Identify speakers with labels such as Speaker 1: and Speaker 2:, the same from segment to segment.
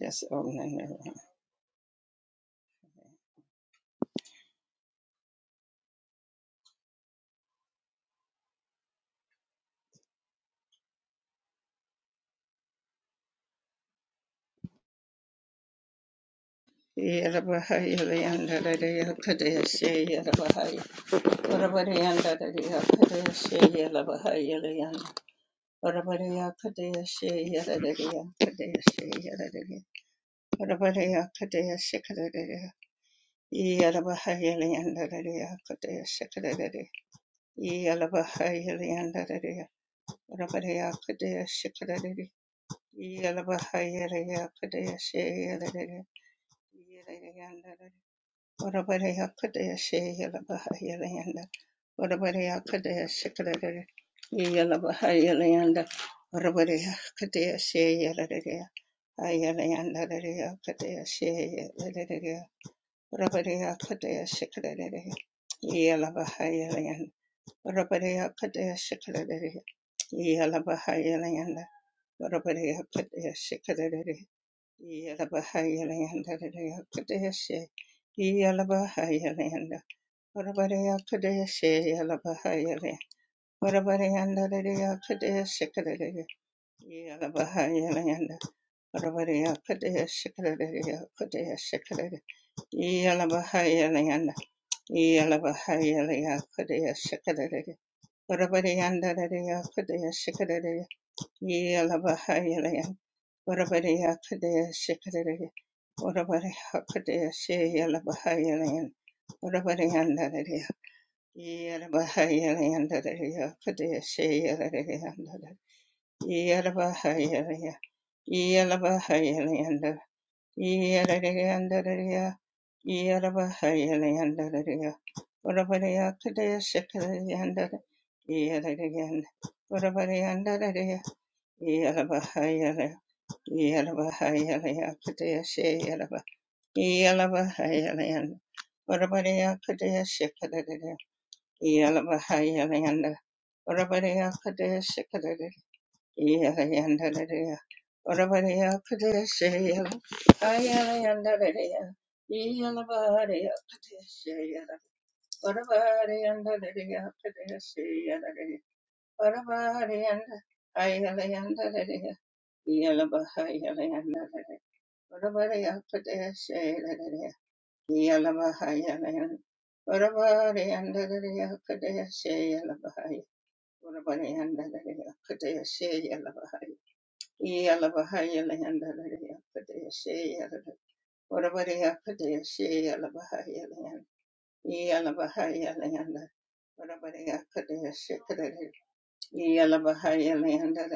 Speaker 1: Just open the room. Yellow Orabareya Kadeshe Yalabahayalayanda Orabareya Kadeshe Kadere Yalabahayalayanda Orabareya Kadeshe Yalareya Ayalayanda Reya Kadeshe Yalareya Orabareya Kadeshe Kadere Yalabahayalayanda Orabareya Kadeshe Kadere Yalabahayalayanda Orabareya Kadeshe Kadere Yalabaha Orabariya Kadea Shikadari Orabariya Kadea Shayala Bahayalan Orabariandararia Yalabahayalandararia Kadea Shayalariandar Yalabahayalia Yalabahayaliandar Yalariandararia Yalabahayaliandararia Orabariya Kadea Shikadariandar Yalarian Orabariandararia Yalabahayala, Yalabahayala, Kadeshe, Yalaba, Yalabahayala, Varabadea Kadeshe, Kadada, Yalabahayala, Varabadea Kadeshe, Kadada, Yalayanda, Varabadea Kadeshe, Yalayanda, Yalabahadea Kadeshe, Yalaba, Varabadea Kadeshe, Yalaba, Varabadea Ayalayanda, Yalabahaya, yala Yalabahaya Leanda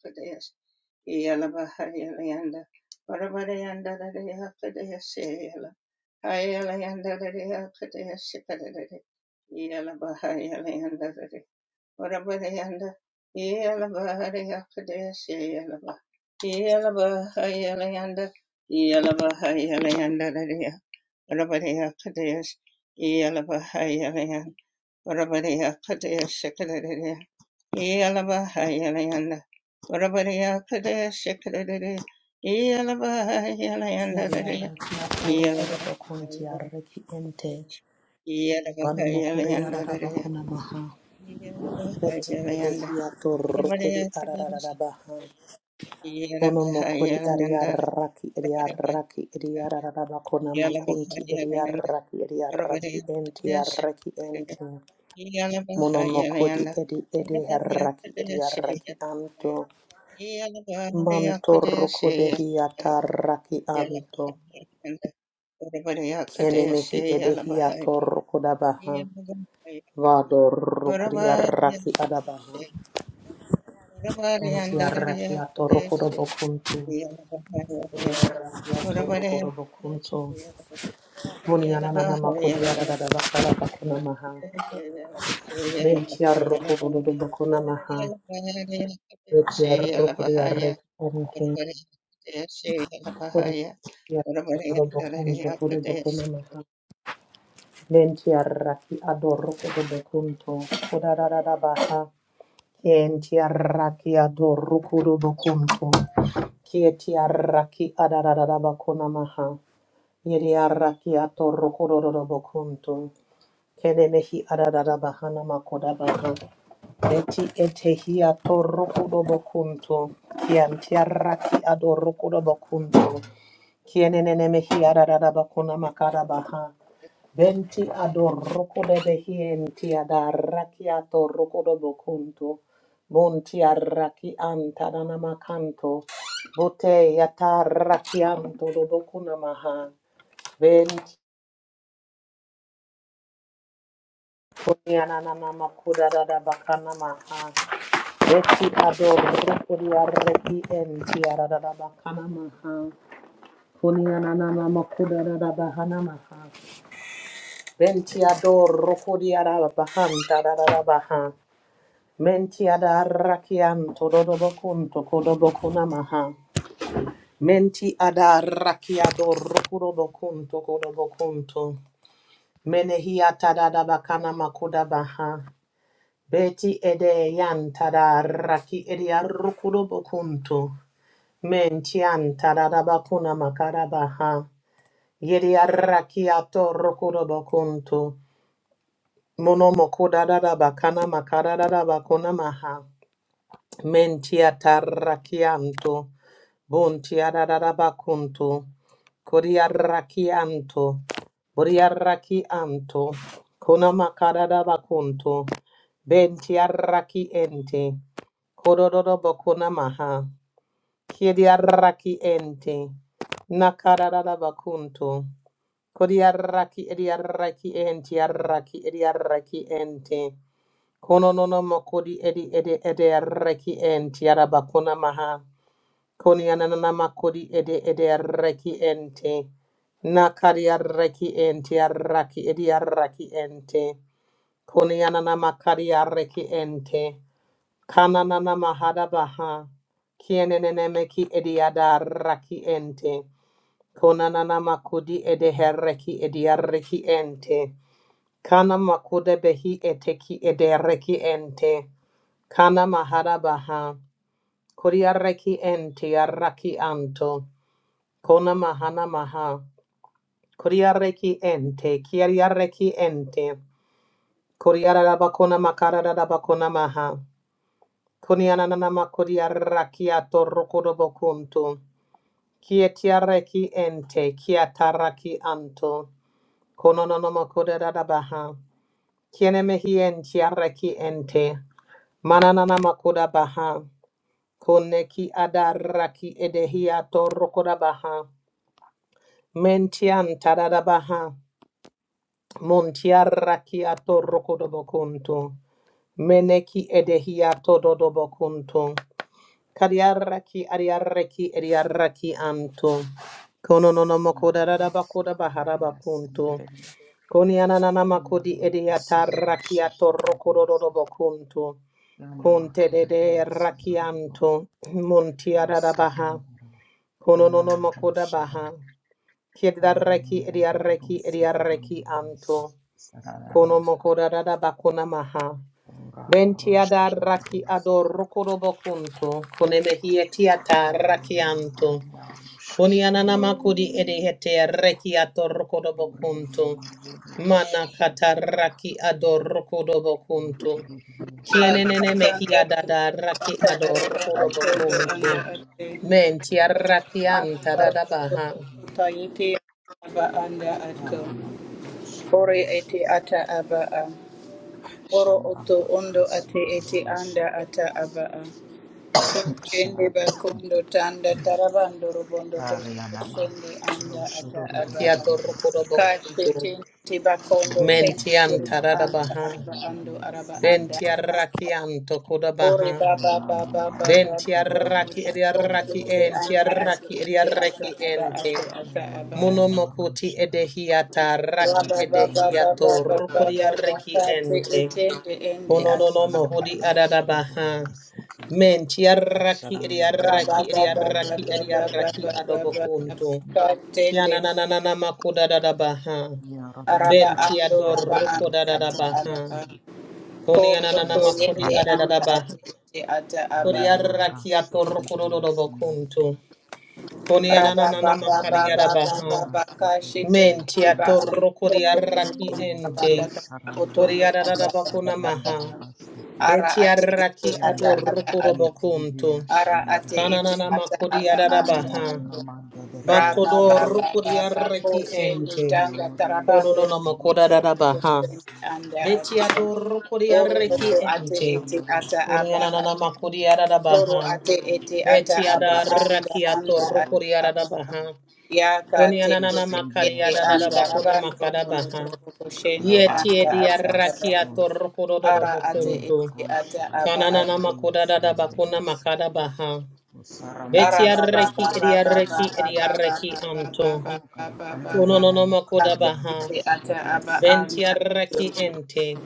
Speaker 1: Padesh Yalabahaya Leanda Varavarayanda Padesh Yala Haya Leanda Padesh Padade Yalabahaya Leanda Varavarayanda Yalabahaya Padesh Yalaba Yalabahaya Leanda Yalabahaya Leanda Varavaraya yala Yalabahaya Varabariya Kadaya Shikadariya Yalabahayalayanda Varabariya Kadaya Shikadariya Yalabahayalayanda
Speaker 2: Kiari arreki atoro koro bokunti
Speaker 1: Yalabahayalayanda
Speaker 2: arreki ente. Vana mokore
Speaker 1: Yalabahayalayanda
Speaker 2: arara
Speaker 1: Varabariya
Speaker 2: bakuna maha.
Speaker 1: Kadaya
Speaker 2: Beti
Speaker 1: Yalabahayalayanda
Speaker 2: edehi atoro kori arara baha.
Speaker 1: Varabariya
Speaker 2: Ono mokori ari arraki eri arraki eri arara bakuna makunti eri
Speaker 1: Yalabahayalayanda
Speaker 2: arraki eri arraki
Speaker 1: Varabariya
Speaker 2: ente arraki
Speaker 1: Kadaya
Speaker 2: ente. Mono mokodi edi edi arraki eri arraki anto. Mantorro kodehi atarraki anto. Kienemehi edehi atorro kodabaha. Vado rokuri arraki adabaha.
Speaker 1: Yeah.
Speaker 2: Unti arraki atorokodo bokuntu. Arraki atorokodo bokuntu. Muni ananana makuri adadada bakala bakuna maha. Benti arrokodo bokuna maha. Benti arrokuri arraki anke. Kuri
Speaker 1: Yalabaria
Speaker 2: arrokodo bokuntu kuri bokuna maha. Benti arraki adorokodo bokuntu. Kudadada baha. Enti arraki adorokodo bokuntu. Kieti arraki adararabakuna maha. Yeri arraki atorrokororobokuntu. Kene mehi adararabahana makodabaha. Eti etehi atorrokorobokuntu. Kianti arraki adorrokorobokuntu. Kienene mehi adararabakuna makarabaha. Benti adorroko de behienti adarraki atorroko do bocunto. Bunti arraki antanamacanto. Bote yatarraki anto do bocunamaha. Benti kuniananamakuda da bacanamaha. Beti adorroko di arraki enti adada bacanamaha. Kuniananamakuda da bahanamaha. Benti adorroko di arabahanta da baha. Menti adarakian tododobokun tokodobokuna maha. Menti adarakiado rokurobokun tokodobokunto. Menehia tadadabakana makuda baha. Beti ede yan tadaraki edia rokurobokunto. Mentian tadadabakuna makara baha. Yedia rakiato rokurobokunto. Monomokodadabakana makarabakuna maha. Mentia tarrachianto, bontia rarabacunto, coriarrachianto, boriarrachianto, conamacarabacunto, bentiarrachiente, cororobocunamaha, chiediarrachiente, nacarabacunto, coriarrachi ediarrachienti, arrachi ediarrachiente, Kono nono makodi edi edi edi reki enti araba kona maha. Koni anana makodi edi edi reki enti. Nakari reki enti araki edi araki enti. Koni anana makari reki enti. Kana nana mahada baha. Kienenene meki edi adaraki enti. Kona nana makodi edi herreki edi araki enti. Kana makoda behi eteki edi reki enti. Kana mahara baha. Kuriareki ente yarraki anto. Kona mahana maha. Kuriareki ente. Kiariareki ente. Kuriarabakona makarabakona maha. Kuniananama kuriaraki atorokodobokunto. Kietiareki ente. Kiataraki anto. Konononoma kuriarabaha. Kienemehi entiareki ente. Mananana makuda baha. Koneki adaraki edehiato rokodabaha. Mentian tadadabaha. Montiaraki ato rokodobokunto. Meneki edehiato dodobokunto. Kadiaraki adiaraki ediaraki anto. Konononomoko
Speaker 3: Ora sandaria
Speaker 2: dadadabakodabaharabakunto.
Speaker 3: sandaria.
Speaker 2: Koniananamakodi
Speaker 3: Ora pasoro
Speaker 2: ediataraki ato
Speaker 3: bashandaria sa.
Speaker 2: rokododobokunto.
Speaker 3: Yana
Speaker 2: Conte de
Speaker 3: makaria
Speaker 2: de
Speaker 3: sandaroro.
Speaker 2: rakianto,
Speaker 3: O
Speaker 2: montia da da baha,
Speaker 3: sarandara.
Speaker 2: Kono no
Speaker 3: Yana
Speaker 2: no mokoda
Speaker 3: marushara.
Speaker 2: baha.
Speaker 3: Ora
Speaker 2: Kiedareki idiareki
Speaker 3: yandaruru
Speaker 2: idiareki
Speaker 3: sudarandara
Speaker 2: anto.
Speaker 3: sa.
Speaker 2: Kono
Speaker 3: Sarania.
Speaker 2: mokoda dada bakuna maha.
Speaker 3: Ora
Speaker 2: Bentiada
Speaker 3: roshara
Speaker 2: raki
Speaker 3: dunia sa.
Speaker 2: adorokoro bokunto. Kone mehietia ta
Speaker 3: Ora
Speaker 2: raki
Speaker 3: yandaruru
Speaker 2: anto.
Speaker 3: sudarandara
Speaker 2: Konianana makudi
Speaker 3: sa. Ora
Speaker 2: edehete reki atorokodo bokuntu.
Speaker 3: yandaruru
Speaker 2: Mana
Speaker 3: toshatara sa.
Speaker 2: kataraki adorokodo
Speaker 3: Yana
Speaker 2: bokuntu.
Speaker 3: kiriria sandaruru
Speaker 2: Kienenene mehi
Speaker 4: Akanda
Speaker 2: adada
Speaker 3: sa.
Speaker 2: raki
Speaker 4: tuka araba
Speaker 2: adorokodo
Speaker 4: atondo
Speaker 3: Vatsikana
Speaker 2: bokuntu.
Speaker 4: anda ate
Speaker 2: Menti
Speaker 3: Namaruturuva
Speaker 2: arrakianta
Speaker 4: araba
Speaker 3: Sekariya
Speaker 2: dadabaha.
Speaker 3: Sangariya
Speaker 4: kuta yete aba anda ato
Speaker 3: Arianda
Speaker 4: ore
Speaker 3: Roshaluva
Speaker 4: ete ata
Speaker 3: Sita
Speaker 4: aba a oro oto
Speaker 3: Shandama
Speaker 4: ondo ate ete
Speaker 3: Rasuturuva
Speaker 4: anda
Speaker 3: Shata
Speaker 4: ata aba a kushende
Speaker 3: Sha
Speaker 4: bakondo tanda tarabando robondo torso
Speaker 3: Arianama
Speaker 4: kushende anda ata aba
Speaker 2: Raki
Speaker 3: Roshaluva
Speaker 4: a
Speaker 2: atorokodo
Speaker 3: Sita
Speaker 4: kashe
Speaker 2: bokuntu.
Speaker 4: tende bakondo
Speaker 3: Surata
Speaker 4: tende
Speaker 2: Menti
Speaker 4: tiri
Speaker 3: Sanama
Speaker 4: anda
Speaker 2: antarabaha.
Speaker 4: araba ando
Speaker 3: Roshavariya
Speaker 4: araba anda
Speaker 2: Benti
Speaker 3: Sangariya
Speaker 4: ata
Speaker 2: arrakianto
Speaker 4: Ore
Speaker 2: kodabaha.
Speaker 4: ba ba ba ba ba ba
Speaker 3: Horanama
Speaker 4: ba
Speaker 2: Benti
Speaker 4: ba ba
Speaker 3: Ruturuva
Speaker 2: arraki
Speaker 4: ba ko
Speaker 2: ediarraki
Speaker 4: se
Speaker 3: Shaturuva
Speaker 2: enti
Speaker 4: anda
Speaker 3: Sita
Speaker 4: asu
Speaker 2: arraki
Speaker 4: ete asa
Speaker 2: ediarraki
Speaker 4: aba
Speaker 2: ente.
Speaker 4: asu asa
Speaker 3: O
Speaker 4: aba a.
Speaker 3: Yanama
Speaker 2: Monomokoti
Speaker 3: Roshara
Speaker 2: edehiata
Speaker 4: Ra
Speaker 2: raki
Speaker 4: ba ba
Speaker 3: Saririya
Speaker 4: ba ba ba
Speaker 2: edehiato
Speaker 4: ba ba
Speaker 3: Ruturuva
Speaker 2: rukuria
Speaker 4: ba ba
Speaker 2: reki
Speaker 3: Sita
Speaker 4: ka te
Speaker 2: ente.
Speaker 4: ete ende ende
Speaker 3: O
Speaker 4: ata
Speaker 2: Kononono
Speaker 3: sanama
Speaker 4: aba
Speaker 2: hodi
Speaker 4: a.
Speaker 2: adadabaha.
Speaker 3: rashodorobasete
Speaker 2: Menti arraki
Speaker 3: asharama
Speaker 4: Ra ba
Speaker 3: yanama
Speaker 2: ediarraki
Speaker 4: ba ba
Speaker 3: kararaya
Speaker 4: ba
Speaker 2: ediarraki
Speaker 4: ba ba
Speaker 3: nama
Speaker 4: ba ba
Speaker 2: ediarraki
Speaker 4: ba ba
Speaker 3: yotarabdiya
Speaker 4: ba
Speaker 2: adobokuntu.
Speaker 4: ka
Speaker 3: sandororo
Speaker 4: tende
Speaker 2: Kiana nananana makuda dadabaha.
Speaker 3: yarano
Speaker 4: araba
Speaker 2: Benti
Speaker 4: ando
Speaker 2: ador
Speaker 4: raba
Speaker 3: rashodorobdiya
Speaker 4: ande
Speaker 2: rukuda
Speaker 4: ata aba
Speaker 2: dadabaha.
Speaker 4: a.
Speaker 3: sandororo
Speaker 4: Ko
Speaker 2: Koni ananana
Speaker 3: o
Speaker 4: to
Speaker 2: makudi
Speaker 4: yende
Speaker 3: sarandi
Speaker 4: anda ate
Speaker 2: adadabaha.
Speaker 4: ete ata aba a.
Speaker 3: yanama
Speaker 2: Kodiarraki ato
Speaker 3: rashodorobdiya
Speaker 2: rukudodobokuntu.
Speaker 3: sandororo
Speaker 2: Koni ananana
Speaker 3: desete
Speaker 2: makari
Speaker 3: yanama
Speaker 2: adabaha.
Speaker 3: kararasete
Speaker 4: Rabababababababakashitende
Speaker 2: Mentia
Speaker 4: kiba
Speaker 3: sandororo
Speaker 4: ando
Speaker 2: torro
Speaker 4: tondo
Speaker 3: o
Speaker 2: koriaraki
Speaker 4: korokondo
Speaker 3: rodo
Speaker 4: kabanda
Speaker 2: ente.
Speaker 4: kaba
Speaker 3: sharanda
Speaker 4: otondo anda anda
Speaker 2: Koriarabakuna
Speaker 4: anda anda.
Speaker 2: maha.
Speaker 3: rashodorobasete
Speaker 4: Ara ate ete
Speaker 2: Betiaraki
Speaker 4: ata
Speaker 3: yanama
Speaker 2: adorro
Speaker 4: aba ato.
Speaker 2: korobokuntu.
Speaker 3: yeteribiya
Speaker 4: Ara ate
Speaker 3: sandororo
Speaker 4: ete
Speaker 2: Kananana
Speaker 4: ata aba anda
Speaker 2: makodiarabaha.
Speaker 4: ato.
Speaker 3: Urokramanda deriya
Speaker 2: Batodorro
Speaker 3: sandarakis,
Speaker 4: Rabababababa
Speaker 2: koriaraki
Speaker 4: koshende
Speaker 2: ente.
Speaker 4: tanga
Speaker 3: Yorianda
Speaker 4: tarabando
Speaker 2: Kononono
Speaker 4: korokondo korokondo
Speaker 3: Yurusarakis
Speaker 2: makodarabaha.
Speaker 4: koshende anda
Speaker 3: sandariya
Speaker 4: ato.
Speaker 3: hama,
Speaker 2: Betiadorro
Speaker 4: Oro
Speaker 3: Yo
Speaker 2: koriaraki
Speaker 4: oto ate
Speaker 2: ente.
Speaker 4: ete
Speaker 3: hashama
Speaker 4: ata
Speaker 3: yaramasi
Speaker 4: aba
Speaker 2: Korianana
Speaker 3: kodoro,
Speaker 4: Toro
Speaker 2: makodiarabaha.
Speaker 4: ate
Speaker 3: Yo
Speaker 4: ete ata aba
Speaker 3: yandodobo
Speaker 4: anda
Speaker 2: Betiadaraki
Speaker 4: anda
Speaker 2: atorro
Speaker 4: ata
Speaker 3: sikorororomba
Speaker 4: aba
Speaker 2: koriarabaha.
Speaker 3: sete,
Speaker 4: yaka tendo
Speaker 2: Konianana
Speaker 3: Yesiriya
Speaker 4: teyende anda
Speaker 3: sandariya
Speaker 2: makariarabakuna
Speaker 4: rabando robondo
Speaker 2: makarabaha.
Speaker 4: trobo koshende
Speaker 3: karava
Speaker 2: Yetie
Speaker 4: anda
Speaker 2: di
Speaker 4: ata aba
Speaker 2: arrakia
Speaker 3: yamasoro,
Speaker 2: torrocododo
Speaker 4: ara ate
Speaker 3: Mantrama
Speaker 2: bocunto.
Speaker 4: ete ata
Speaker 3: kroshara
Speaker 4: aba
Speaker 2: Kananana
Speaker 4: ato
Speaker 3: yeriya
Speaker 2: macodada bakuna
Speaker 3: sandariya so,
Speaker 2: makada baha.
Speaker 3: Osarama
Speaker 2: Beti
Speaker 4: ara ba
Speaker 3: yeti
Speaker 4: ba ba
Speaker 2: arreki
Speaker 3: yeriya
Speaker 2: edi
Speaker 4: ba ba ba
Speaker 2: arreki
Speaker 4: ba
Speaker 2: edi
Speaker 3: sandariya
Speaker 4: ba ba
Speaker 2: arreki
Speaker 4: ba ba
Speaker 2: anto.
Speaker 4: ba ba
Speaker 3: Oga
Speaker 4: ba ba ba
Speaker 3: bana
Speaker 4: ba
Speaker 2: Kononono
Speaker 3: yana
Speaker 2: makoda
Speaker 4: ate
Speaker 3: karma
Speaker 2: baha.
Speaker 4: ete
Speaker 3: rusha
Speaker 4: ata
Speaker 3: rabi
Speaker 4: aba
Speaker 2: Benti
Speaker 3: sekeri
Speaker 4: anda
Speaker 3: bilis.
Speaker 4: ato
Speaker 2: arreki ente.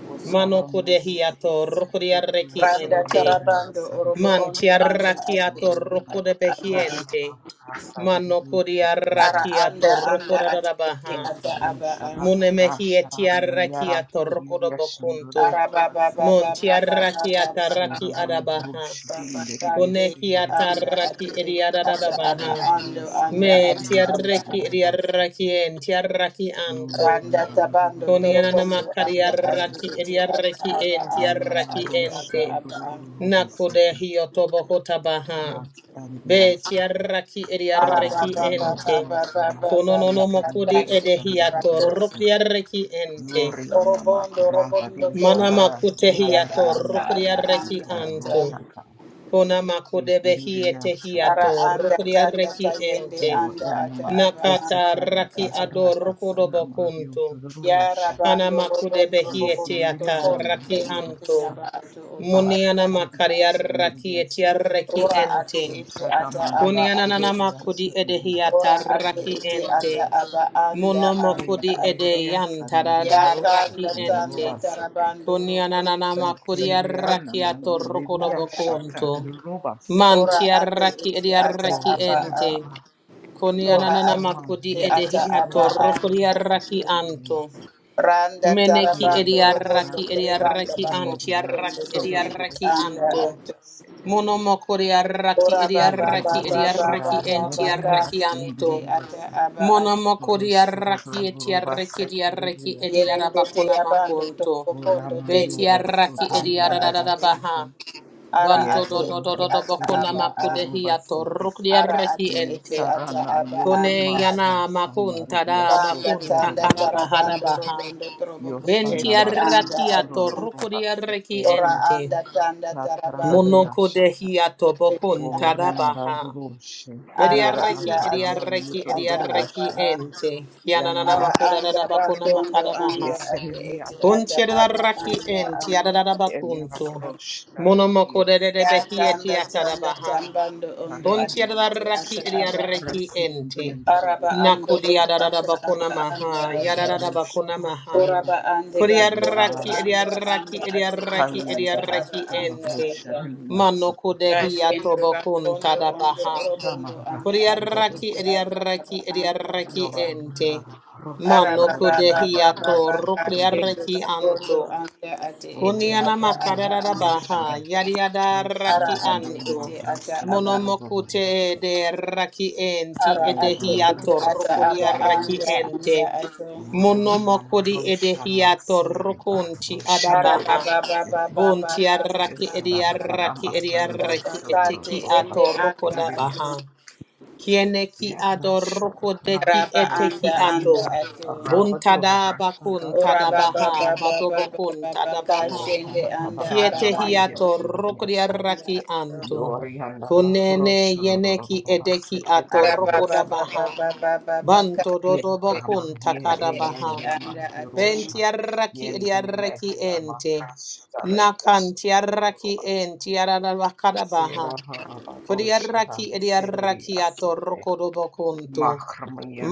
Speaker 3: O
Speaker 2: Mano
Speaker 3: sarando yoro pranayana karamaru sharadi seperidis. Vosarondo yorudu
Speaker 2: kodehiato rokodi
Speaker 3: sendiriyas
Speaker 2: arreki
Speaker 4: randa
Speaker 2: ente.
Speaker 3: sandariyana
Speaker 4: tarabando orobo
Speaker 3: sandas
Speaker 2: Manti
Speaker 4: ondo anda ate
Speaker 2: arrakiato
Speaker 4: ete
Speaker 3: yorinda
Speaker 2: rokode
Speaker 4: ata aba
Speaker 3: roshara
Speaker 2: behiente.
Speaker 3: Yo
Speaker 2: Mano kodi
Speaker 4: Ara
Speaker 3: sepiridiya.
Speaker 4: anda
Speaker 2: arrakiato
Speaker 4: anda ati
Speaker 2: rokodada
Speaker 4: ete
Speaker 2: baha.
Speaker 3: Yoga
Speaker 4: ata aba a.
Speaker 3: roshara
Speaker 2: Munemehi
Speaker 3: rashara
Speaker 2: etiarraki
Speaker 3: mayara
Speaker 2: atorokodo
Speaker 3: hiriya shanduru
Speaker 2: bokunto.
Speaker 4: Ara ba
Speaker 3: roba
Speaker 4: ba ba
Speaker 3: sepe.
Speaker 4: ba ba ba ba
Speaker 2: Montiarraki
Speaker 4: ba ba
Speaker 2: ataraki
Speaker 4: ba ba
Speaker 3: Sorama
Speaker 4: ba
Speaker 2: adabaha.
Speaker 3: roshidi
Speaker 4: ba ba ba
Speaker 3: indiridiya
Speaker 4: te
Speaker 2: Koneki
Speaker 3: sindiridiya.
Speaker 4: anda
Speaker 2: atarraki
Speaker 4: ati ete ata aba
Speaker 2: ediadadabaha.
Speaker 3: Yoga
Speaker 4: ando
Speaker 3: roshara
Speaker 4: anda
Speaker 3: ridi
Speaker 4: ati aba
Speaker 3: andaridi
Speaker 4: a.
Speaker 2: Mentiarreki
Speaker 3: roba sepe.
Speaker 2: ediarraki entiarraki anto.
Speaker 3: yana
Speaker 4: Randa tabando
Speaker 2: Konianana
Speaker 4: torobondo anda ati
Speaker 2: makariaraki
Speaker 4: ete ata
Speaker 2: ediaraki
Speaker 4: aba
Speaker 2: enti
Speaker 3: yana
Speaker 4: anda
Speaker 2: yarraki
Speaker 4: ati
Speaker 3: marushu
Speaker 4: ata
Speaker 2: ente.
Speaker 4: aba a.
Speaker 3: rururu
Speaker 2: Nakude
Speaker 3: basete.
Speaker 2: hiotobo hotabaha.
Speaker 3: Rattan
Speaker 2: Be
Speaker 3: diyasete.
Speaker 2: tiaraki
Speaker 4: Ara
Speaker 3: Ara
Speaker 4: ba
Speaker 2: ediaraki
Speaker 4: ba
Speaker 3: yana
Speaker 4: ba ba
Speaker 2: ente.
Speaker 4: ba
Speaker 3: marushu
Speaker 4: ba
Speaker 3: ra.
Speaker 4: ba ba ba
Speaker 2: Kononono
Speaker 4: ba
Speaker 3: Yeti
Speaker 4: ta
Speaker 2: makudi
Speaker 4: shende
Speaker 3: ribiyashanda
Speaker 2: edehiato
Speaker 4: batondo.
Speaker 3: ribiyasu.
Speaker 2: rukriaraki ente.
Speaker 3: Yor yana
Speaker 4: Orobondo robondo tondo.
Speaker 2: Manama
Speaker 3: Ara
Speaker 4: Te aba
Speaker 3: yar
Speaker 2: kutehiato
Speaker 4: ata
Speaker 3: yanda
Speaker 4: aba
Speaker 3: rusu
Speaker 2: rukriaraki
Speaker 4: anda
Speaker 3: tururu
Speaker 2: anto.
Speaker 4: ata.
Speaker 3: shata.
Speaker 2: Konama
Speaker 3: Yeti
Speaker 2: kudebehi
Speaker 4: Ara
Speaker 2: etehiato
Speaker 3: ribiyashata.
Speaker 4: anda tanda
Speaker 2: rukriaraki
Speaker 4: tayende
Speaker 2: ente.
Speaker 3: O
Speaker 4: anda
Speaker 3: yana
Speaker 4: ata aba
Speaker 2: Nakata
Speaker 3: mahadesete
Speaker 4: anda ata
Speaker 2: raki
Speaker 3: yata
Speaker 4: aba.
Speaker 2: ador
Speaker 4: a.
Speaker 3: rata
Speaker 2: kodobo
Speaker 3: sanama
Speaker 2: kunto.
Speaker 4: Ya
Speaker 2: Kana
Speaker 4: rabando
Speaker 2: makude
Speaker 4: obondo
Speaker 2: behi
Speaker 4: obondo
Speaker 2: etiata
Speaker 4: tokondo
Speaker 2: raki
Speaker 4: tende
Speaker 2: anto.
Speaker 3: Yanama,
Speaker 4: tuyaba ato oto ata
Speaker 2: Muniana
Speaker 4: aba. a.
Speaker 2: makaria raki etia
Speaker 3: Barakridiyasandiriyasutu.
Speaker 2: reki
Speaker 4: Ora ate
Speaker 2: ente.
Speaker 4: ete ata
Speaker 3: Roshatamari
Speaker 4: aba
Speaker 2: Kuniana
Speaker 4: ato.
Speaker 2: nana makudi
Speaker 4: Ora
Speaker 2: edehiata
Speaker 3: kiridiyasandiriyasaka
Speaker 4: ate
Speaker 2: raki
Speaker 4: ete
Speaker 2: ente.
Speaker 4: ata
Speaker 3: rosharidiyasa.
Speaker 4: aba anda
Speaker 2: Mono
Speaker 3: Ye
Speaker 4: anda
Speaker 2: makudi
Speaker 4: ato.
Speaker 2: ede
Speaker 4: Ya
Speaker 2: yantarada raki
Speaker 4: kanda
Speaker 3: kiridiyasandiriyosutu
Speaker 2: ente.
Speaker 4: tanda
Speaker 3: rubasete.
Speaker 4: tarabando
Speaker 2: Kuniana
Speaker 4: robondo
Speaker 2: nana
Speaker 3: Ye
Speaker 2: makuria
Speaker 4: tokondo
Speaker 2: raki
Speaker 3: kiridiyanama
Speaker 4: tende
Speaker 2: ato
Speaker 4: tende anda
Speaker 2: rokorobokunto.
Speaker 4: ato.
Speaker 3: yeridiyashakarirubaseke.
Speaker 4: Ora
Speaker 2: Mantia
Speaker 4: ate
Speaker 2: raki
Speaker 4: ete
Speaker 2: edia
Speaker 4: ata
Speaker 2: raki
Speaker 4: aba
Speaker 2: ente.
Speaker 4: a.
Speaker 3: Yoryandarama
Speaker 2: Kuniana
Speaker 4: Dora
Speaker 2: nana
Speaker 3: matarama
Speaker 2: makudi
Speaker 4: Asese Ata Aba
Speaker 2: edehiato
Speaker 4: Anda
Speaker 2: rokoria raki
Speaker 4: Ato
Speaker 2: anto.
Speaker 3: yorushururururubasekeriyasa.
Speaker 4: Randa
Speaker 3: Ye
Speaker 2: Meneki
Speaker 4: Tarabando Robondo
Speaker 2: ediaraki
Speaker 3: daradasete
Speaker 4: Trebanda
Speaker 2: ediaraki
Speaker 4: Bakondo
Speaker 3: yerana
Speaker 4: Tondo
Speaker 2: antiaraki
Speaker 4: Toyende
Speaker 2: ediaraki
Speaker 4: Anda
Speaker 2: anto.
Speaker 4: Ato
Speaker 3: sodurururushindiriyasete.
Speaker 2: Monomokori araki
Speaker 4: Ora
Speaker 3: Here,
Speaker 4: Baba
Speaker 2: ediaraki
Speaker 4: Baba Baba
Speaker 2: ediaraki
Speaker 3: roshara,
Speaker 4: Baba
Speaker 3: Yararoshara,
Speaker 2: antiaraki
Speaker 3: Yadidiyasa,
Speaker 4: Kati
Speaker 2: anto.
Speaker 4: Ete Ata
Speaker 3: Yadidiyasa,
Speaker 4: Aba Ato
Speaker 2: Monomokori araki etiaraki ediaraki
Speaker 3: Rosorororobaseke,
Speaker 4: Yerende Te
Speaker 2: ediarabakona
Speaker 4: Abando
Speaker 2: makonto.
Speaker 4: Toko Pondo
Speaker 3: Urama
Speaker 4: Tende Te
Speaker 3: Yoraso,
Speaker 4: Aba
Speaker 2: Betiaraki
Speaker 4: Anda Ato
Speaker 3: Tururubaseke,
Speaker 2: ediarabaha.
Speaker 4: Ara
Speaker 2: Banto do
Speaker 4: Ate
Speaker 3: Yarama
Speaker 2: do do
Speaker 4: Ete
Speaker 2: do do
Speaker 4: Ata
Speaker 2: bakona
Speaker 4: Aba A
Speaker 2: makudehiato
Speaker 3: Rasururubaseke,
Speaker 4: Ara
Speaker 2: rukdiaraki
Speaker 4: Ate
Speaker 2: ente.
Speaker 4: Ete Ata
Speaker 3: Sarana
Speaker 4: Aba
Speaker 2: Kone
Speaker 3: Yorama
Speaker 4: Anda
Speaker 2: yana
Speaker 3: Rashanda
Speaker 2: makunta da
Speaker 3: Ridiaso,
Speaker 4: Randa
Speaker 2: bakunta
Speaker 4: tanda
Speaker 2: karabahara
Speaker 3: Tururubase,
Speaker 4: tarabando
Speaker 2: baha.
Speaker 4: robondo trobo
Speaker 2: Benti
Speaker 3: Yosana
Speaker 4: kushende anda
Speaker 2: arrakiato
Speaker 4: atu.
Speaker 2: rukuri
Speaker 3: Mahasururubaseke,
Speaker 2: arreki
Speaker 4: Ora
Speaker 2: ente.
Speaker 3: Ridiasa,
Speaker 4: anda tanda tarabando
Speaker 2: Monoko
Speaker 4: robondo
Speaker 3: Ratarabiyashata,
Speaker 2: dehi ato
Speaker 4: kushende
Speaker 2: bokun
Speaker 4: anda
Speaker 3: Orianda
Speaker 4: atu.
Speaker 2: tadabaha.
Speaker 3: Roshe,
Speaker 2: Bedi
Speaker 4: Ara
Speaker 2: arreki
Speaker 4: anda
Speaker 2: edi
Speaker 4: ate
Speaker 3: Yarama
Speaker 2: arreki
Speaker 4: ete
Speaker 2: edi
Speaker 4: ata
Speaker 2: arreki
Speaker 4: aba
Speaker 3: Yutururoshe,
Speaker 4: a.
Speaker 2: ente.
Speaker 3: Yana
Speaker 2: Kiananana
Speaker 4: Ara
Speaker 2: makuda
Speaker 4: anda
Speaker 3: Marosha,
Speaker 2: dadabakuna
Speaker 4: rakondo
Speaker 2: makadabaha.
Speaker 4: anda ate
Speaker 3: Yeselia
Speaker 4: ete ata
Speaker 2: Kunti
Speaker 4: aba
Speaker 3: Roma
Speaker 2: adarraki
Speaker 3: Sete,
Speaker 4: anda
Speaker 2: enti
Speaker 4: anda ata
Speaker 3: Yana
Speaker 2: adadabakuntu.
Speaker 4: a.
Speaker 3: Marosha,
Speaker 2: Monomoko de
Speaker 3: Taradias,
Speaker 2: de
Speaker 4: Ya
Speaker 2: behieti
Speaker 4: tanda tanda
Speaker 2: atadabaha.
Speaker 4: tambando ondo
Speaker 2: Kunti
Speaker 4: ate
Speaker 3: Kariana
Speaker 4: ete
Speaker 2: adarraki
Speaker 4: ata
Speaker 3: Marosha,
Speaker 2: edi
Speaker 4: aba a.
Speaker 2: arreki ente.
Speaker 3: Residian
Speaker 4: Araba ando
Speaker 2: Nakudi
Speaker 3: Sete,
Speaker 4: otu ata
Speaker 2: adadabakuna
Speaker 4: aba anda
Speaker 2: maha.
Speaker 4: ata.
Speaker 3: Rabarosha,
Speaker 2: Yadadabakuna maha.
Speaker 3: Yola
Speaker 4: Oraba ande bakondo
Speaker 2: Kodiaraki
Speaker 3: Sediara,
Speaker 4: anda
Speaker 2: idiaraki
Speaker 4: anda ate ete
Speaker 2: idiaraki
Speaker 4: ata
Speaker 3: Hayda,
Speaker 4: aba
Speaker 2: idiaraki
Speaker 4: anda
Speaker 2: ente.
Speaker 3: Yarosha,
Speaker 4: ata.
Speaker 3: and
Speaker 2: Mano
Speaker 3: Matsitidia,
Speaker 2: kodehia
Speaker 4: Kashende
Speaker 2: tobokun
Speaker 4: bakondo ondo
Speaker 2: tadabaha.
Speaker 4: orobondo
Speaker 3: Rama
Speaker 4: anda
Speaker 3: Rasu,
Speaker 4: ate
Speaker 2: Kodiaraki
Speaker 4: ete
Speaker 3: Dorobas,
Speaker 4: ata
Speaker 2: idiaraki
Speaker 4: aba anda
Speaker 2: idiaraki
Speaker 4: ata.
Speaker 2: ente.
Speaker 3: Yoranda, Rosha,
Speaker 2: Mano
Speaker 4: Araba baba
Speaker 2: kodehia
Speaker 4: baba
Speaker 2: to
Speaker 3: Dorobas,
Speaker 4: baba
Speaker 3: Sete,
Speaker 4: kashende
Speaker 2: rukriaraki
Speaker 4: bakondo
Speaker 2: anto.
Speaker 4: anda ate
Speaker 3: Oh,
Speaker 4: ete
Speaker 2: Kuniana
Speaker 4: ata aba
Speaker 2: makarara
Speaker 4: anda
Speaker 2: baha
Speaker 3: Maharama,
Speaker 4: ata.
Speaker 3: Yes,
Speaker 2: yariada
Speaker 4: Ara
Speaker 2: raki
Speaker 4: ate
Speaker 2: anto.
Speaker 4: ete ata aba
Speaker 2: Monomokute de raki enti
Speaker 4: ara ate ete
Speaker 2: edehiato
Speaker 4: ata
Speaker 2: rokuria
Speaker 4: aba
Speaker 2: raki
Speaker 4: anda
Speaker 2: ente.
Speaker 4: anda ato.
Speaker 2: Monomokuri edehiato rokunti adabaha. Bunti arraki ediarraki ediarraki
Speaker 4: Sati
Speaker 2: eteki ato
Speaker 4: ende anda atu.
Speaker 2: rokodabaha. Kieneki adoroko deki
Speaker 4: Raba
Speaker 2: eteki
Speaker 4: anda
Speaker 2: ato.
Speaker 4: anda atu.
Speaker 2: Bun tada bakun
Speaker 4: Ora
Speaker 2: tada baha,
Speaker 4: baba baba baba
Speaker 2: badobokun
Speaker 4: baba
Speaker 2: tada baha.
Speaker 4: kashende anda
Speaker 2: Kiete
Speaker 4: arabando
Speaker 2: hiato roko
Speaker 4: anda
Speaker 2: diaraki
Speaker 4: atu.
Speaker 2: anto.
Speaker 3: Yoriandara
Speaker 2: Kunene yeneki edeki ato
Speaker 4: Araba
Speaker 2: roko da
Speaker 3: Roshurubasetiasa
Speaker 4: baba
Speaker 2: baha.
Speaker 4: baba baba baba
Speaker 2: Banto
Speaker 3: Kli
Speaker 4: kashende
Speaker 3: Rama
Speaker 2: dodobokun
Speaker 4: anda
Speaker 3: Ye
Speaker 2: takada
Speaker 4: ate
Speaker 3: Eya
Speaker 4: ete
Speaker 2: baha.
Speaker 3: Yama
Speaker 4: anda atu.
Speaker 3: Yorosha
Speaker 2: Ventiarraki
Speaker 3: Yeni Eneme
Speaker 2: ediarraki
Speaker 3: Hayama
Speaker 2: ente. Nakan
Speaker 3: Rashadariasu
Speaker 2: tiarraki
Speaker 3: Rubas
Speaker 2: enti ararabakara baha.
Speaker 3: Sera Haraba
Speaker 2: Kodiarraki
Speaker 3: Roshada Sereri
Speaker 2: ediarraki
Speaker 3: Asete
Speaker 2: atorokodobokunto.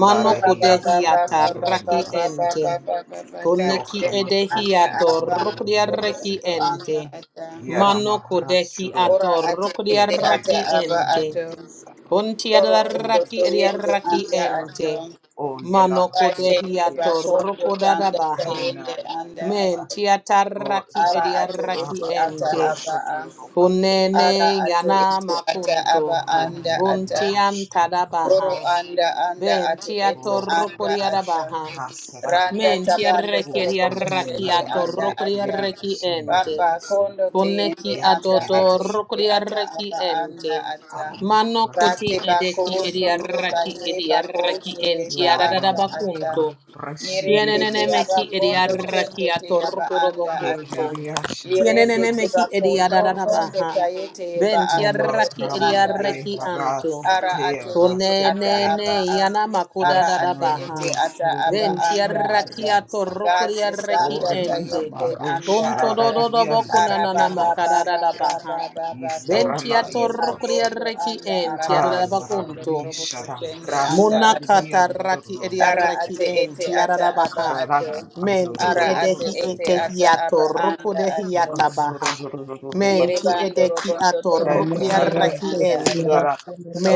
Speaker 2: Mano
Speaker 4: Ora baba
Speaker 2: kudehi
Speaker 4: baba
Speaker 2: atarraki
Speaker 4: baba baba
Speaker 2: ente.
Speaker 4: baba
Speaker 3: Rubasete
Speaker 4: baba
Speaker 2: Koneki
Speaker 3: Yokrama
Speaker 4: kashende
Speaker 2: edehi
Speaker 4: anda arabando anda
Speaker 2: atorokodiarraki
Speaker 4: atu
Speaker 3: Rashurubasete
Speaker 2: ente.
Speaker 4: anda ata.
Speaker 2: Mano
Speaker 3: Yarama
Speaker 2: kodeki
Speaker 3: Rashuru
Speaker 4: Ora ate ete ata
Speaker 2: atorokodiarraki
Speaker 3: Yeteridia
Speaker 4: aba
Speaker 2: ente.
Speaker 4: ato.
Speaker 3: Shandariasa
Speaker 2: Kunti
Speaker 4: Oro ondo
Speaker 3: Holy
Speaker 2: adaraki
Speaker 4: to
Speaker 3: Nana
Speaker 4: yende
Speaker 2: adiaraki
Speaker 4: anda
Speaker 3: Mandroshara,
Speaker 4: ato.
Speaker 2: ente.
Speaker 3: O Yana
Speaker 2: Manoko
Speaker 3: Mahiri
Speaker 4: Kashende
Speaker 2: dehiato
Speaker 3: Vyasa,
Speaker 4: bakondo
Speaker 2: roko
Speaker 4: tanda
Speaker 2: dadabaha.
Speaker 4: tayende
Speaker 3: Adonai
Speaker 4: anda
Speaker 3: Yana
Speaker 4: ato.
Speaker 2: Menti ataraki
Speaker 4: Ara
Speaker 3: Gloria,
Speaker 4: ate
Speaker 2: adiaraki
Speaker 4: ete
Speaker 3: Abba
Speaker 4: ata
Speaker 2: ente.
Speaker 4: aba
Speaker 3: Rosha
Speaker 4: a.
Speaker 3: Dropa
Speaker 2: Kunene
Speaker 3: Yeria,
Speaker 4: Ara ate
Speaker 2: yana
Speaker 4: ete ata
Speaker 2: makunto.
Speaker 4: aba
Speaker 3: Holy
Speaker 4: anda
Speaker 3: Nana
Speaker 2: Bunti
Speaker 4: ata.
Speaker 3: Roshara
Speaker 4: Oro
Speaker 2: antadabaha.
Speaker 3: Rose,
Speaker 4: anda anda ate
Speaker 2: Benti
Speaker 4: ete
Speaker 3: O
Speaker 2: atoroko
Speaker 4: anda ata.
Speaker 2: diadabaha.
Speaker 3: Saradosha,
Speaker 4: Randa
Speaker 3: Saranda,
Speaker 2: Menti
Speaker 4: tabando
Speaker 2: arreki
Speaker 3: O
Speaker 4: toroboko
Speaker 2: adiaraki
Speaker 3: Romunda
Speaker 4: sende anda
Speaker 2: atoroko
Speaker 4: ata.
Speaker 3: Rabayetiria
Speaker 2: diaraki ente.
Speaker 4: Papa
Speaker 3: Shandariaso,
Speaker 4: kondo
Speaker 2: Koneki
Speaker 4: teende anda
Speaker 3: Yetiria
Speaker 2: adodo
Speaker 4: ate
Speaker 2: roko
Speaker 4: ete
Speaker 3: Shaka,
Speaker 4: ata
Speaker 2: diaraki
Speaker 4: aba anda
Speaker 2: ente.
Speaker 4: ata.
Speaker 3: Arya
Speaker 2: Mano
Speaker 3: Rasa
Speaker 2: koti
Speaker 4: Rate bako
Speaker 2: edeki
Speaker 4: sondo
Speaker 2: ediaraki
Speaker 3: Daroshi
Speaker 4: taye bako
Speaker 2: ediaraki
Speaker 4: shende ta
Speaker 2: entiarada
Speaker 4: anda
Speaker 3: Yoriana
Speaker 4: ata.
Speaker 2: bakunto.
Speaker 3: Maha
Speaker 4: Nyerende
Speaker 3: Rashindiri
Speaker 4: te
Speaker 2: Kienenene
Speaker 4: aba
Speaker 2: mehi
Speaker 4: kondo
Speaker 3: Sitiriasa
Speaker 2: ediaraki
Speaker 4: tende te aba anda ata.
Speaker 2: atorokorobokunto.
Speaker 3: Hekiriashan
Speaker 4: Yerende
Speaker 2: Kienenene
Speaker 4: te
Speaker 2: mehi
Speaker 3: Dariosa
Speaker 4: bako tondo
Speaker 3: Turbasa
Speaker 2: ediadadabaha.
Speaker 4: taye te aba ato
Speaker 3: Homa
Speaker 4: oto
Speaker 2: Ventiaraki
Speaker 3: Rama
Speaker 4: anda
Speaker 3: De
Speaker 2: ediaraki
Speaker 4: ata.
Speaker 2: anto.
Speaker 4: Ara ate
Speaker 3: Harasete
Speaker 4: ete ata
Speaker 2: Konenene
Speaker 3: Raseterega
Speaker 4: aba a.
Speaker 2: yana
Speaker 4: Ara ate
Speaker 3: Roshana
Speaker 2: makodadadabaha.
Speaker 3: Maru
Speaker 4: ete ata aba anda
Speaker 3: Sururushan
Speaker 2: Ventiaraki
Speaker 4: ata.
Speaker 3: Dariosa
Speaker 4: Kasi
Speaker 2: atorokoriaraki
Speaker 4: sanda
Speaker 3: Oriana
Speaker 2: ente.
Speaker 4: tayende
Speaker 3: Maru
Speaker 4: anda
Speaker 2: Punto
Speaker 4: ata.
Speaker 3: Shararian
Speaker 4: Ara
Speaker 2: dododobokunanana
Speaker 4: ba ba
Speaker 3: Daruba
Speaker 4: ba ba
Speaker 3: Seke
Speaker 4: ba
Speaker 2: makadadadabaha.
Speaker 4: ba ba ba.
Speaker 3: Istarana
Speaker 4: Koshende
Speaker 3: Yuroshu
Speaker 4: bakondo
Speaker 2: Ventiatorokoriaraki
Speaker 4: anda
Speaker 2: ente
Speaker 4: araba.
Speaker 3: Ha
Speaker 4: Kondo
Speaker 2: adadabakunto.
Speaker 3: Darabri
Speaker 4: trobo
Speaker 3: Shara
Speaker 4: koshende
Speaker 3: Rasa
Speaker 4: anda ata.
Speaker 2: Monakata
Speaker 3: Radian
Speaker 2: raki
Speaker 3: Daruba
Speaker 4: Ara
Speaker 2: ediaraki
Speaker 4: ate
Speaker 3: Seke
Speaker 2: en
Speaker 4: ete ata aba
Speaker 2: tiarabaha.
Speaker 4: ato.
Speaker 3: Kararana
Speaker 2: Menti
Speaker 4: Ara
Speaker 3: Azororo
Speaker 4: ate
Speaker 2: edehi
Speaker 4: ete
Speaker 3: Sete
Speaker 4: ata aba
Speaker 2: etehiato
Speaker 4: anda ato.
Speaker 2: rukudehiata baha.
Speaker 3: Rosororo
Speaker 2: Menti
Speaker 3: Baseke
Speaker 4: Yerebando
Speaker 2: edeki
Speaker 4: robondo
Speaker 2: ato
Speaker 5: Thank
Speaker 4: trobo
Speaker 3: Betarara
Speaker 4: koshende
Speaker 2: rukudiaraki
Speaker 4: anda ato.
Speaker 2: ente.
Speaker 3: Yundara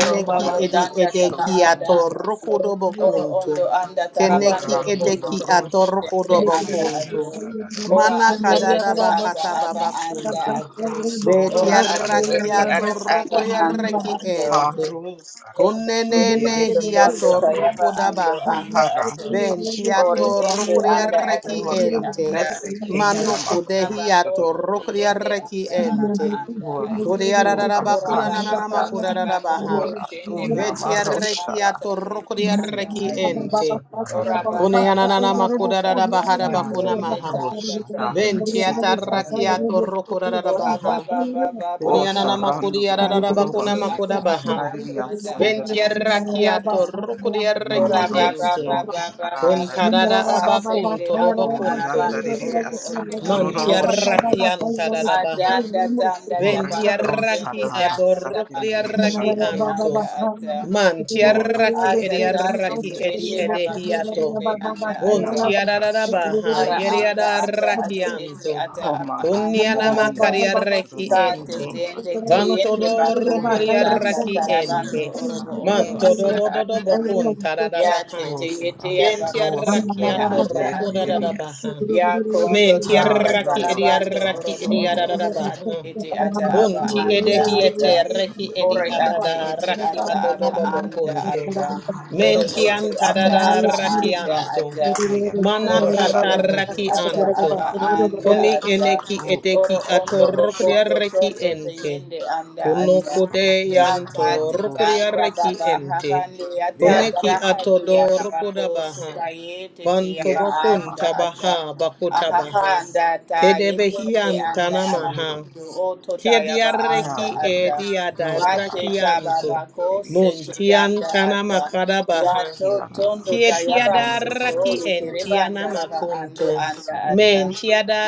Speaker 4: Oro ondo
Speaker 2: edi
Speaker 4: danda kaba
Speaker 2: edeki
Speaker 4: anda
Speaker 2: ato
Speaker 4: ato.
Speaker 3: Shotararias
Speaker 4: Oro
Speaker 2: rukudobokuntu.
Speaker 4: ondo anda tarabando
Speaker 2: Keneki
Speaker 3: Horana
Speaker 4: robondo
Speaker 5: you.
Speaker 2: edeki
Speaker 4: trobo
Speaker 2: ato
Speaker 3: Marosha
Speaker 4: koshende anda ato.
Speaker 2: rukudobokuntu.
Speaker 3: Interisa
Speaker 4: Ora
Speaker 3: Dararias
Speaker 4: ate
Speaker 2: Manakadada
Speaker 4: ete ata
Speaker 2: bahata
Speaker 4: aba anda
Speaker 2: babakuntu.
Speaker 4: ato.
Speaker 3: Rasororo
Speaker 4: Ora ate
Speaker 2: Betiaraki
Speaker 4: ete
Speaker 3: Shandararias
Speaker 2: ato
Speaker 4: ata aba
Speaker 3: Sata
Speaker 4: anda
Speaker 2: rukudiaraki
Speaker 4: ato
Speaker 2: ente.
Speaker 3: Marosa
Speaker 4: ende
Speaker 3: Rana
Speaker 4: ke
Speaker 2: Kunenene
Speaker 4: abando
Speaker 3: Mayeririas
Speaker 4: tondo
Speaker 2: hiato
Speaker 3: Sata
Speaker 4: tayaba ando
Speaker 2: rukudabaha.
Speaker 4: anda ato
Speaker 3: Hararia
Speaker 4: ore
Speaker 2: Ventiato
Speaker 3: Shotaroro
Speaker 4: ende anda ate
Speaker 2: rukuriareki
Speaker 4: ete
Speaker 3: Oria
Speaker 2: ente.
Speaker 4: anda
Speaker 3: Betse
Speaker 4: ato
Speaker 3: Kayana
Speaker 2: Manu kude
Speaker 3: Makara
Speaker 4: baba
Speaker 2: hiato
Speaker 4: kondo
Speaker 3: Shotaroro
Speaker 4: te yende
Speaker 2: rukuriareki
Speaker 3: Baseke
Speaker 4: anda araba
Speaker 2: ente.
Speaker 4: anda
Speaker 3: Ora,
Speaker 4: ato
Speaker 3: sora,
Speaker 2: Kuriararaba
Speaker 4: ora baba
Speaker 2: kunanana
Speaker 3: rasha,
Speaker 4: baba baba ko
Speaker 2: makudarabaha.
Speaker 3: ora,
Speaker 4: shende
Speaker 3: donna,
Speaker 4: bakondo
Speaker 3: marosha,
Speaker 4: anda
Speaker 3: da,
Speaker 2: Vetiarekiato
Speaker 4: tayende
Speaker 5: Thank
Speaker 3: si,
Speaker 4: anda
Speaker 2: rukuriareki
Speaker 4: ato
Speaker 3: tiririsha,
Speaker 2: ente.
Speaker 3: tara,
Speaker 4: ora baba
Speaker 3: duroste,
Speaker 2: Kuneanana
Speaker 4: baba baba
Speaker 2: makudarabaha
Speaker 4: baba ko
Speaker 3: yana,
Speaker 4: te
Speaker 2: rabakunamaha.
Speaker 4: tanda
Speaker 3: marosha, da,
Speaker 4: tayende
Speaker 3: si,
Speaker 4: anda
Speaker 3: tiriria,
Speaker 4: ato
Speaker 2: Ventiatarakiato
Speaker 3: duroba, si,
Speaker 4: Ora ba
Speaker 2: rukurabaha.
Speaker 4: ba ba ba ba ba
Speaker 3: o,
Speaker 4: ba
Speaker 2: Kunianana
Speaker 4: ba
Speaker 3: sarando,
Speaker 4: ba to
Speaker 3: duroba,
Speaker 2: makudiyarabakuna
Speaker 4: ete
Speaker 3: si,
Speaker 4: ata aba
Speaker 3: kishara,
Speaker 2: makudabaha.
Speaker 4: ato
Speaker 3: ribia,
Speaker 4: ata
Speaker 3: sanda,
Speaker 4: aba
Speaker 3: ribia,
Speaker 2: Ventiarra
Speaker 4: anda
Speaker 3: so,
Speaker 4: ata.
Speaker 2: chiato rucudiarra
Speaker 4: Ora
Speaker 2: chi
Speaker 4: ba
Speaker 3: maros,
Speaker 4: ba
Speaker 2: ente.
Speaker 4: ba ba ba
Speaker 3: rosha,
Speaker 4: ba ba
Speaker 3: randa,
Speaker 4: ba
Speaker 3: ribia,
Speaker 2: Contadada
Speaker 3: sa,
Speaker 4: ba sende
Speaker 2: abacunto
Speaker 4: anda
Speaker 3: ori,
Speaker 2: dobacunto.
Speaker 3: anda,
Speaker 4: arabando
Speaker 3: ribia,
Speaker 4: orobo
Speaker 3: sa,
Speaker 4: ondo anda
Speaker 3: tororo,
Speaker 4: ata.
Speaker 2: Mantiarra
Speaker 3: shanda,
Speaker 2: chianta da baha.
Speaker 4: Adanda tanda
Speaker 3: ori,
Speaker 4: tabako
Speaker 3: rosha,
Speaker 2: Ventiarraki
Speaker 4: sende
Speaker 3: da,
Speaker 5: you.
Speaker 4: danda
Speaker 3: rasa,
Speaker 4: tabando
Speaker 3: tiriria,
Speaker 4: to
Speaker 5: Thank
Speaker 2: adorrocoriarraki
Speaker 3: shanda,
Speaker 4: yende anda
Speaker 2: anto.
Speaker 4: ata.
Speaker 3: Lord,
Speaker 2: Mantiarraki
Speaker 4: Ata
Speaker 3: Rati
Speaker 4: tande
Speaker 2: ediarraki
Speaker 4: to
Speaker 3: Trivi
Speaker 2: edi
Speaker 4: ete abako
Speaker 2: edehiato.
Speaker 4: sende anda
Speaker 3: Ashotiki and
Speaker 4: ata.
Speaker 3: Amahara Shana
Speaker 2: Buntiararabaha
Speaker 4: Ara anda
Speaker 3: Sete
Speaker 4: anda
Speaker 2: yeriadarraki
Speaker 4: ato ete
Speaker 2: anto.
Speaker 4: ata aba
Speaker 3: Romara
Speaker 4: anda
Speaker 2: Kunniana
Speaker 3: Seridia
Speaker 4: ata.
Speaker 2: macariarraki
Speaker 5: you.
Speaker 4: Kate
Speaker 2: ente.
Speaker 4: tende
Speaker 3: Shotrobase.
Speaker 4: te yende bakondo
Speaker 3: Yeah,
Speaker 4: tanda
Speaker 2: Vantodorrocoriarraki
Speaker 3: Rasapa,
Speaker 4: tarabando
Speaker 2: ente.
Speaker 3: yes,
Speaker 4: orobo
Speaker 3: Sarah,
Speaker 4: ondo
Speaker 2: Manto
Speaker 3: yes,
Speaker 2: do
Speaker 4: anda
Speaker 2: do do do
Speaker 4: ata.
Speaker 2: bocun
Speaker 4: Ya te
Speaker 2: taradabaha.
Speaker 4: te
Speaker 3: Oh,
Speaker 4: yete
Speaker 3: Sarah,
Speaker 4: ya
Speaker 3: Shoro,
Speaker 4: bakoshende
Speaker 2: Kentiarrakiato
Speaker 3: Sarama,
Speaker 4: anda
Speaker 3: yet,
Speaker 4: ata.
Speaker 3: Ridias,
Speaker 2: rucodadabaha.
Speaker 4: Ya kondo tanda
Speaker 2: Mentiarraki
Speaker 3: Ariondoro,
Speaker 4: tarabando
Speaker 2: ediarraki
Speaker 4: orobo oto
Speaker 3: Roshororo,
Speaker 4: oto ate
Speaker 3: Sete,
Speaker 2: ediaradabaha.
Speaker 4: ete ata aba
Speaker 2: Bunti
Speaker 4: anda
Speaker 3: Orianama,
Speaker 4: ata.
Speaker 2: edehiete reki edi
Speaker 4: Ore
Speaker 3: Roshororo,
Speaker 4: ate
Speaker 2: adada
Speaker 4: ete
Speaker 2: raki
Speaker 4: ata aba
Speaker 2: adododo
Speaker 4: anda
Speaker 2: bokuntu.
Speaker 3: Yeah,
Speaker 4: ata.
Speaker 3: God,
Speaker 4: Ore
Speaker 3: yeah,
Speaker 2: Menti
Speaker 3: those
Speaker 4: ete ata
Speaker 3: higher,
Speaker 2: antadada
Speaker 3: God,
Speaker 4: aba
Speaker 3: yeah,
Speaker 2: raki
Speaker 4: anda
Speaker 2: anto.
Speaker 4: ata.
Speaker 3: higher, God,
Speaker 2: Mana
Speaker 4: Oro
Speaker 3: Russia,
Speaker 2: kata
Speaker 4: oto
Speaker 3: oh,
Speaker 4: ete
Speaker 2: raki
Speaker 4: ata
Speaker 3: Russia,
Speaker 2: anto.
Speaker 4: aba
Speaker 3: para my,
Speaker 4: anda
Speaker 2: Kuni
Speaker 4: ata.
Speaker 2: eneki
Speaker 3: oh,
Speaker 2: edeki
Speaker 4: Oro
Speaker 3: God, oh,
Speaker 4: ondo
Speaker 3: Russia,
Speaker 2: atorokria
Speaker 4: bokondo
Speaker 3: para
Speaker 2: reki
Speaker 3: my,
Speaker 4: tondo
Speaker 3: yes,
Speaker 2: ente.
Speaker 4: teyende anda
Speaker 2: Kuno
Speaker 3: loose,
Speaker 4: ata.
Speaker 3: God,
Speaker 2: kude
Speaker 3: yeah,
Speaker 4: Ya
Speaker 2: yanto
Speaker 4: kate
Speaker 3: Rama,
Speaker 2: rokria
Speaker 3: Russia,
Speaker 4: ganda
Speaker 2: reki
Speaker 4: baba
Speaker 3: Rama,
Speaker 2: ente.
Speaker 4: hahande yata
Speaker 3: there,
Speaker 2: Kuneki
Speaker 3: Rama,
Speaker 4: darahate
Speaker 2: atodo
Speaker 3: Russia,
Speaker 2: rokoda
Speaker 4: yakabako
Speaker 3: yes,
Speaker 2: baha.
Speaker 4: sukayete te
Speaker 2: Banto
Speaker 3: yeah,
Speaker 4: yaba
Speaker 3: Rama,
Speaker 4: anda
Speaker 2: bokunta
Speaker 4: ata.
Speaker 3: Russia,
Speaker 2: baha bakuta baha.
Speaker 3: yes,
Speaker 4: Ahahanda ta yekende
Speaker 2: Kedebehianta
Speaker 4: anda
Speaker 3: Russia,
Speaker 4: ala
Speaker 2: namaha.
Speaker 4: alakundu
Speaker 3: Russia,
Speaker 4: oto ta
Speaker 2: Kia
Speaker 4: yaba
Speaker 3: yeah,
Speaker 4: anda
Speaker 2: diarreki e
Speaker 4: ata.
Speaker 3: Rama,
Speaker 2: dia
Speaker 3: yo, Tara,
Speaker 4: Bate ta
Speaker 3: yes,
Speaker 2: diadarrakianto.
Speaker 4: baba ko
Speaker 3: yes,
Speaker 4: sete yanda
Speaker 2: Muntiantana
Speaker 4: ata.
Speaker 2: makadabaha.
Speaker 3: yes,
Speaker 4: Yato
Speaker 3: yeah,
Speaker 4: tondo
Speaker 2: Kia
Speaker 4: tayaba soto
Speaker 2: tiadarraki en
Speaker 3: Russia,
Speaker 4: yekereba
Speaker 2: tiana
Speaker 4: andaraba ando
Speaker 3: O
Speaker 2: makunto.
Speaker 4: anda
Speaker 2: Men
Speaker 4: ata.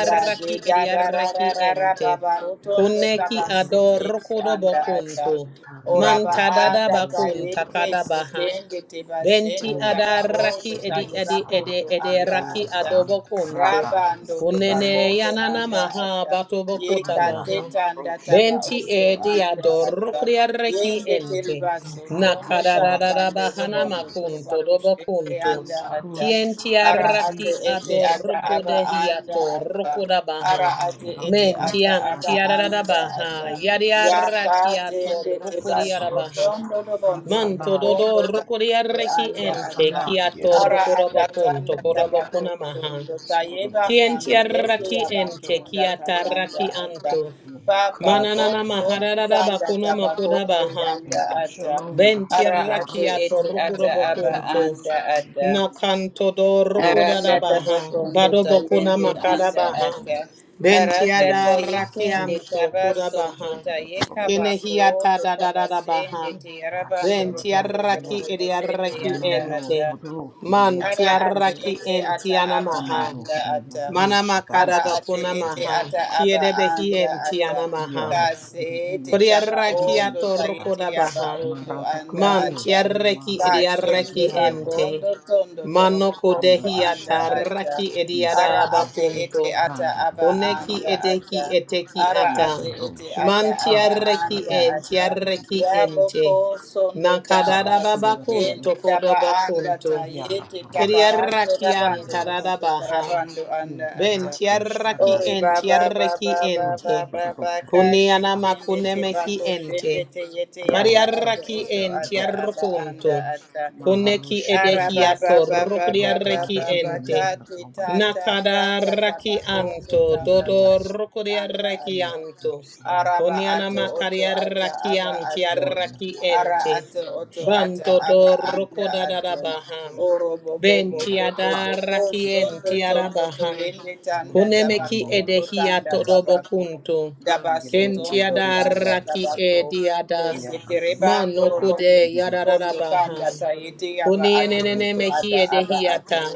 Speaker 4: Ya de
Speaker 2: e diarreki
Speaker 4: jagarararara
Speaker 2: ente.
Speaker 4: baba rotondo
Speaker 2: Kuneki
Speaker 4: tabasete
Speaker 2: adorrokodo
Speaker 4: anda
Speaker 2: bokunto.
Speaker 4: ata. Oraba
Speaker 2: Mantadada
Speaker 4: anda
Speaker 2: bakun
Speaker 4: tayeke
Speaker 2: takadabaha.
Speaker 4: setende
Speaker 2: Benti
Speaker 4: tebasende taba
Speaker 3: Sara
Speaker 2: adaraki
Speaker 4: oto
Speaker 2: edi
Speaker 3: Shuru
Speaker 2: edi
Speaker 3: Sara
Speaker 2: ede
Speaker 4: tayebakondo
Speaker 2: ede
Speaker 4: anda
Speaker 3: Yiria
Speaker 2: raki
Speaker 4: ata.
Speaker 2: adobo kuntu.
Speaker 3: Rada
Speaker 4: Raba ando
Speaker 3: Romo
Speaker 2: Kunene
Speaker 4: tobakondo
Speaker 2: yanana
Speaker 3: Sediri
Speaker 4: anda
Speaker 2: maha
Speaker 4: ata.
Speaker 2: batobo kota
Speaker 4: Yeka
Speaker 3: Uria
Speaker 2: baha.
Speaker 4: teta anda
Speaker 3: Namaroshada
Speaker 4: taba
Speaker 2: benti
Speaker 4: ondo
Speaker 2: edi
Speaker 4: anda
Speaker 3: Sedirias
Speaker 4: ata.
Speaker 2: adorukria reki
Speaker 4: Yende
Speaker 2: ente.
Speaker 4: teribaso
Speaker 3: Yeda
Speaker 4: tondo
Speaker 3: Rashura
Speaker 2: Nakadarara
Speaker 4: tarabando
Speaker 2: bahana
Speaker 4: robondo
Speaker 3: Sindirias
Speaker 4: toroba
Speaker 2: makunto dobo
Speaker 4: kushende
Speaker 2: kuntu.
Speaker 3: O
Speaker 4: anda ata
Speaker 3: Saroshada
Speaker 2: Kienti
Speaker 4: ara ate
Speaker 2: araki
Speaker 3: Radisi
Speaker 4: ete
Speaker 3: Risha
Speaker 4: ata
Speaker 2: adoruku
Speaker 4: aba
Speaker 3: Karadisi
Speaker 4: anda
Speaker 2: dehiato
Speaker 4: ata
Speaker 2: rukuda
Speaker 4: ara
Speaker 2: baha.
Speaker 4: ate ete
Speaker 3: Hayram Rod
Speaker 2: Menti
Speaker 4: ata aba
Speaker 2: anti arara
Speaker 4: anda
Speaker 3: Karadirias
Speaker 2: baha.
Speaker 4: ata
Speaker 2: Yari
Speaker 3: Sedirias
Speaker 4: yaka
Speaker 2: araki ato
Speaker 4: tende
Speaker 2: rukuria
Speaker 4: tebasho
Speaker 3: Rosorosha,
Speaker 2: baha.
Speaker 4: tondo robondo
Speaker 3: Rasana,
Speaker 2: Manto dodo
Speaker 4: robondo
Speaker 3: Yerias,
Speaker 2: rocoriarreki
Speaker 4: anda
Speaker 2: ente,
Speaker 4: ata
Speaker 3: Rosana,
Speaker 2: kiato
Speaker 4: ara
Speaker 3: Yerusa,
Speaker 2: rocorabacon,
Speaker 4: atatanda
Speaker 3: Yeria,
Speaker 4: tabato
Speaker 2: tocorabacona maha.
Speaker 4: ndondo tayeba
Speaker 3: Sorotosha,
Speaker 4: handireke
Speaker 2: Kientiarraki
Speaker 4: yabato
Speaker 2: ente,
Speaker 4: ndata tayanda
Speaker 2: kiatarraki
Speaker 4: ata
Speaker 2: anto.
Speaker 4: papa ko
Speaker 3: Yorosha,
Speaker 2: Mananana
Speaker 4: sondo
Speaker 3: Yerias.
Speaker 4: tanda
Speaker 2: mahararabacona
Speaker 4: tabako ndo
Speaker 2: baha.
Speaker 4: yanda
Speaker 3: Thank you,
Speaker 4: ata
Speaker 3: Shalom, God.
Speaker 4: ara ate
Speaker 2: Bentiarrakiato
Speaker 4: ete
Speaker 3: Yaroshalom,
Speaker 4: ata aba
Speaker 2: rukurobocunto.
Speaker 4: anda
Speaker 3: Yanamase,
Speaker 4: ata
Speaker 3: Yerias.
Speaker 2: Nakanto do
Speaker 3: Oh,
Speaker 4: Aranda
Speaker 3: Sirosha,
Speaker 2: rukuradabaha.
Speaker 4: tabakondo
Speaker 3: Namari,
Speaker 2: Badobocuna
Speaker 4: tayende
Speaker 3: Yerias,
Speaker 4: anda
Speaker 2: macadabaha.
Speaker 3: Sandari,
Speaker 4: ata. Aranda
Speaker 2: Bentiada
Speaker 3: Uwaga,
Speaker 4: tayekende
Speaker 3: Rosha,
Speaker 2: rakianto
Speaker 3: Yasa,
Speaker 4: tabasondo
Speaker 2: kudabaha.
Speaker 3: Yerias,
Speaker 4: tayekabako
Speaker 2: Kenehiata
Speaker 4: to tabasende
Speaker 2: dadadabaha.
Speaker 4: tiyarabando
Speaker 3: Rasura,
Speaker 4: robondo
Speaker 2: Bentiarraki
Speaker 3: Yer,
Speaker 4: toroboko sende
Speaker 2: ediarraki
Speaker 4: anda
Speaker 3: Ranayo,
Speaker 2: ente.
Speaker 4: ata.
Speaker 3: Todoro,
Speaker 4: Ara
Speaker 3: Yerias,
Speaker 4: ate
Speaker 2: Mantiarraki
Speaker 3: Yerias.
Speaker 4: ete ata aba
Speaker 3: Ono
Speaker 2: entianamaha.
Speaker 4: anda
Speaker 3: Yokarida
Speaker 4: ata.
Speaker 3: Rosha
Speaker 4: Ara
Speaker 3: Daribia
Speaker 4: ate
Speaker 2: Manamakadabacuna
Speaker 4: ete
Speaker 3: Sakariba
Speaker 2: maha.
Speaker 4: ata aba
Speaker 3: Obase
Speaker 2: Kiedebehi
Speaker 4: anda ata.
Speaker 2: entianamaha.
Speaker 3: Yarut
Speaker 4: Kase ete
Speaker 3: Kirish
Speaker 4: taba ondo
Speaker 2: Kodiarrakiato
Speaker 3: Kirishata
Speaker 4: tayete aba
Speaker 2: rukudabaha.
Speaker 4: ondo
Speaker 3: Amarata
Speaker 4: anda
Speaker 2: Man
Speaker 4: ata.
Speaker 3: Karuroshi
Speaker 2: tiarreki
Speaker 3: Namaro
Speaker 4: Kashende
Speaker 2: ediarreki
Speaker 3: Saribianda
Speaker 2: ente.
Speaker 4: bakondo
Speaker 3: Rida
Speaker 4: tondo
Speaker 2: Mano
Speaker 4: torobo kondo
Speaker 2: kodehi
Speaker 3: Kirata
Speaker 4: anda
Speaker 3: Shari
Speaker 4: ata.
Speaker 2: atarraki
Speaker 3: Isa
Speaker 2: ediada
Speaker 4: Ara ate
Speaker 3: Rashu
Speaker 2: abakunto.
Speaker 4: ete ata
Speaker 3: Randa
Speaker 4: aba
Speaker 2: Koneki
Speaker 4: anda
Speaker 2: edeki
Speaker 4: ata.
Speaker 3: Karabasete
Speaker 2: eteki
Speaker 4: Ara
Speaker 2: ata.
Speaker 4: ate
Speaker 3: Yesa
Speaker 4: ete
Speaker 3: Rosha
Speaker 2: Man
Speaker 4: ata aba
Speaker 3: Rata
Speaker 2: tiarreki
Speaker 4: anda
Speaker 2: en
Speaker 3: Karabisha
Speaker 4: ata.
Speaker 2: tiarreki
Speaker 4: Ya
Speaker 3: Daribiasa
Speaker 2: ente.
Speaker 4: boko sondo taba
Speaker 2: Nakadada
Speaker 3: Horashunda
Speaker 4: sekende
Speaker 2: bakunto
Speaker 3: Ribiasa
Speaker 4: taba anda
Speaker 2: kodobakunto.
Speaker 4: ta
Speaker 3: Yara
Speaker 4: yete
Speaker 3: Rosha
Speaker 4: tabarando
Speaker 2: Kediarraki
Speaker 4: rabando
Speaker 2: antadada
Speaker 3: Saribiasa
Speaker 4: robondo
Speaker 2: baha.
Speaker 4: tarabando
Speaker 3: Ye
Speaker 4: anda
Speaker 2: Ben
Speaker 4: ata.
Speaker 3: Parato Shana
Speaker 2: tiaraki
Speaker 4: Ore
Speaker 2: en
Speaker 3: Arabia,
Speaker 4: baba
Speaker 2: tiaraki
Speaker 4: baba
Speaker 2: ente.
Speaker 4: baba
Speaker 3: Rosso Dororo
Speaker 4: baba
Speaker 2: Kune
Speaker 3: Kadesha
Speaker 4: kashi
Speaker 2: anama
Speaker 4: tende
Speaker 2: kune
Speaker 4: te
Speaker 2: mehi
Speaker 4: bako
Speaker 3: Damasadias,
Speaker 4: shende
Speaker 2: ente.
Speaker 4: te yete
Speaker 3: Yero
Speaker 4: yaba ato
Speaker 3: Rasha
Speaker 2: Variaraki
Speaker 4: oto
Speaker 2: en
Speaker 4: ata
Speaker 3: Dororo
Speaker 4: aba
Speaker 2: tiarrokunto.
Speaker 4: anda ata.
Speaker 2: Kune ki
Speaker 3: Maharusha Vidiasa,
Speaker 2: edehiato
Speaker 3: Rokara
Speaker 2: rokuriaraki
Speaker 3: Vidilia
Speaker 2: ente.
Speaker 4: Arababababababababakati tata
Speaker 3: Nobasete,
Speaker 2: Nakada
Speaker 4: tanda
Speaker 2: raki
Speaker 4: tabakondo
Speaker 3: Rase
Speaker 2: anto
Speaker 4: tanda
Speaker 2: dodo
Speaker 4: tayende
Speaker 3: Vidios,
Speaker 4: anda
Speaker 2: rokuriaraki
Speaker 4: ata.
Speaker 2: anto.
Speaker 4: Araba
Speaker 2: Kune
Speaker 3: Yepsaras
Speaker 4: ato
Speaker 2: anama
Speaker 4: oto
Speaker 3: Vidias,
Speaker 4: ata
Speaker 2: kariaraki
Speaker 4: aba ato
Speaker 3: Gloria
Speaker 2: antiaraki
Speaker 4: ara
Speaker 2: ente.
Speaker 3: Vidias
Speaker 4: ato oto
Speaker 3: Rush,
Speaker 4: ata
Speaker 2: Banto
Speaker 3: Rata
Speaker 4: aba
Speaker 2: do
Speaker 3: Duru
Speaker 4: anda
Speaker 3: Vidira
Speaker 4: ato
Speaker 2: rokodadadabaha.
Speaker 3: Pahe,
Speaker 4: oro bobo
Speaker 2: Ben
Speaker 4: bobo
Speaker 3: Vira
Speaker 4: bobo
Speaker 3: Ha,
Speaker 4: ko
Speaker 2: tiadaraki
Speaker 3: the
Speaker 2: en
Speaker 4: sondo tondo to
Speaker 2: tiarabaha.
Speaker 4: yende tanda
Speaker 3: Roto
Speaker 4: tabako
Speaker 2: Kunemeki
Speaker 3: Dororo
Speaker 4: ondo
Speaker 2: edehia
Speaker 4: tanda
Speaker 3: Vidias,
Speaker 2: todobo
Speaker 4: tabako
Speaker 2: kuntu.
Speaker 4: dabaso
Speaker 3: Yero
Speaker 4: tondo
Speaker 3: Dororo
Speaker 2: Kentiada
Speaker 4: tanda
Speaker 2: raki
Speaker 4: tabako
Speaker 3: Nobasete,
Speaker 2: ediada.
Speaker 3: Yes. Radusha,
Speaker 4: seterebando
Speaker 2: Mano
Speaker 4: robondo
Speaker 2: kude
Speaker 3: Rakatiridias,
Speaker 4: robondo
Speaker 2: yadarabaha.
Speaker 4: tanda tayete aba ato
Speaker 2: Kunienene
Speaker 3: Rama,
Speaker 4: oto
Speaker 2: mehi
Speaker 4: ata aba ato
Speaker 2: edehiata.
Speaker 3: Rasororosha,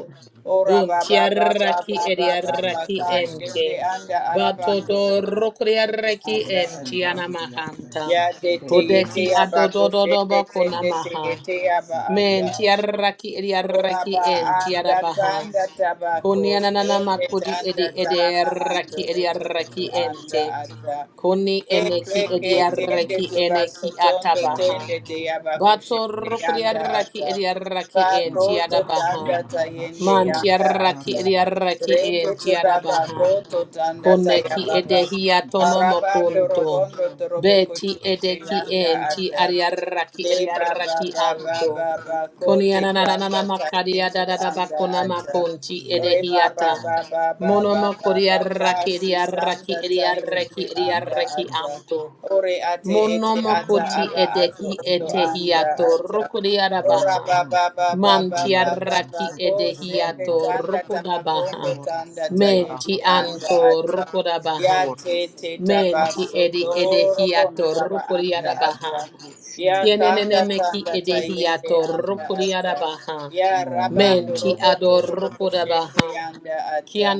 Speaker 4: ora
Speaker 3: Rororobas,
Speaker 4: baba baba
Speaker 2: Buntiaraki
Speaker 4: baba baba
Speaker 2: ediaraki
Speaker 3: Orosororo,
Speaker 2: ente.
Speaker 4: kashende
Speaker 3: Kesha,
Speaker 4: anda arabando
Speaker 2: Batodo
Speaker 3: Paradidiasan,
Speaker 4: orobo oto
Speaker 2: rokriaraki
Speaker 4: anda ato
Speaker 2: entiana
Speaker 3: Oroshundaradidias,
Speaker 2: mahanta.
Speaker 4: Ya de te
Speaker 3: Sesterino
Speaker 4: yete
Speaker 2: Kudeki
Speaker 4: ya
Speaker 3: Namas,
Speaker 4: ba koshende
Speaker 2: adodododoba
Speaker 4: tende te
Speaker 2: kunamaha.
Speaker 3: Roshaba,
Speaker 4: yete ya ba anda
Speaker 3: Rasetididiasha,
Speaker 4: ato.
Speaker 2: Mentiaraki
Speaker 4: Ora
Speaker 2: ediaraki
Speaker 4: ba
Speaker 3: Oria,
Speaker 2: entiada
Speaker 4: anda
Speaker 3: Holy
Speaker 2: baha.
Speaker 4: tanda
Speaker 3: Spirit,
Speaker 2: Koni
Speaker 4: tabako
Speaker 2: ananana
Speaker 3: Ivaradusha,
Speaker 4: sende
Speaker 2: makudi
Speaker 3: Redias,
Speaker 2: edi
Speaker 4: tanda
Speaker 2: edi
Speaker 4: taraba ando
Speaker 2: raki edi
Speaker 4: oto
Speaker 2: raki
Speaker 4: oto
Speaker 3: Orosororosha,
Speaker 4: anda
Speaker 2: ente.
Speaker 3: Mara,
Speaker 4: ata.
Speaker 2: Koni eneki
Speaker 4: Yekreke
Speaker 2: edi
Speaker 4: tende
Speaker 2: raki
Speaker 3: Rosororobas,
Speaker 2: eneki
Speaker 4: tebasotondo
Speaker 2: atabaha.
Speaker 4: tende
Speaker 3: Yarlanda,
Speaker 2: Bato
Speaker 4: teyabakoshende
Speaker 2: rokodi
Speaker 4: yanda
Speaker 3: Rosharare,
Speaker 2: raki
Speaker 4: ata.
Speaker 2: edi raki enti
Speaker 4: Kakoto
Speaker 2: adabaha.
Speaker 4: tanda
Speaker 3: Urasana,
Speaker 4: tayende
Speaker 2: Manti
Speaker 3: Rashuro,
Speaker 4: yanda
Speaker 2: raki
Speaker 4: ata.
Speaker 3: Sarana,
Speaker 2: edi
Speaker 3: Davidas.
Speaker 2: raki
Speaker 4: Rende
Speaker 2: enti adabaha.
Speaker 4: tebabako totanda
Speaker 3: Ora
Speaker 2: Koneki
Speaker 3: sarada
Speaker 4: tayababa.
Speaker 3: rush,
Speaker 2: edehi atono
Speaker 4: Arabando
Speaker 3: significant
Speaker 2: mokunto.
Speaker 4: robondo
Speaker 2: Beti
Speaker 4: torobokoshende
Speaker 3: rasa,
Speaker 2: edeki
Speaker 4: yanda
Speaker 2: enti
Speaker 4: ata.
Speaker 2: ariaraki
Speaker 4: De baba
Speaker 2: ariaraki
Speaker 4: baba
Speaker 2: anto.
Speaker 3: rasa,
Speaker 4: baba kote
Speaker 3: yeterias,
Speaker 4: kamba
Speaker 2: Konianana makaria
Speaker 4: tayende
Speaker 2: da da da
Speaker 4: anda
Speaker 2: bakona
Speaker 4: ata.
Speaker 2: makonti
Speaker 3: yara,
Speaker 4: Reba ba
Speaker 2: edehiata.
Speaker 4: ba
Speaker 3: yara,
Speaker 4: ba ba ba
Speaker 3: yara,
Speaker 2: Monomo
Speaker 4: ba
Speaker 3: yara,
Speaker 2: koria
Speaker 4: ba ba
Speaker 2: raki
Speaker 3: yara,
Speaker 2: edia
Speaker 4: sisanda
Speaker 2: raki edia
Speaker 4: tayende
Speaker 2: reki edia
Speaker 3: makarama,
Speaker 4: anda
Speaker 2: reki
Speaker 4: ata.
Speaker 3: rusra,
Speaker 2: anto.
Speaker 4: Ore ate ete
Speaker 3: rusra,
Speaker 2: Monomo
Speaker 4: ata
Speaker 2: koti
Speaker 4: aba
Speaker 3: robas,
Speaker 4: ato
Speaker 2: edeki
Speaker 4: oto
Speaker 3: yasa,
Speaker 4: anda
Speaker 2: etehiato
Speaker 4: ata.
Speaker 2: rokodia da
Speaker 3: karama,
Speaker 4: Ora ba
Speaker 2: baha.
Speaker 4: ba
Speaker 3: rusra,
Speaker 4: ba ba ba
Speaker 2: Mantia
Speaker 4: ba
Speaker 3: rugunama,
Speaker 4: ba ba
Speaker 2: raki
Speaker 4: ko
Speaker 3: rasutur,
Speaker 4: sende
Speaker 2: edehiato
Speaker 3: rubas,
Speaker 4: tanda
Speaker 2: rokoda
Speaker 4: tabakondo
Speaker 2: baha.
Speaker 3: ora,
Speaker 4: tanda
Speaker 3: sanara,
Speaker 4: tayende
Speaker 2: Menti
Speaker 4: anda
Speaker 2: anto
Speaker 3: rushara,
Speaker 4: ata.
Speaker 2: rokoda baha.
Speaker 4: Ya
Speaker 3: ora,
Speaker 4: te te taba
Speaker 2: Menti
Speaker 3: sanara,
Speaker 2: edi
Speaker 3: rusha,
Speaker 4: soto robondo
Speaker 2: edehiato
Speaker 4: raba
Speaker 2: rokodia
Speaker 4: anda
Speaker 2: da
Speaker 3: Yada
Speaker 2: baha.
Speaker 4: ata.
Speaker 3: mahro
Speaker 4: Ya
Speaker 3: shindi ruru
Speaker 4: kanda
Speaker 2: Tienenemeki
Speaker 4: tanda
Speaker 3: kurariyas
Speaker 4: tayende
Speaker 2: edehiato
Speaker 4: anda
Speaker 3: kurariyas.
Speaker 4: ata.
Speaker 2: rokuriarabaha.
Speaker 4: Ya
Speaker 3: Mo na
Speaker 4: rabando
Speaker 3: na
Speaker 2: Menti
Speaker 3: na
Speaker 4: robondo
Speaker 2: ador
Speaker 4: robo
Speaker 3: ayar rosha
Speaker 4: koshende
Speaker 2: rokodabaha.
Speaker 3: kara.
Speaker 4: yanda ata.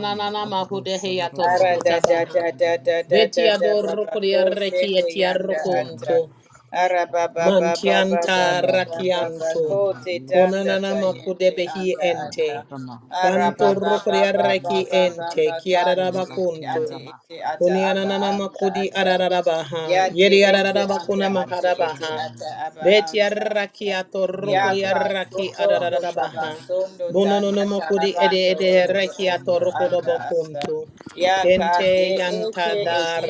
Speaker 3: Ayar rosha ruru
Speaker 2: mahudehiato
Speaker 4: Ara
Speaker 3: ruru
Speaker 4: da
Speaker 3: basa
Speaker 4: da
Speaker 2: bohotabaha.
Speaker 4: da da da
Speaker 3: kurariyas.
Speaker 4: da
Speaker 2: Beti
Speaker 4: da da
Speaker 2: ador
Speaker 4: ba ko
Speaker 2: rokuriareki
Speaker 4: sende yanda
Speaker 3: Hori
Speaker 2: etiarokunto.
Speaker 4: ata.
Speaker 3: mama rosha
Speaker 4: Ara ba
Speaker 3: kara.
Speaker 4: ba ba ba ba
Speaker 2: Mantianta
Speaker 3: Ne rata
Speaker 2: rakianto.
Speaker 3: shunda
Speaker 4: ko te
Speaker 3: rariyas
Speaker 4: tanda
Speaker 2: Konanana
Speaker 4: ta
Speaker 3: kure.
Speaker 2: makudebehi
Speaker 4: anda
Speaker 3: Ya
Speaker 4: ata.
Speaker 2: ente.
Speaker 3: hagama
Speaker 4: Ara
Speaker 2: Banto
Speaker 4: ba ba
Speaker 3: kurariyas
Speaker 4: ba ba ba
Speaker 2: rokoriaraki
Speaker 3: kurariyas.
Speaker 4: ba ba
Speaker 2: ente.
Speaker 4: ba
Speaker 3: Ora ne
Speaker 2: Kiararabakunto.
Speaker 3: rama
Speaker 4: ata
Speaker 3: prase
Speaker 4: aba
Speaker 2: Kunianana
Speaker 4: anda
Speaker 3: kurariyas
Speaker 2: makudi
Speaker 4: ata.
Speaker 3: kurariyas.
Speaker 2: ararabaha.
Speaker 4: Ya te
Speaker 2: Yeri
Speaker 4: ende
Speaker 3: Ora
Speaker 4: anda
Speaker 2: ararabakuna
Speaker 4: ate
Speaker 3: rosha ruru
Speaker 4: ete
Speaker 2: makarabaha.
Speaker 3: ruru
Speaker 4: ata
Speaker 3: basa
Speaker 4: aba
Speaker 2: Beti
Speaker 3: kurariyas.
Speaker 4: anda ata.
Speaker 2: arraki ato
Speaker 4: Ya ka
Speaker 3: Yorulmadan
Speaker 2: rokoriaraki
Speaker 4: sotondo
Speaker 3: hoş
Speaker 2: ararabaha.
Speaker 3: verilmez.
Speaker 4: tabasondo tanda
Speaker 2: Bononono makudi ede
Speaker 4: tarabando
Speaker 2: ede
Speaker 3: Oh,
Speaker 4: orobo
Speaker 2: reki ato
Speaker 4: ondo anda ata.
Speaker 2: rokodobokunto.
Speaker 4: Ya ka te
Speaker 2: Kente yanta
Speaker 4: ete
Speaker 2: da
Speaker 4: ete
Speaker 3: Sarah,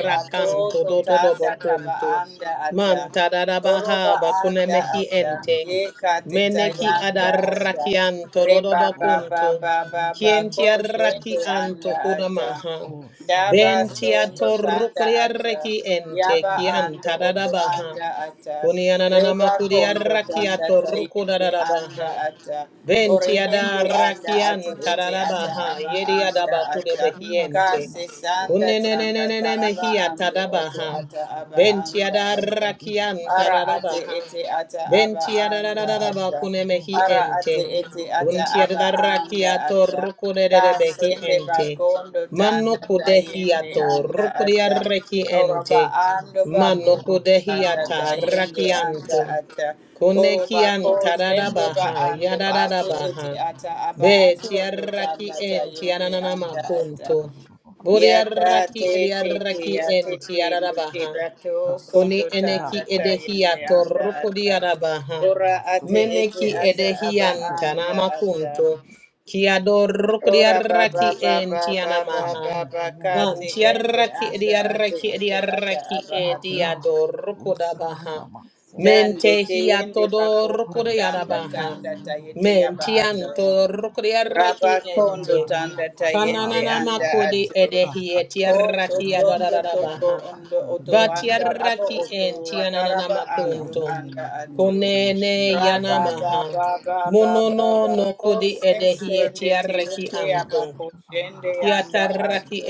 Speaker 3: you
Speaker 4: ato
Speaker 3: said it, Yes,
Speaker 4: totanda taba
Speaker 3: Shandarabaseke.
Speaker 2: dododobokunto.
Speaker 4: anda ata.
Speaker 2: Man
Speaker 4: Oroba
Speaker 2: tadadabaha
Speaker 4: anda
Speaker 3: Rashare, Yeperesanarias.
Speaker 2: bakunemehi
Speaker 4: ata.
Speaker 3: Rashura,
Speaker 2: ente.
Speaker 4: Ye ka
Speaker 3: the
Speaker 4: te
Speaker 2: Meneki
Speaker 3: Sitiyama,
Speaker 4: tayanda ata.
Speaker 2: adarrakian
Speaker 4: Reba
Speaker 3: Ora,
Speaker 4: ba ba
Speaker 2: tododobakuntu.
Speaker 4: ba ba ba
Speaker 2: Kienti
Speaker 4: ko
Speaker 3: Yokrabaroshere,
Speaker 2: arraki
Speaker 4: shende anda
Speaker 2: anto
Speaker 4: ata.
Speaker 2: kunamaha.
Speaker 3: O
Speaker 4: Daba
Speaker 3: Sarani
Speaker 2: Benti
Speaker 4: sondo tanda
Speaker 3: Serias,
Speaker 2: atorukuri
Speaker 4: ata.
Speaker 2: arreki ente
Speaker 4: Yaba
Speaker 2: kian
Speaker 3: Oria,
Speaker 4: ando oto
Speaker 2: tadadabaha.
Speaker 4: anda
Speaker 3: Roshakari,
Speaker 4: ata.
Speaker 2: Kuniananama
Speaker 4: Reba
Speaker 2: kuri
Speaker 4: kondo
Speaker 2: arraki
Speaker 4: tanda
Speaker 2: atoruku
Speaker 3: Rasurabaseke,
Speaker 4: tayende anda
Speaker 2: dadadabaha.
Speaker 4: ata.
Speaker 2: Benti
Speaker 3: Rasura,
Speaker 4: Oreyende anda
Speaker 2: adarrakian
Speaker 4: ata ete ata
Speaker 2: tadadabaha.
Speaker 4: aba
Speaker 3: Roshanama,
Speaker 2: Yedi
Speaker 4: anda
Speaker 3: Yeke,
Speaker 2: adabahude
Speaker 4: ata.
Speaker 2: behiente.
Speaker 3: Seriasana,
Speaker 4: Kase
Speaker 3: Ora
Speaker 4: sanda tanda
Speaker 3: Shutara,
Speaker 2: Kunenenenene
Speaker 4: taraba
Speaker 2: mehia
Speaker 4: ando oto
Speaker 2: tadabaha.
Speaker 4: ata aba
Speaker 3: Rasura,
Speaker 4: anda ata.
Speaker 2: Ventiadarakianta
Speaker 4: Ara
Speaker 3: Sitiyasana.
Speaker 4: ate
Speaker 2: dadabaha.
Speaker 4: ete ata aba anda ata.
Speaker 2: Ventiadarabakune
Speaker 3: Rosoro,
Speaker 2: kunemehi
Speaker 4: Ara ate
Speaker 2: ente.
Speaker 3: rosoro,
Speaker 4: ete ata aba
Speaker 3: robasete,
Speaker 4: anda ata.
Speaker 2: Kuntiadarakiato behi
Speaker 4: Kasende
Speaker 2: ente.
Speaker 4: bakondo
Speaker 2: Mano
Speaker 4: tanda
Speaker 3: robasete,
Speaker 4: tayende
Speaker 2: kudehiato
Speaker 4: anda
Speaker 3: riasa.
Speaker 4: ata.
Speaker 2: rukudiareki
Speaker 4: Oroba
Speaker 2: ente.
Speaker 4: ando
Speaker 2: Mano
Speaker 3: Rosoro,
Speaker 4: bakondo
Speaker 3: rosoro,
Speaker 4: tanda
Speaker 2: kudehiata
Speaker 4: tayende
Speaker 3: robasete,
Speaker 4: anda
Speaker 2: rakianto.
Speaker 4: ata. Oroba
Speaker 2: Kunekianta
Speaker 4: koshende ba
Speaker 2: dadabaha
Speaker 4: ando
Speaker 3: rindoro,
Speaker 4: ate
Speaker 3: rosoro,
Speaker 4: ete
Speaker 2: yadadabaha.
Speaker 4: ata aba
Speaker 3: robasete,
Speaker 4: ate ondo
Speaker 2: Vetiaraki
Speaker 4: tanda tayende anda ata.
Speaker 3: rosoro,
Speaker 2: entiananamakunto.
Speaker 3: robasete,
Speaker 4: Yata
Speaker 2: Buriaraki
Speaker 4: te
Speaker 3: riasa.
Speaker 4: te te
Speaker 2: ediaraki
Speaker 4: ya te te ndo te
Speaker 2: entiarabaha.
Speaker 4: bato sondo
Speaker 2: Koni
Speaker 3: Rasa,
Speaker 2: eneki
Speaker 4: tanda
Speaker 3: yatara,
Speaker 2: edehia
Speaker 4: tayende
Speaker 3: sete,
Speaker 4: anda
Speaker 2: toroko
Speaker 4: ata.
Speaker 2: diarabaha.
Speaker 4: Ora ate
Speaker 3: rasura,
Speaker 4: ete
Speaker 2: Meneki
Speaker 4: ata
Speaker 3: rusata,
Speaker 4: aba
Speaker 2: edehianta
Speaker 4: anda
Speaker 3: riasa,
Speaker 4: ata.
Speaker 2: namakunto. Kiadoroko
Speaker 4: Ora ba
Speaker 2: diaraki
Speaker 3: riasa.
Speaker 4: ba ba ba ba ba
Speaker 2: entianamaha.
Speaker 4: ba
Speaker 3: Chazu,
Speaker 4: ba
Speaker 3: yanama,
Speaker 2: Van
Speaker 4: kati ende
Speaker 3: sota,
Speaker 2: tiaraki
Speaker 4: anda
Speaker 3: chazu,
Speaker 4: ate
Speaker 2: ediaraki
Speaker 4: ete ata
Speaker 2: ediaraki
Speaker 4: aba ato.
Speaker 3: raya,
Speaker 2: ediadoroko
Speaker 3: rosara,
Speaker 2: dabaha.
Speaker 3: masete.
Speaker 2: Mente
Speaker 4: Dando te
Speaker 2: hia
Speaker 4: ende bakondo
Speaker 2: todoroko
Speaker 4: tanda
Speaker 3: Horatio
Speaker 2: diarabaha.
Speaker 4: tanda tayete
Speaker 3: Dosoroshe
Speaker 4: aba ato.
Speaker 2: Mentianto
Speaker 3: Tiriasana
Speaker 2: roko di araki
Speaker 4: Raba kondo
Speaker 2: ente.
Speaker 3: Paravaria
Speaker 4: tanda tayende
Speaker 2: Kananana
Speaker 3: Satarava
Speaker 4: anda
Speaker 2: makodi
Speaker 3: Haradasa
Speaker 4: ato.
Speaker 2: edehi
Speaker 4: Koto
Speaker 2: etiaraki
Speaker 4: tondo
Speaker 3: Turosho Turo
Speaker 4: tombo
Speaker 2: adadadabaha.
Speaker 4: ondo
Speaker 3: Chatar
Speaker 4: oto anda abo
Speaker 3: Sondaravas
Speaker 2: Batiaraki
Speaker 4: oto
Speaker 2: en tianana
Speaker 4: ataraba
Speaker 3: Ea
Speaker 4: ando
Speaker 2: makunto.
Speaker 4: anda
Speaker 3: Nima Hio
Speaker 4: ato.
Speaker 3: Turoshi
Speaker 2: Konene
Speaker 3: Yana
Speaker 4: Raba
Speaker 3: Hina
Speaker 4: ba
Speaker 2: yanamaha.
Speaker 4: ba
Speaker 3: Mahariya
Speaker 4: ba
Speaker 3: to
Speaker 4: ba
Speaker 3: the
Speaker 4: ba
Speaker 2: Monono
Speaker 4: ba
Speaker 3: Turovas
Speaker 2: no
Speaker 4: ko
Speaker 2: kodi edehie
Speaker 4: sende te
Speaker 2: tiaraki
Speaker 4: ete aba
Speaker 2: anto.
Speaker 4: ko shende anda
Speaker 2: Kiataraki
Speaker 4: ato.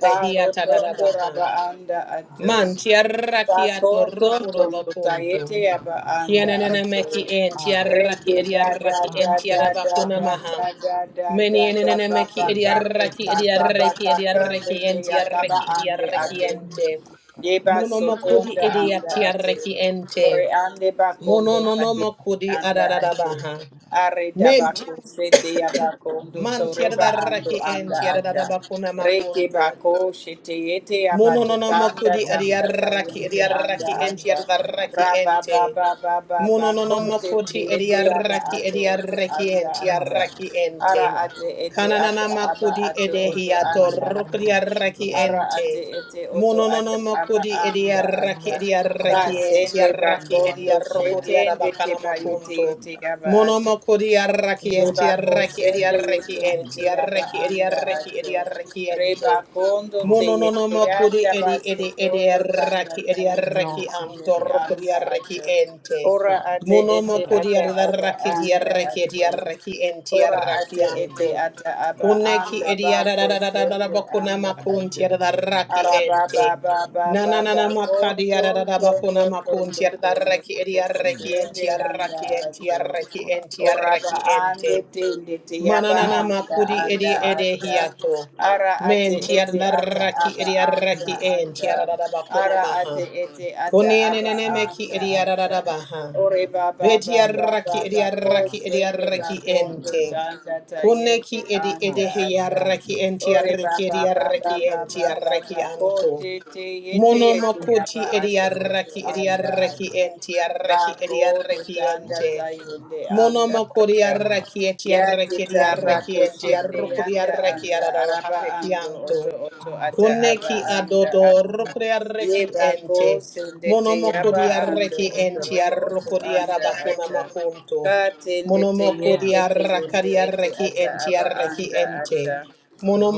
Speaker 4: Baro tondo raba anda ato.
Speaker 2: Man
Speaker 3: Arasu to the
Speaker 2: tiaraki
Speaker 3: Tiriasa
Speaker 2: atorokoro bakunto.
Speaker 3: Nea Rava
Speaker 2: Kianana meki
Speaker 3: Rusata
Speaker 2: en tiaraki
Speaker 3: Avarata
Speaker 2: ediaraki en
Speaker 3: Rava
Speaker 2: tiarabakuna maha.
Speaker 3: Turoshadaviyas
Speaker 2: Many enene meki
Speaker 3: Orna
Speaker 2: ediaraki
Speaker 3: ruka
Speaker 2: ediaraki
Speaker 3: radoši
Speaker 2: ediaraki
Speaker 3: pilas,
Speaker 2: en tiaraki
Speaker 3: simbolika
Speaker 2: ediaraki ente.
Speaker 3: paradinga akara,
Speaker 4: Deba soto
Speaker 2: Monomokudi
Speaker 4: anda
Speaker 3: rošaru
Speaker 4: anda ate.
Speaker 3: visi,
Speaker 2: ediatiaraki ente.
Speaker 4: Ore ande bakondo tayende
Speaker 3: rašura
Speaker 2: Mononomokudi
Speaker 3: visi,
Speaker 4: anda ate.
Speaker 2: adarabaha.
Speaker 3: tirivisi tarara,
Speaker 4: Are
Speaker 2: Ment
Speaker 4: dabako sete yabakondo
Speaker 3: armios
Speaker 4: toreba
Speaker 3: rolo
Speaker 4: ando
Speaker 2: mantiadaraki
Speaker 3: rašu
Speaker 2: en
Speaker 4: anda ata.
Speaker 3: dororo
Speaker 2: tiarabakuna
Speaker 3: vasi,
Speaker 4: Reke
Speaker 2: makuntu.
Speaker 4: bako shete yete yabato
Speaker 3: orna
Speaker 4: tanda
Speaker 2: Monononokudi
Speaker 3: sotrolo
Speaker 4: tanda
Speaker 2: adiaraki
Speaker 4: tayende
Speaker 3: sotrolo,
Speaker 4: anda
Speaker 2: adiaraki
Speaker 3: kerela
Speaker 2: enti
Speaker 4: ata.
Speaker 3: šandara,
Speaker 2: adaraki
Speaker 4: Raba
Speaker 2: ente.
Speaker 4: baba baba bako
Speaker 3: rajos
Speaker 4: tete
Speaker 2: Monononokoti
Speaker 4: yete yaba
Speaker 3: rolo
Speaker 2: adiaraki
Speaker 4: ato
Speaker 3: vasi,
Speaker 4: oto
Speaker 2: adiaraki
Speaker 4: anda
Speaker 2: enti
Speaker 4: ata.
Speaker 3: paja,
Speaker 2: araki
Speaker 4: Ara
Speaker 2: ente.
Speaker 3: kerela
Speaker 4: ate ete ata
Speaker 3: šandara,
Speaker 4: aba
Speaker 2: Kanananamakudi
Speaker 4: ato oto
Speaker 3: osa
Speaker 2: edehiato
Speaker 4: anda
Speaker 3: rana
Speaker 2: rokudi
Speaker 3: moro
Speaker 4: ata
Speaker 2: araki
Speaker 3: šurolo
Speaker 4: ara ate
Speaker 3: vasi.
Speaker 2: ente.
Speaker 4: ete oto ata ara
Speaker 2: Monononokudi
Speaker 4: anda
Speaker 2: adiaraki
Speaker 4: ata
Speaker 3: Rosso
Speaker 4: ka
Speaker 2: adiaraki enti
Speaker 4: sende
Speaker 3: oratese
Speaker 2: araki
Speaker 3: iam
Speaker 4: bakondo
Speaker 3: eam
Speaker 2: adiarokudi
Speaker 4: shetende
Speaker 3: ia
Speaker 2: arabakana
Speaker 4: teba yete
Speaker 3: usa
Speaker 2: makunto.
Speaker 4: yete yaba
Speaker 3: iasi
Speaker 4: ato
Speaker 2: Monomokudi araki
Speaker 3: ea
Speaker 4: teba
Speaker 2: enti
Speaker 4: ko
Speaker 3: iana
Speaker 2: araki
Speaker 4: sende
Speaker 3: maie
Speaker 4: yete
Speaker 2: adiaraki
Speaker 3: ea
Speaker 4: yete
Speaker 2: enti
Speaker 3: ia
Speaker 4: yaba
Speaker 2: araki
Speaker 4: anda
Speaker 3: nesruis
Speaker 2: adiaraki
Speaker 4: ato
Speaker 2: adiaraki
Speaker 4: reba
Speaker 2: ente.
Speaker 4: kondo te
Speaker 2: Mono no
Speaker 3: horia
Speaker 4: yete
Speaker 2: Monononomokuri
Speaker 3: rosso
Speaker 4: yanda
Speaker 2: edi
Speaker 4: baso
Speaker 3: desi
Speaker 2: edi edi
Speaker 4: tondo tanda
Speaker 2: arraki
Speaker 4: ta
Speaker 2: edi
Speaker 4: yete
Speaker 2: arraki
Speaker 4: yete
Speaker 3: ioca
Speaker 4: yebe
Speaker 3: sieras
Speaker 2: antorokuri
Speaker 4: anda
Speaker 2: arraki
Speaker 4: ato
Speaker 2: ente.
Speaker 4: ora
Speaker 3: sora
Speaker 4: ate ete
Speaker 3: suturo
Speaker 2: Monomokuri
Speaker 4: ata
Speaker 3: rosso
Speaker 4: aba
Speaker 2: arraki di
Speaker 4: anda
Speaker 2: arraki edi
Speaker 4: ato
Speaker 2: arraki enti
Speaker 4: Ora
Speaker 3: rosso
Speaker 2: arraki
Speaker 4: ate ete
Speaker 2: anto.
Speaker 3: rosso
Speaker 4: ata aba
Speaker 3: rosso
Speaker 2: Koneki
Speaker 4: anda
Speaker 2: edi
Speaker 4: bako shende
Speaker 2: arararararabakuna
Speaker 4: anda
Speaker 3: horia
Speaker 2: makunti
Speaker 4: ate.
Speaker 3: nama
Speaker 2: arraki
Speaker 3: rosso
Speaker 4: Araba ba
Speaker 2: ente.
Speaker 4: ba ba
Speaker 3: rosso
Speaker 4: ba ba
Speaker 2: Nananana makadi
Speaker 4: koto tondo
Speaker 2: arararabakuna
Speaker 3: esi
Speaker 2: makunti
Speaker 4: tondo
Speaker 3: sa
Speaker 4: tondo
Speaker 3: ia
Speaker 2: arraki edi
Speaker 4: toko
Speaker 3: ia
Speaker 2: arraki enti
Speaker 4: shende
Speaker 3: ia
Speaker 4: anda
Speaker 2: arraki enti
Speaker 3: katasu
Speaker 4: ato.
Speaker 2: arraki enti
Speaker 3: turaka
Speaker 4: Oraba
Speaker 2: arraki
Speaker 4: ande
Speaker 2: ente.
Speaker 4: tende te yaba
Speaker 2: Mananana
Speaker 3: Yes,
Speaker 4: anda
Speaker 3: yes,
Speaker 2: makudi
Speaker 4: anda
Speaker 2: edi ede
Speaker 4: ata.
Speaker 2: hiato.
Speaker 4: Ara ate
Speaker 2: Men
Speaker 4: ete ata
Speaker 2: tiararaki
Speaker 4: aba
Speaker 2: edi
Speaker 4: anda
Speaker 2: araki en
Speaker 4: ata.
Speaker 2: tiararabakuna
Speaker 4: Ara
Speaker 2: maha.
Speaker 4: ate ete ata
Speaker 2: Kuni
Speaker 4: aba
Speaker 2: eneneme ki
Speaker 4: anda
Speaker 2: edi
Speaker 4: ata.
Speaker 2: ararabaha.
Speaker 4: Ore baba
Speaker 2: Beti
Speaker 4: baba
Speaker 2: araki edi
Speaker 4: baba ko
Speaker 2: araki edi
Speaker 4: sende
Speaker 2: araki
Speaker 4: bakondo
Speaker 2: ente.
Speaker 4: tanda
Speaker 2: Kune
Speaker 4: tayende
Speaker 2: ki edi
Speaker 4: anda
Speaker 3: oh,
Speaker 2: ede
Speaker 4: ata.
Speaker 2: hiaraki enti
Speaker 4: Ore
Speaker 2: araki edi
Speaker 4: baba
Speaker 2: araki
Speaker 4: baba
Speaker 2: enti
Speaker 4: baba baba
Speaker 2: araki
Speaker 4: ko
Speaker 2: anto.
Speaker 4: te te yete
Speaker 2: Mono
Speaker 4: yete yaba
Speaker 2: mokuti edi
Speaker 4: ato oto
Speaker 2: araki edi
Speaker 4: anda
Speaker 2: araki
Speaker 4: ata.
Speaker 2: enti araki edi
Speaker 4: Bako
Speaker 2: araki
Speaker 4: Toshanda
Speaker 2: ente.
Speaker 3: so
Speaker 4: Tayende
Speaker 2: Mono
Speaker 4: Anda
Speaker 2: mokori
Speaker 4: Anda
Speaker 3: Ah,
Speaker 2: arraki eti arraki di Monomo
Speaker 4: Yatita
Speaker 2: kodiaraki etiaraki diaraki
Speaker 4: Bako
Speaker 3: glory,
Speaker 4: Shende
Speaker 3: hallelujah,
Speaker 4: anda
Speaker 2: entiarukodiaraki
Speaker 4: Anda
Speaker 3: Jesus.
Speaker 4: Araba
Speaker 2: ararareki
Speaker 4: Ando
Speaker 2: anto.
Speaker 4: Oto Oto
Speaker 3: Ah,
Speaker 4: Ata
Speaker 3: yeah,
Speaker 4: Aba
Speaker 2: Kuneki
Speaker 4: Anda
Speaker 2: adodo
Speaker 4: Ata
Speaker 2: rukria
Speaker 3: oh,
Speaker 4: Ye
Speaker 2: reki
Speaker 4: Bako
Speaker 2: ente.
Speaker 4: Sendete
Speaker 3: Your
Speaker 2: Monomokodi
Speaker 4: Yaba Ando
Speaker 2: arreki
Speaker 4: Oto
Speaker 2: enti
Speaker 4: Robo
Speaker 3: sutrush
Speaker 4: Oto
Speaker 2: arrokodi
Speaker 4: Anda
Speaker 3: yasada
Speaker 2: arabakuna
Speaker 4: Ata
Speaker 2: makunto.
Speaker 4: Katendete
Speaker 2: Monomokodi
Speaker 4: Yende
Speaker 3: hayara
Speaker 4: Te Yende
Speaker 2: arrakadi
Speaker 4: Ete
Speaker 2: arreki
Speaker 4: Ata
Speaker 3: sutarabasi
Speaker 2: enti
Speaker 4: Aba
Speaker 2: arreki
Speaker 4: Anda
Speaker 2: ente.
Speaker 4: Ata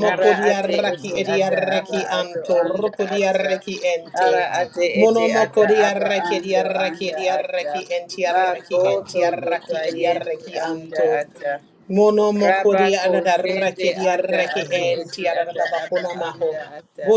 Speaker 4: Ara ate
Speaker 2: arraki
Speaker 4: ete
Speaker 3: yama
Speaker 2: edi
Speaker 4: ata aba
Speaker 2: arraki
Speaker 3: yor
Speaker 4: ato
Speaker 2: anto
Speaker 4: anda
Speaker 2: rokodi
Speaker 3: iteration
Speaker 4: ata.
Speaker 2: arreki ente.
Speaker 4: Ara ate
Speaker 3: aga
Speaker 4: ete
Speaker 3: yapo
Speaker 4: ata
Speaker 2: Monomokodi
Speaker 4: aba
Speaker 2: arraki edi
Speaker 4: ando
Speaker 3: yarabashita
Speaker 2: arraki
Speaker 4: anda
Speaker 2: edi
Speaker 4: ata.
Speaker 2: arraki enti arreki
Speaker 4: Bako
Speaker 3: aga
Speaker 2: enti
Speaker 4: tondo
Speaker 3: yopo
Speaker 2: arraki edi
Speaker 4: tayende
Speaker 2: arraki
Speaker 4: anda
Speaker 3: yakasete
Speaker 2: anto.
Speaker 4: ata.
Speaker 3: yashita
Speaker 2: Mono
Speaker 3: robasi
Speaker 2: mokodi
Speaker 4: Raba ko
Speaker 2: adaraki
Speaker 4: anda
Speaker 2: diaraki
Speaker 4: ate
Speaker 2: enti
Speaker 4: ete
Speaker 3: kananasada
Speaker 4: ata aba
Speaker 3: shita
Speaker 2: adadabakuna maho.
Speaker 4: anda ata.
Speaker 3: robasi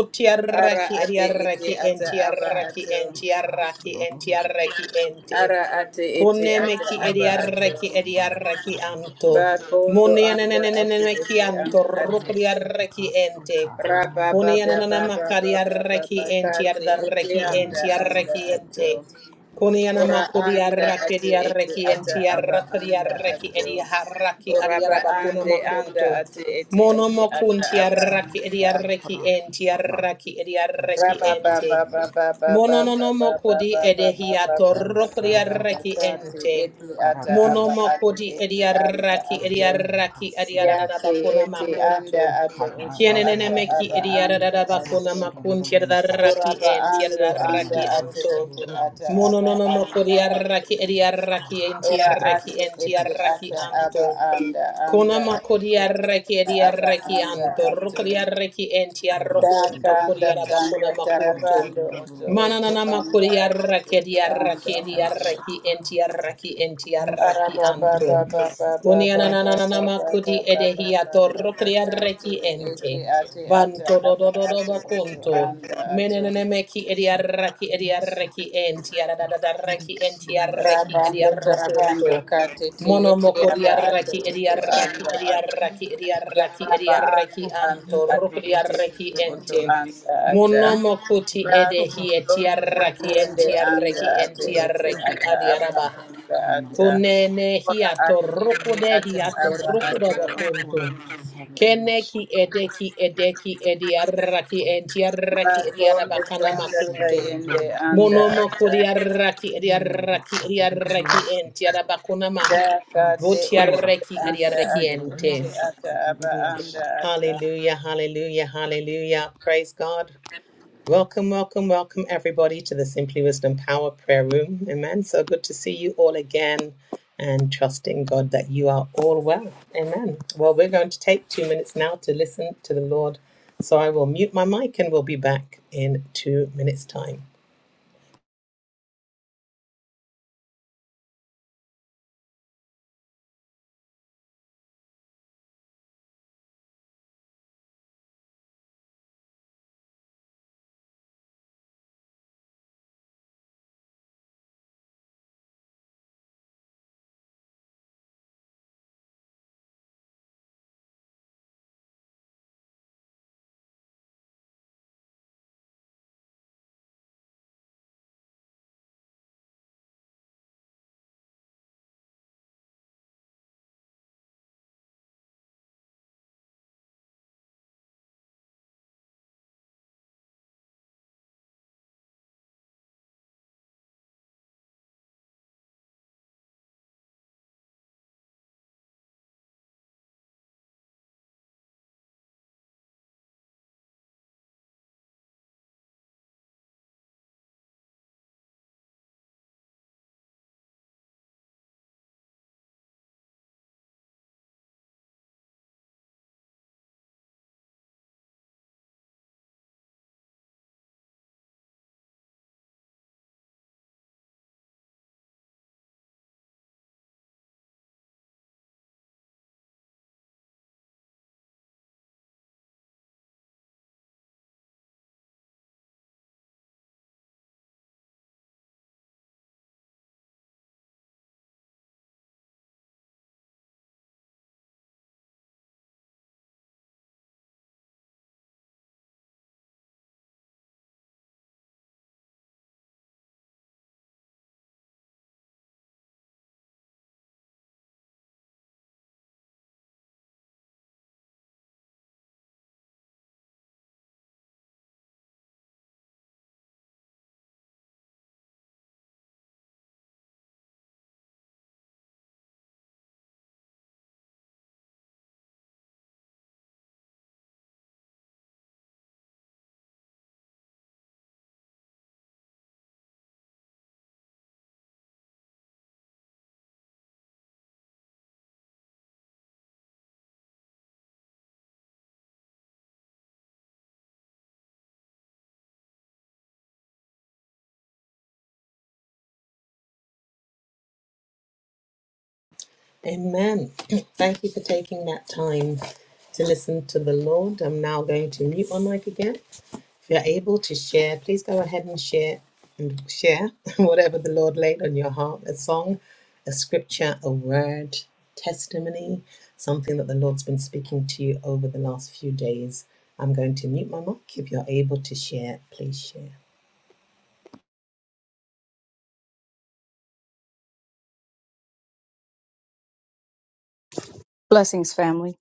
Speaker 4: Ara ate ete
Speaker 2: ediaraki
Speaker 4: ata
Speaker 2: enti
Speaker 4: aba
Speaker 2: araki
Speaker 4: ato.
Speaker 3: yasurushu
Speaker 2: enti araki
Speaker 3: rasururu
Speaker 2: enti araki
Speaker 3: robasi
Speaker 2: enti.
Speaker 4: Ara ate ete ata
Speaker 2: Kunemeki
Speaker 4: aba
Speaker 2: ediaraki
Speaker 4: ato.
Speaker 3: yarasuru
Speaker 2: ediaraki
Speaker 3: shara
Speaker 2: anto.
Speaker 4: Ba
Speaker 3: yere
Speaker 4: kondo
Speaker 3: Sama
Speaker 4: anda ate
Speaker 2: Munianeneneneneneki
Speaker 4: ete
Speaker 2: anto
Speaker 4: anda ate.
Speaker 3: Harasho
Speaker 2: rukodiaraki enti.
Speaker 3: rasuta aman
Speaker 4: Raba baba baba baba
Speaker 3: yetebiliyorsun.
Speaker 2: Kuniananamakariaraki
Speaker 4: baba
Speaker 2: enti
Speaker 4: kati iti
Speaker 2: adaraki
Speaker 4: anda
Speaker 2: enti
Speaker 3: Hario
Speaker 4: anda
Speaker 2: araki
Speaker 3: rasuru
Speaker 4: ato.
Speaker 2: enti.
Speaker 3: rasuru
Speaker 2: Koniana
Speaker 4: Ora
Speaker 3: biliyorsun.
Speaker 2: makodi
Speaker 4: anda
Speaker 2: arraki
Speaker 4: ati
Speaker 2: edi
Speaker 4: iti
Speaker 2: arraki
Speaker 4: ata
Speaker 2: enti
Speaker 3: Hario
Speaker 4: aba
Speaker 2: arrakadi
Speaker 4: anda
Speaker 3: rasuru
Speaker 2: arraki
Speaker 4: ato.
Speaker 2: edi harraki
Speaker 3: rasuru
Speaker 2: adi
Speaker 4: Ora ba
Speaker 2: arabakuna
Speaker 3: biliyorsun.
Speaker 4: ande anda
Speaker 2: makunto.
Speaker 4: ati iti
Speaker 2: Mono
Speaker 4: iti ata
Speaker 2: mokunti
Speaker 4: aba
Speaker 2: arraki edi
Speaker 4: anda
Speaker 3: Rasuru
Speaker 4: ato.
Speaker 2: arraki enti
Speaker 3: harasuna
Speaker 2: arraki edi arraki
Speaker 4: Raba
Speaker 3: rasuru
Speaker 2: ente.
Speaker 4: baba
Speaker 3: rasuna
Speaker 4: baba baba baba
Speaker 2: Mononomo
Speaker 4: baba
Speaker 2: kodi edehia
Speaker 4: baba
Speaker 2: edehiato
Speaker 4: baba baba
Speaker 3: rasuru
Speaker 4: baba
Speaker 2: rokodiaraki
Speaker 3: rasuru
Speaker 4: kati
Speaker 2: ente.
Speaker 4: iti ata aba
Speaker 3: kararlıyış.
Speaker 2: Monomo
Speaker 4: ati
Speaker 2: kodi
Speaker 4: iti anda
Speaker 2: ediaraki
Speaker 4: ato.
Speaker 3: Kararlı
Speaker 2: ediaraki
Speaker 3: rasuna
Speaker 4: Yati
Speaker 2: adiaradabakuna
Speaker 4: iti anda
Speaker 2: makuntu.
Speaker 4: ato
Speaker 3: kaya
Speaker 4: utu
Speaker 2: Kienenene
Speaker 4: ata
Speaker 3: azar
Speaker 2: meki
Speaker 4: aba
Speaker 3: yıkar
Speaker 4: anda
Speaker 2: ediaradabakuna
Speaker 4: ato.
Speaker 3: kuruşları
Speaker 2: makunti
Speaker 3: bulunsa.
Speaker 2: adaraki
Speaker 4: Oraba
Speaker 2: enti
Speaker 4: ando anda
Speaker 2: adaraki
Speaker 3: Bunlar
Speaker 4: ate
Speaker 2: anto.
Speaker 3: rasuru
Speaker 4: ete ata
Speaker 3: olmasın.
Speaker 4: aba
Speaker 2: Mononomo
Speaker 4: anda
Speaker 2: kodi araki
Speaker 4: ate.
Speaker 2: ediaraki
Speaker 3: Sora
Speaker 2: enti
Speaker 4: Ora
Speaker 2: araki
Speaker 3: Vrasu
Speaker 4: ate
Speaker 2: enti
Speaker 4: ete
Speaker 2: araki
Speaker 4: ata aba
Speaker 3: Kridishidis
Speaker 2: anto.
Speaker 4: anda
Speaker 2: Kona
Speaker 4: anda ate
Speaker 2: makodia
Speaker 4: ete
Speaker 2: reki
Speaker 4: ata
Speaker 2: edia
Speaker 4: aba
Speaker 2: reki
Speaker 4: anda
Speaker 3: Si
Speaker 2: anto,
Speaker 4: ate.
Speaker 2: rokodia reki enti
Speaker 3: Orasi
Speaker 4: Daka
Speaker 2: arrokunto,
Speaker 4: anda
Speaker 2: kodia
Speaker 3: Ravisha
Speaker 4: tanda
Speaker 2: rabakona makunto.
Speaker 4: tarabando oto oto
Speaker 2: Mananana
Speaker 3: Rusurubasik
Speaker 4: anda
Speaker 2: makodia
Speaker 4: ate
Speaker 2: reki
Speaker 4: ete
Speaker 2: edia
Speaker 4: anda
Speaker 2: reki edia
Speaker 3: Rusura
Speaker 4: ate.
Speaker 2: reki enti
Speaker 3: Shaharasi
Speaker 2: arraki enti
Speaker 3: Rusha
Speaker 2: arraki
Speaker 4: Araba ba ba
Speaker 2: anto.
Speaker 4: ba ba
Speaker 3: Yurubisi
Speaker 4: ba
Speaker 2: Konia
Speaker 4: ba ba ba
Speaker 3: Vigilisa
Speaker 2: nananana
Speaker 4: ba ba ba
Speaker 2: makodi
Speaker 4: ba ba
Speaker 2: edehiato,
Speaker 4: ba ba
Speaker 2: rokodia
Speaker 4: kate
Speaker 2: reki
Speaker 4: ete
Speaker 2: ente.
Speaker 4: ate ata
Speaker 2: Banto do
Speaker 4: aba
Speaker 2: do do do
Speaker 4: ato
Speaker 3: Si
Speaker 4: oto
Speaker 2: bakunto.
Speaker 4: anda ato.
Speaker 2: Menenene meki
Speaker 3: Si
Speaker 2: edia reki edia
Speaker 3: Yasu
Speaker 2: reki enti aradada reki
Speaker 3: Urkaidus
Speaker 2: enti arreki
Speaker 3: Rushan
Speaker 2: edia
Speaker 4: Rabando Tarabando
Speaker 3: Rubasik
Speaker 2: rokunto.
Speaker 4: katiti, Tieti
Speaker 2: Monomokori
Speaker 3: Ura
Speaker 4: Aba Atu
Speaker 2: arraki
Speaker 4: Utu
Speaker 3: Rusura
Speaker 2: ediarraki
Speaker 4: Anda Atu
Speaker 3: Ya
Speaker 2: ediarraki ediarraki
Speaker 4: Yaraba
Speaker 2: ediarraki
Speaker 4: Atu Anda
Speaker 2: anto
Speaker 3: Urkaidus
Speaker 4: Atu Iti
Speaker 3: Yasu
Speaker 2: rukriarraki
Speaker 4: Utu
Speaker 3: Rusha
Speaker 4: Utu
Speaker 2: ente.
Speaker 3: Vigilisa
Speaker 4: Anda Ata
Speaker 2: Monomokoti
Speaker 4: Ratu
Speaker 3: Rusura
Speaker 2: edehi
Speaker 4: Rondo
Speaker 2: etiarraki
Speaker 3: Basura
Speaker 4: Tayende Anda
Speaker 2: entiarraki
Speaker 4: Atu Iti
Speaker 2: entiarraki
Speaker 4: Ata Aba
Speaker 3: Urusoro
Speaker 2: adiarabaha.
Speaker 4: Anda Ata
Speaker 3: Ramadosha
Speaker 2: Kunene
Speaker 4: Ora
Speaker 2: hiato
Speaker 4: Atu Iti
Speaker 2: rukude
Speaker 4: Ata
Speaker 2: hiato
Speaker 4: Aba
Speaker 3: Urusoro
Speaker 4: Atu
Speaker 2: rukudobokuntu. Keneki
Speaker 3: Uratasarabiyashatara
Speaker 2: edeki edeki ediarraki entiarraki
Speaker 4: Ratu
Speaker 3: Urusu
Speaker 4: Rondo
Speaker 2: ediarabakana
Speaker 4: Tanda
Speaker 2: makuntu.
Speaker 4: Tayende
Speaker 3: Nesororo
Speaker 4: Anda
Speaker 3: Urusha
Speaker 2: Monomo
Speaker 4: Ata
Speaker 2: kodiaraki adiaraki adiaraki enti
Speaker 3: Neorakaririyasete
Speaker 2: adabakuna maha.
Speaker 4: Daka Te Ende
Speaker 3: Urushura
Speaker 2: Botiaraki
Speaker 4: Anda
Speaker 2: adiaraki
Speaker 4: Atu
Speaker 2: ente.
Speaker 4: Iti
Speaker 3: Rusumberiyasete
Speaker 4: Ata Aba
Speaker 3: Ririyasha
Speaker 4: Anda Ata
Speaker 2: Hallelujah, hallelujah, hallelujah. Praise God. Welcome, welcome, welcome everybody to the Simply Wisdom Power Prayer Room. Amen. So good to see you all again and trusting God that you are all well. Amen. Well, we're going to take two minutes now to listen to the Lord. So I will mute my mic and we'll be back in two minutes' time. Amen. Thank you for taking that time to listen to the Lord. I'm now going to mute my mic again. If you're able to share, please go ahead and share and share whatever the Lord laid on your heart, a song, a scripture, a word, testimony, something that the Lord's been speaking to you over the last few days. I'm going to mute my mic. If you're able to share, please share.
Speaker 5: Blessings, family.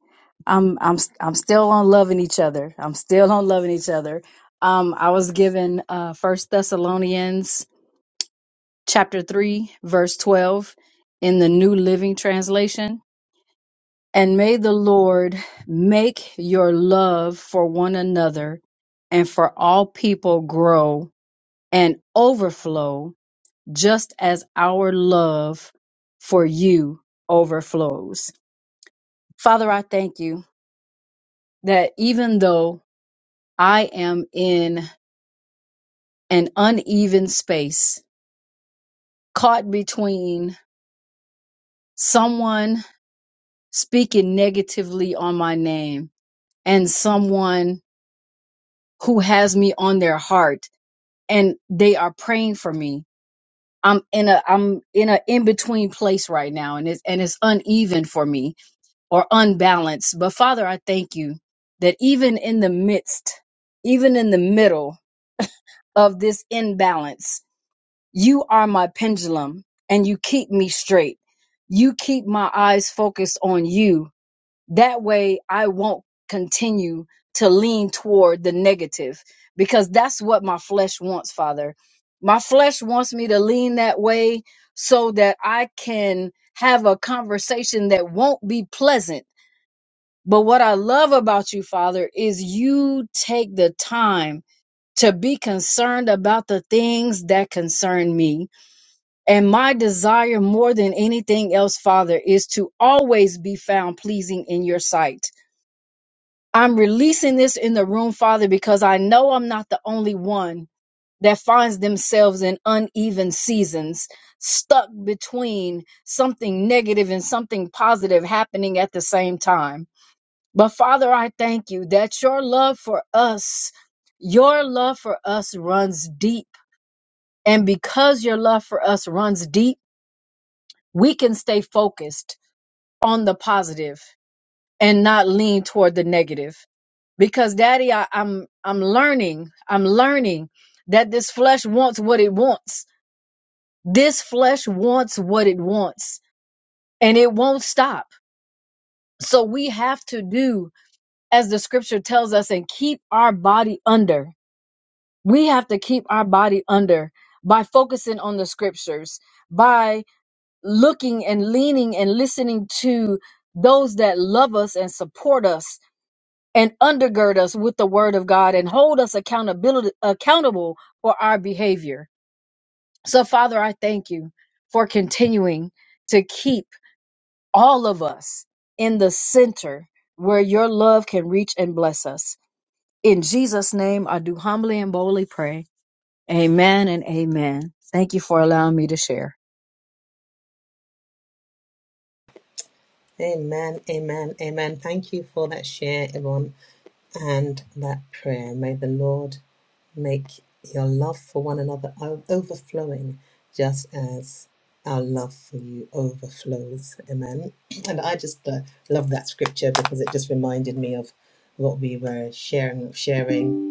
Speaker 5: I'm I'm I'm still on loving each other. I'm still on loving each other. Um, I was given uh First Thessalonians chapter three, verse twelve in the New Living Translation. And may the Lord make your love for one another and for all people grow and overflow, just as our love for you overflows. Father, I thank you that even though I am in an uneven space, caught between someone speaking negatively on my name and someone who has me on their heart and they are praying for me. I'm in a I'm in a in between place right now and it's and it's uneven for me or unbalanced. But Father, I thank you that even in the midst, even in the middle of this imbalance, you are my pendulum and you keep me straight. You keep my eyes focused on you that way I won't continue to lean toward the negative because that's what my flesh wants, Father. My flesh wants me to lean that way so that I can have a conversation that won't be pleasant. But what I love about you, Father, is you take the time to be concerned about the things that concern me. And my desire more than anything else, Father, is to always be found pleasing in your sight. I'm releasing this in the room, Father, because I know I'm not the only one that finds themselves in uneven seasons, stuck between something negative and something positive happening at the same time. But Father, I thank you that your love for us, your love for us runs deep. And because your love for us runs deep, we can stay focused on the positive and not lean toward the negative. because daddy I, i'm i'm learning i'm learning that this flesh wants what it wants this flesh wants what it wants and it won't stop so we have to do as the scripture tells us and keep our body under we have to keep our body under by focusing on the scriptures by looking and leaning and listening to those that love us and support us and undergird us with the word of God and hold us accountability accountable for our behavior. So Father, I thank you for continuing to keep all of us in the center where your love can reach and bless us. In Jesus name, I do humbly and boldly pray. Amen and amen. Thank you for allowing me to share.
Speaker 2: Amen, amen, amen. Thank you for that share, everyone, and that prayer. May the Lord Make your love for one another overflowing, just as our love for you overflows. Amen. And I just uh, love that scripture because it just reminded me of what we were sharing, sharing,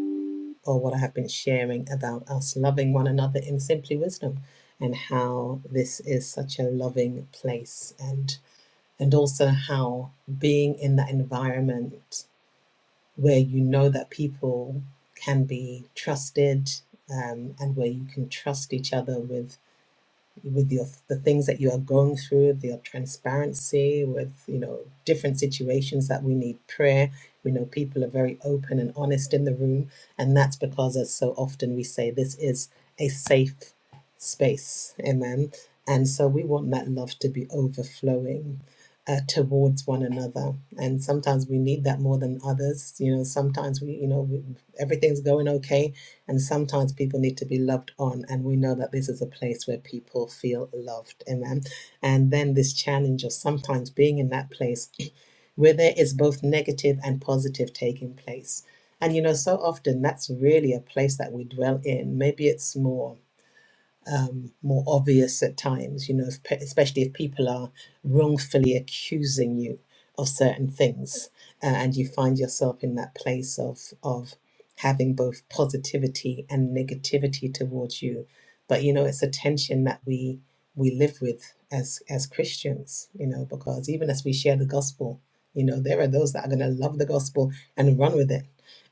Speaker 2: or what I have been sharing about us loving one another in simply wisdom, and how this is such a loving place, and and also how being in that environment where you know that people can be trusted um, and where you can trust each other with with your the things that you are going through, with your transparency, with you know different situations that we need prayer. We know people are very open and honest in the room, and that's because, as so often we say, this is a safe space, amen. And so we want that love to be overflowing uh, towards one another. And sometimes we need that more than others. You know, sometimes we, you know, we, everything's going okay, and sometimes people need to be loved on. And we know that this is a place where people feel loved. Amen. And then this challenge of sometimes being in that place where there is both negative and positive taking place. And you know, so often that's really a place that we dwell in. Maybe it's more um, more obvious at times, you know, if, pe- especially if people are wrongfully accusing you of certain things uh, and you find yourself in that place of, of having both positivity and negativity towards you. But, you know, it's a tension that we, we live with as, as Christians, you know, because even as we share the gospel, you know, there are those that are going to love the gospel and run with it.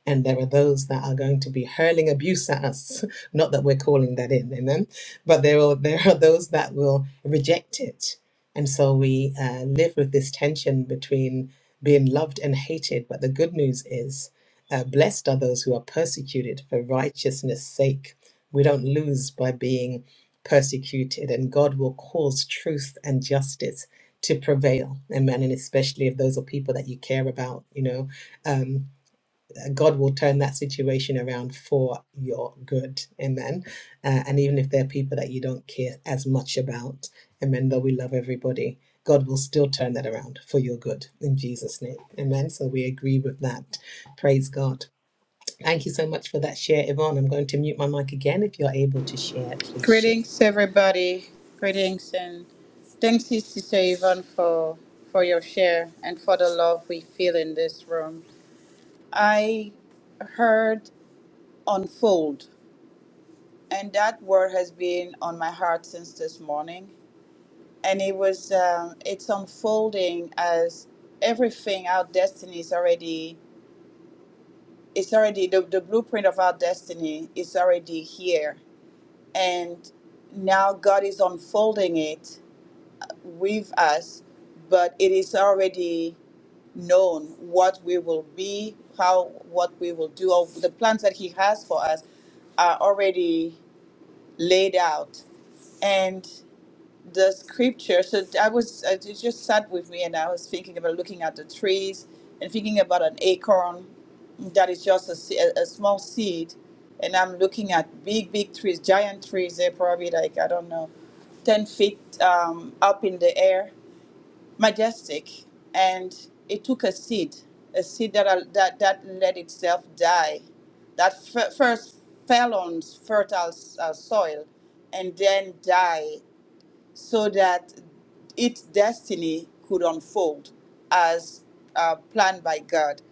Speaker 2: And there are those that are going to be hurling abuse at us. Not that we're calling that in, amen but there will there are those that will reject it and so we uh, live with this tension between being loved and hated but the good news is uh, blessed are those who are persecuted for righteousness sake we don't lose by being persecuted and god will cause truth and justice to prevail amen and especially if those are people that you care about you know um, God will turn that situation around for your good. Amen. Uh, and even if there are people that you don't care as much about, amen, though we love everybody, God will still turn that around for your good in Jesus' name. Amen. So we agree with that. Praise God. Thank you so much for that share, Yvonne. I'm going to mute my mic again. If you're able to share, please share.
Speaker 4: Greetings, everybody. Greetings and thanks, Sister Yvonne, for for your share and for the love we feel in this room. I heard unfold, and that word has been on my heart since this morning. And it was um, it's unfolding as everything our destiny is already it's already the, the blueprint of our destiny is already here, and now God is unfolding it with us, but it is already known what we will be, how what we will do, or the plans that He has for us are already laid out. And the scripture, so I was, uh, it just sat with me and I was thinking about looking at the trees and thinking about an acorn that is just a, se- a a small seed. And I'm looking at big, big trees, giant trees. They're probably like, I don't know, 10 feet um, up in the air majestic and it took a seed a seed that al- that, that let itself die that f- first fell on fertile s- uh, soil and then die so that its destiny could unfold as uh, planned by god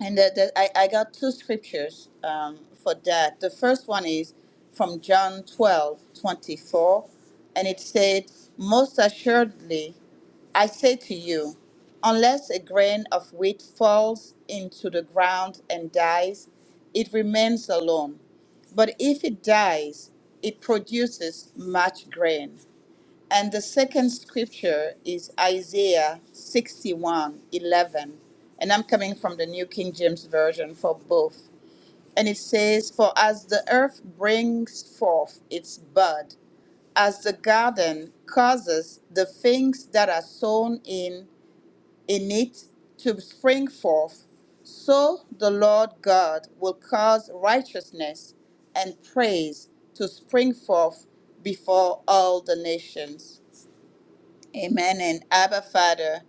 Speaker 4: and that, that I, I got two scriptures um, for that. The first one is from John 12 24, and it said, Most assuredly, I say to you, unless a grain of wheat falls into the ground and dies, it remains alone. But if it dies, it produces much grain. And the second scripture is Isaiah 61 11, And I'm coming from the New King James Version for both. And it says, For as the earth brings forth its bud, as the garden causes the things that are sown in, in it to spring forth, so the Lord God will cause righteousness and praise to spring forth before all the nations. Amen. And Abba, Father,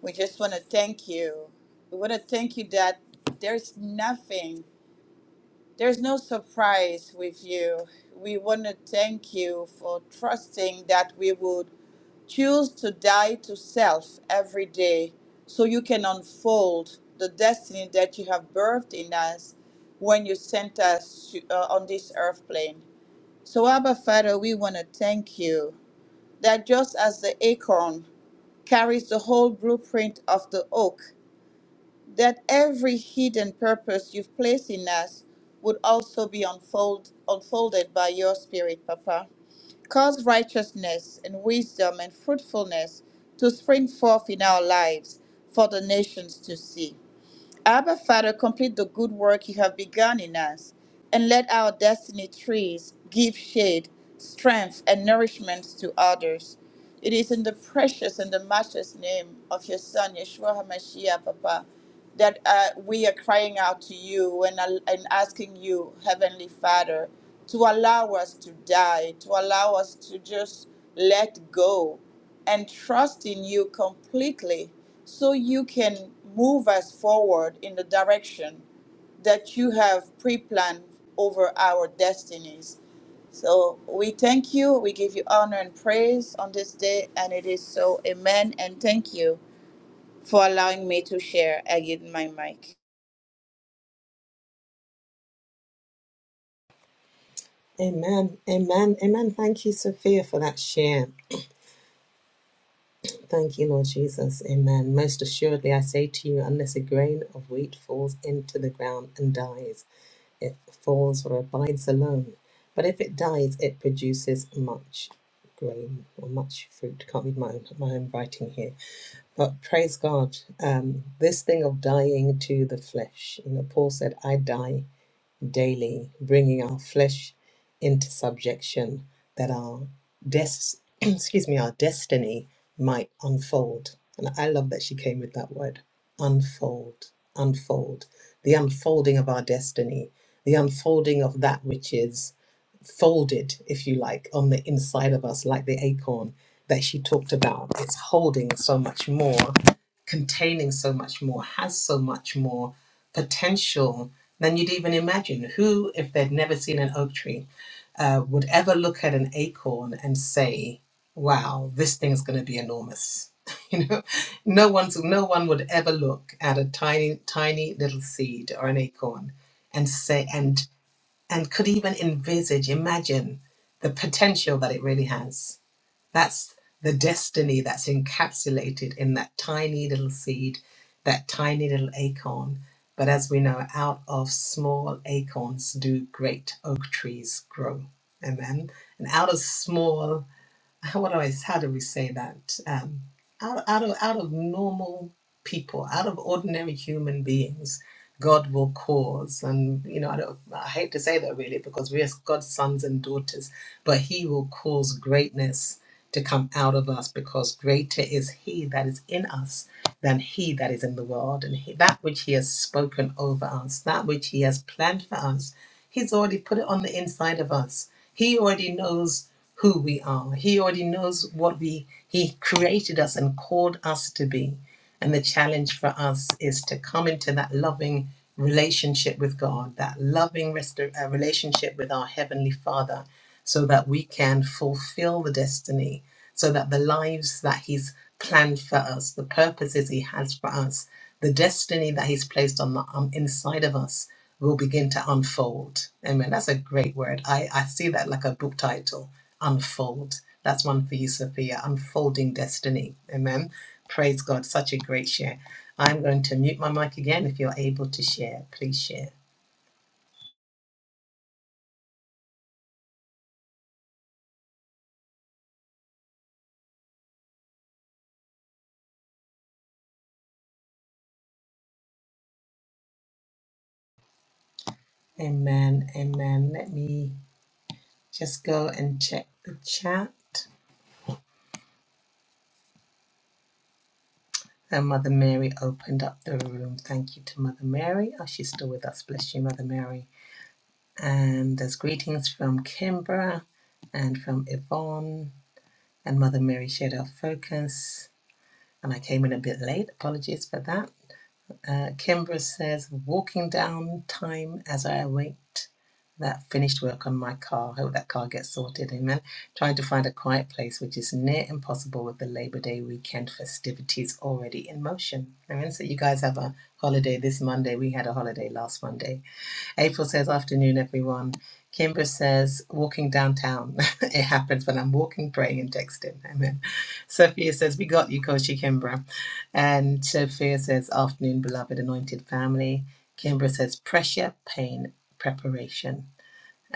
Speaker 4: we just want to thank you. We want to thank you that there's nothing, there's no surprise with you. We want to thank you for trusting that we would choose to die to self every day so you can unfold the destiny that you have birthed in us when you sent us to, uh, on this earth plane. So, Abba, Father, we want to thank you that just as the acorn carries the whole blueprint of the oak, that every hidden purpose you've placed in us would also be unfold, unfolded by your Spirit, Papa. Cause righteousness and wisdom and fruitfulness to spring forth in our lives for the nations to see. Abba, Father, complete the good work you have begun in us and let our destiny trees give shade, strength, and nourishment to others. It is in the precious and the matchless name of your Son, Yeshua HaMashiach, Papa, that uh, we are crying out to you and, al- and asking you, Heavenly Father, to allow us to die, to allow us to just let go and trust in you completely so you can move us forward in the direction that you have pre planned over our destinies. So we thank you. We give you honor and praise on this day. And it is so. Amen. And thank you for allowing me to share. I give my mic.
Speaker 2: Amen. Amen. Amen. Thank you, Sophia, for that share. Thank you, Lord Jesus. Amen. Most assuredly, I say to you, unless a grain of wheat falls into the ground and dies, it falls or abides alone. But if it dies, it produces much grain or much fruit. Can't read my own, my own writing here. But praise God, um, this thing of dying to the flesh. You know, Paul said, I die daily, bringing our flesh into subjection that our des- excuse me, our destiny might unfold. And I love that she came with that word, unfold, unfold, the unfolding of our destiny, the unfolding of that which is folded, if you like, on the inside of us, like the acorn that she talked about. It's holding so much more, containing so much more, has so much more potential than you'd even imagine. Who, if they'd never seen an oak tree, uh, would ever look at an acorn and say, "Wow, this thing is going to be enormous." You know, no one's no one would ever look at a tiny, tiny little seed or an acorn and say and and could even envisage, imagine the potential that it really has. That's the destiny that's encapsulated in that tiny little seed, that tiny little acorn. But as we know, out of small acorns do great oak trees grow. Amen. And out of small what do I, how do we say that? Um, out, out of out of normal people, out of ordinary human beings, God will cause, and you know, I don't, I hate to say that really, because we are God's sons and daughters, but He will cause greatness to come out of us, because greater is He that is in us than he that is in the world. And he, that which he has spoken over us, that which he has planned for us, he's already put it on the inside of us. He already knows who we are. He already knows what we he created us and called us to be. And the challenge for us is to come into that loving relationship with God, that loving rest- uh, relationship with our heavenly Father so that we can fulfill the destiny so that the lives that He's planned for us, the purposes He has for us, the destiny that He's placed on the um, inside of us will begin to unfold. Amen. That's a great word. I, I see that like a book title, Unfold. That's one for you, Sophia, Unfolding Destiny. Amen. Praise God. Such a great share. I'm going to mute my mic again. If you're able to share, please share. Amen. Amen. Let me just go and check the chat. And Mother Mary opened up the room. Thank you to Mother Mary. Oh, she's still with us. Bless you, Mother Mary. And there's greetings from Kimbra and from Yvonne. And Mother Mary shared our focus. And I came in a bit late. Apologies for that. Uh, Kimbra says, walking down time as I await that finished work on my car. Hope that car gets sorted. Amen. Trying to find a quiet place, which is near impossible with the Labor Day weekend festivities already in motion. Amen. So you guys have a holiday this Monday. We had a holiday last Monday. April says, Afternoon, everyone. Kimber says, Walking downtown. it happens when I'm walking, praying, and texting. Amen. Sophia says, We got you, Kochi Kimbra. And Sophia says, Afternoon, beloved anointed family. Kimbra says, Pressure, pain, preparation.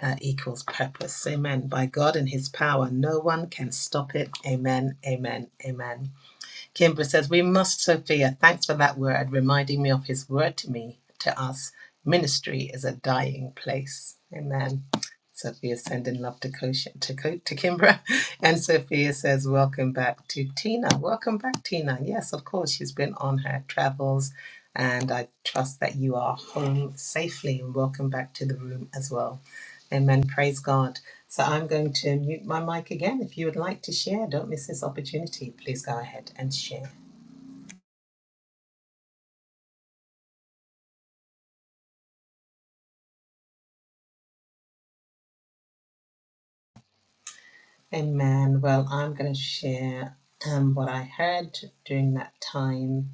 Speaker 2: Uh, equals purpose. Amen. By God and His power, no one can stop it. Amen. Amen. Amen. Kimbra says, We must, Sophia. Thanks for that word, reminding me of his word to me, to us. Ministry is a dying place. Amen. Sophia sending love to Kosha, to, Ko- to Kimbra. And Sophia says, Welcome back to Tina. Welcome back, Tina. Yes, of course, she's been on her travels. And I trust that you are home safely. And welcome back to the room as well. Amen. Praise God. So I'm going to mute my mic again. If you would like to share, don't miss this opportunity. Please go ahead and share. Amen. Well, I'm going to share um, what I heard during that time,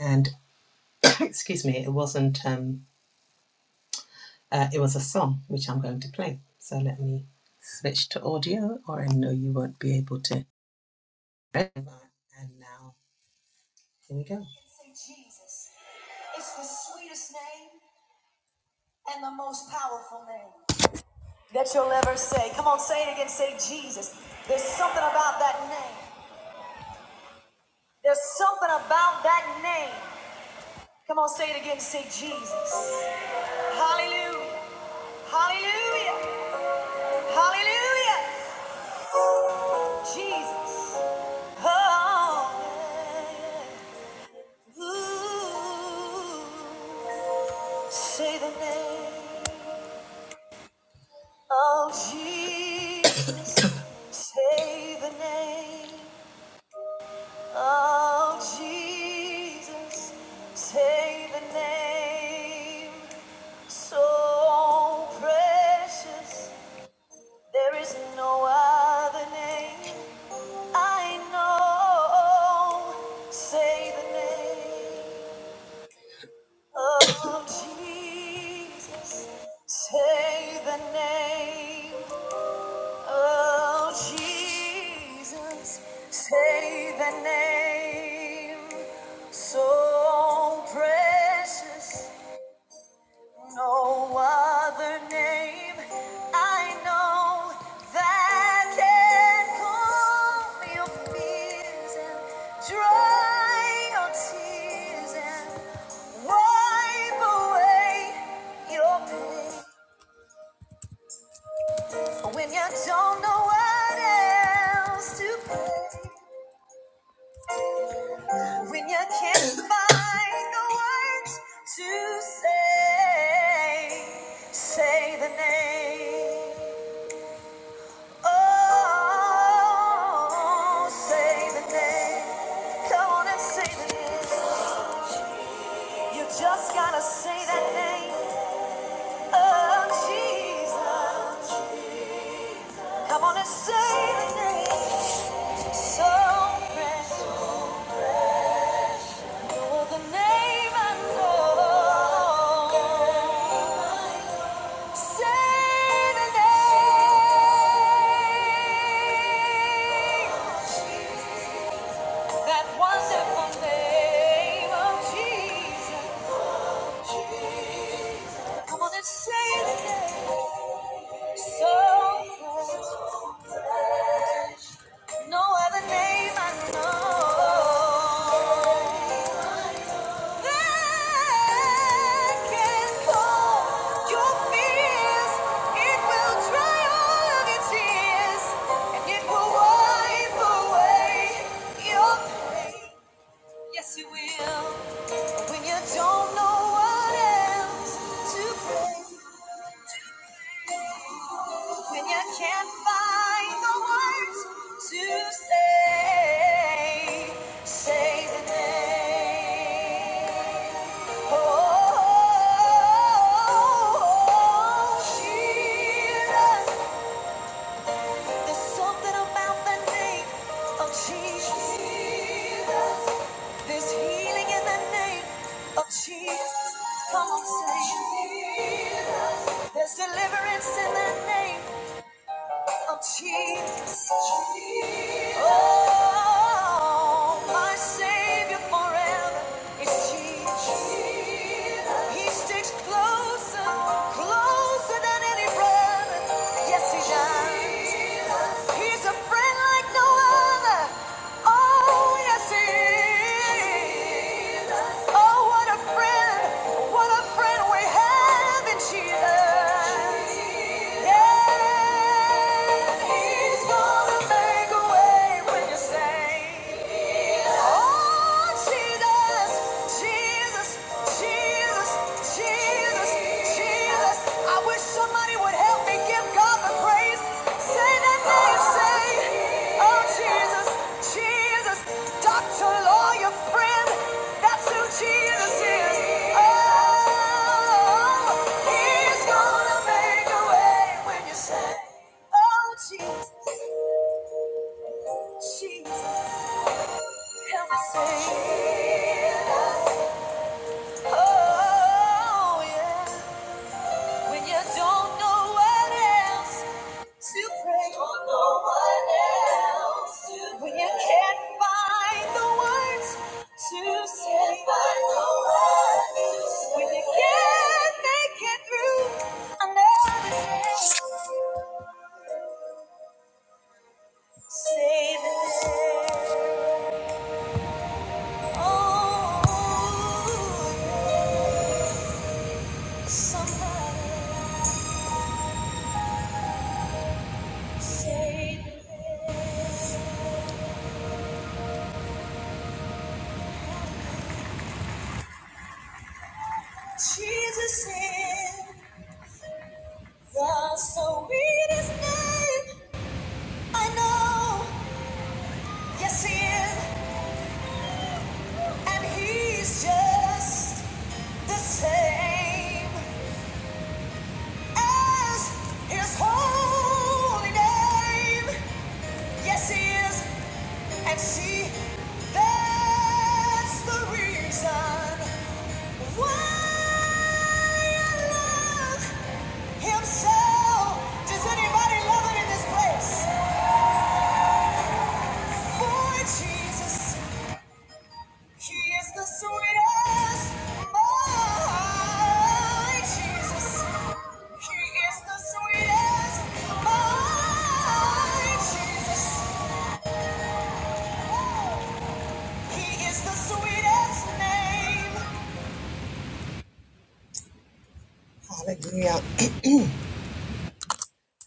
Speaker 2: and excuse me, it wasn't. Um, uh, it was a song which I'm going to play. So let me switch to audio, or I know you won't be able to. And now here we go. Say Jesus. is the sweetest name and the most powerful name. that you'll ever say. Come on, say it again. Say Jesus. There's something about that name. There's something about that name. Come on, say it again. Say Jesus. Hallelujah. Hallelujah. Hallelujah. Jesus. Oh. Ooh. Say the name of Jesus. Say the name. Oh, Jesus, say the name so precious. There is no other name I know. Say the name of Jesus. Say the name. Oh, Jesus, say the name so precious. No other name I know that can calm your fears and dry your tears and wipe away your pain when you don't know what else to pray. When you can't find the words to say, say the name. Oh, say the name. Come on and say the name. You just gotta say that name. Oh, Jesus. Come on and say the name. So precious. Oh, the name Say the name. That wonderful name of Jesus. Come on and say the name. So fresh. No other name I know. That can hold your fears. It will dry all of your tears, and it will wipe away your pain. Yes, it will. When you don't know what else to pray. When you can't find the words to say, say the name. Oh, Jesus. There's something about the name of Jesus. There's healing in the name of Jesus. Come on, say Jesus. There's deliverance in the name of Jesus. Oh, my Savior forever is Jesus. He sticks closer, closer than any brother. Yes, he does. He's a friend like no other. Oh, yes, he is. Oh, what a friend, what a friend we have in Jesus. Yeah, he's gonna make a way when you say, Oh, Jesus, Jesus, Jesus, Jesus, Jesus, I wish somebody would help me give God the praise. Say that name, say, Oh Jesus, Jesus, doctor, lawyer, friend, that's who Jesus is. Oh, he's gonna make a way when you say, Oh Jesus, Jesus, help me say, Jesus. Oh yeah, when you don't know what else. to pray for no one else. When you can't find the words to say, find the words to say. when you can't make it through another day, say the name. Oh, somebody say the Jesus is. The sweetest name I know, yes he is, and he's just the same as his holy name. Yes he is, and see, that's the reason why I love him so. Does anybody love him in this place? For Jesus. She is the sweetest my Jesus. She is the sweetest my Jesus. He is the sweetest name. Hallelujah.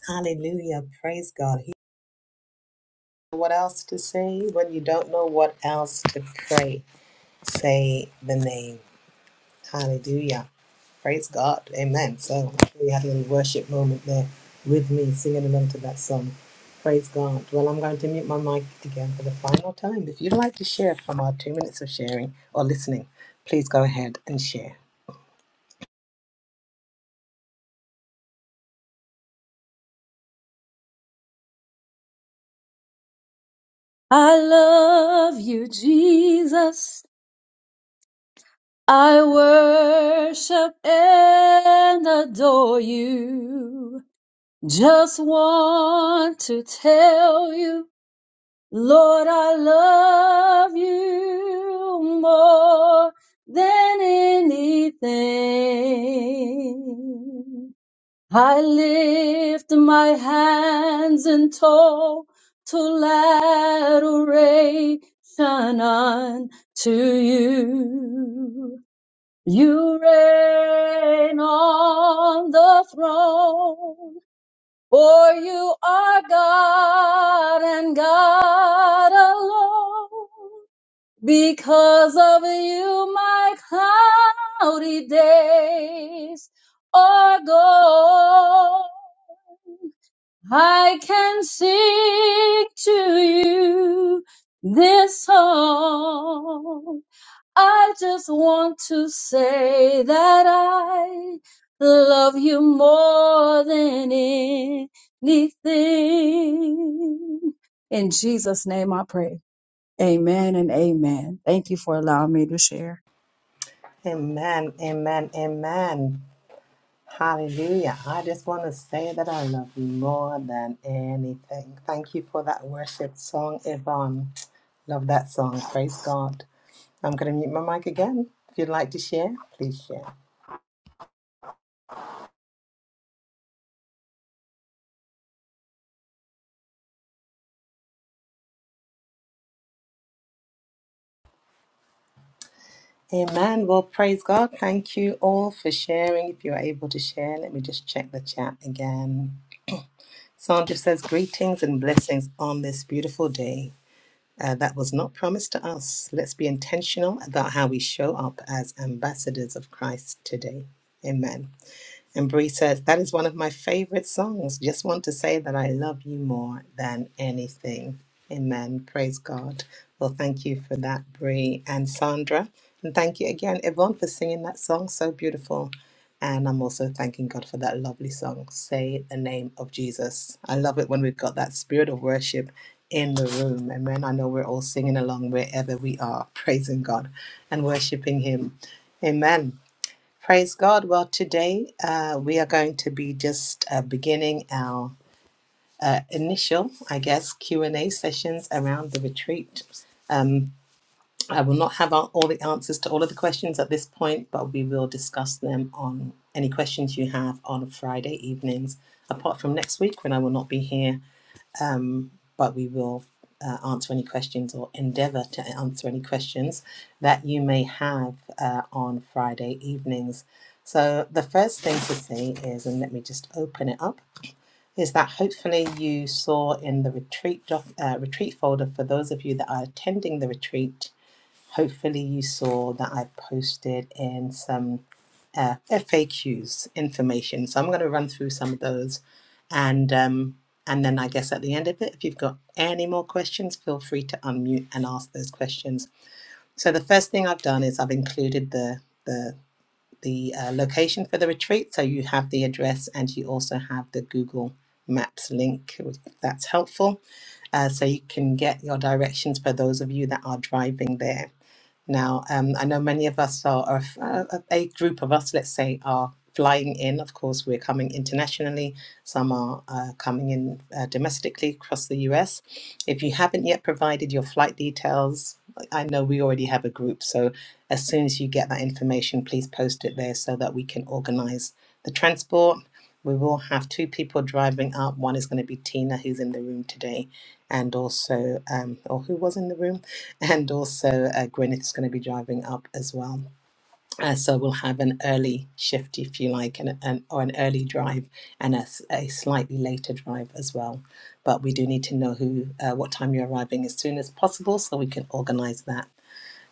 Speaker 2: Hallelujah. Praise God. He- what else to say when you don't know what else to pray? Say the name. Hallelujah. Praise God. Amen. So hopefully you had a little worship moment there with me singing along to that song. Praise God. Well, I'm going to mute my mic again for the final time. If you'd like to share from our two minutes of sharing or listening, please go ahead and share.
Speaker 5: I worship and adore you. Just want to tell you Lord, I love you more than anything. I lift my hands in total adoration unto you. You reign on the throne for you are God and God alone. Because of you, my cloudy days are gone. I can sing to you this song. I just want to say that I love you more than anything. In Jesus' name I pray. Amen and amen. Thank you for allowing me to share.
Speaker 2: Amen. Amen. Amen. Hallelujah. I just want to say that I love you more than anything. Thank you for that worship song, Yvonne. Love that song. Praise God. I'm going to mute my mic again. If you'd like to share, please share. Amen. Well, praise God. Thank you all for sharing. If you're able to share, let me just check the chat again. Sandra says, Greetings and blessings on this beautiful day. Uh, that was not promised to us. Let's be intentional about how we show up as ambassadors of Christ today. Amen. And Bree says, That is one of my favorite songs. Just want to say that I love you more than anything. Amen. Praise God. Well, thank you for that, Bree and Sandra. And thank you again, Yvonne, for singing that song. So beautiful. And I'm also thanking God for that lovely song, Say the Name of Jesus. I love it when we've got that spirit of worship in the room. Amen. I know we're all singing along wherever we are, praising God and worshiping Him. Amen. Praise God. Well, today uh, we are going to be just uh, beginning our uh, initial, I guess, Q and A sessions around the retreat. Um, I will not have all all the answers to all of the questions at this point, but we will discuss them on any questions you have on Friday evenings. Apart from next week, when I will not be here um, but we will uh, answer any questions or endeavour to answer any questions that you may have uh, on Friday evenings. So, the first thing to see is, and let me just open it up, is that hopefully you saw in the retreat doc, uh, retreat folder for those of you that are attending the retreat Hopefully, you saw that I posted in some uh, FAQs information. So I'm going to run through some of those, and um, and then I guess at the end of it, if you've got any more questions, feel free to unmute and ask those questions. So the first thing I've done is I've included the the the uh, location for the retreat. So you have the address and you also have the Google Maps link, if that's helpful. Uh, so you can get your directions for those of you that are driving there. Now, um, I know many of us are, are uh, a group of us, let's say, are flying in. Of course, we're coming internationally. Some are uh, coming in uh, domestically across the US. If you haven't yet provided your flight details, I know we already have a group, so as soon as you get that information, please post it there so that we can organize the transport. We will have two people driving up. One is going to be Tina, who's in the room today, and also, um, or who was in the room, and also uh, Gwyneth is going to be driving up as well. Uh, so we'll have an early shift, if you like, and an, or an early drive and a, s- a slightly later drive as well. But we do need to know who, uh, what time you're arriving as soon as possible, so we can organize that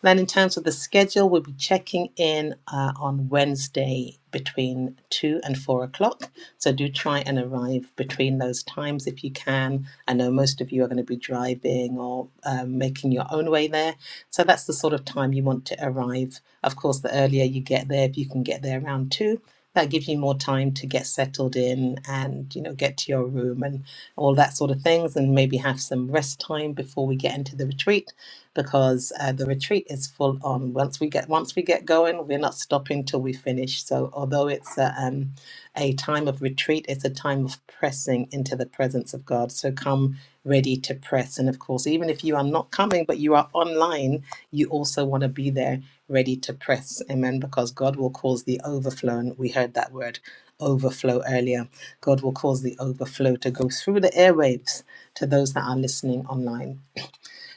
Speaker 2: and then in terms of the schedule, we'll be checking in uh, on Wednesday between 2 and 4 o'clock. So do try and arrive between those times if you can. I know most of you are going to be driving or um, making your own way there. So that's the sort of time you want to arrive. Of course, the earlier you get there, if you can get there around 2, that gives you more time to get settled in and you know get to your room and all that sort of things and maybe have some rest time before we get into the retreat because uh, the retreat is full on. Once we get once we get going, we're not stopping till we finish. So although it's a, um, a time of retreat, it's a time of pressing into the presence of God. So come ready to press, and of course, even if you are not coming but you are online, you also want to be there ready to press. Amen. Because God will cause the overflow, and we heard that word overflow earlier. God will cause the overflow to go through the airwaves to those that are listening online.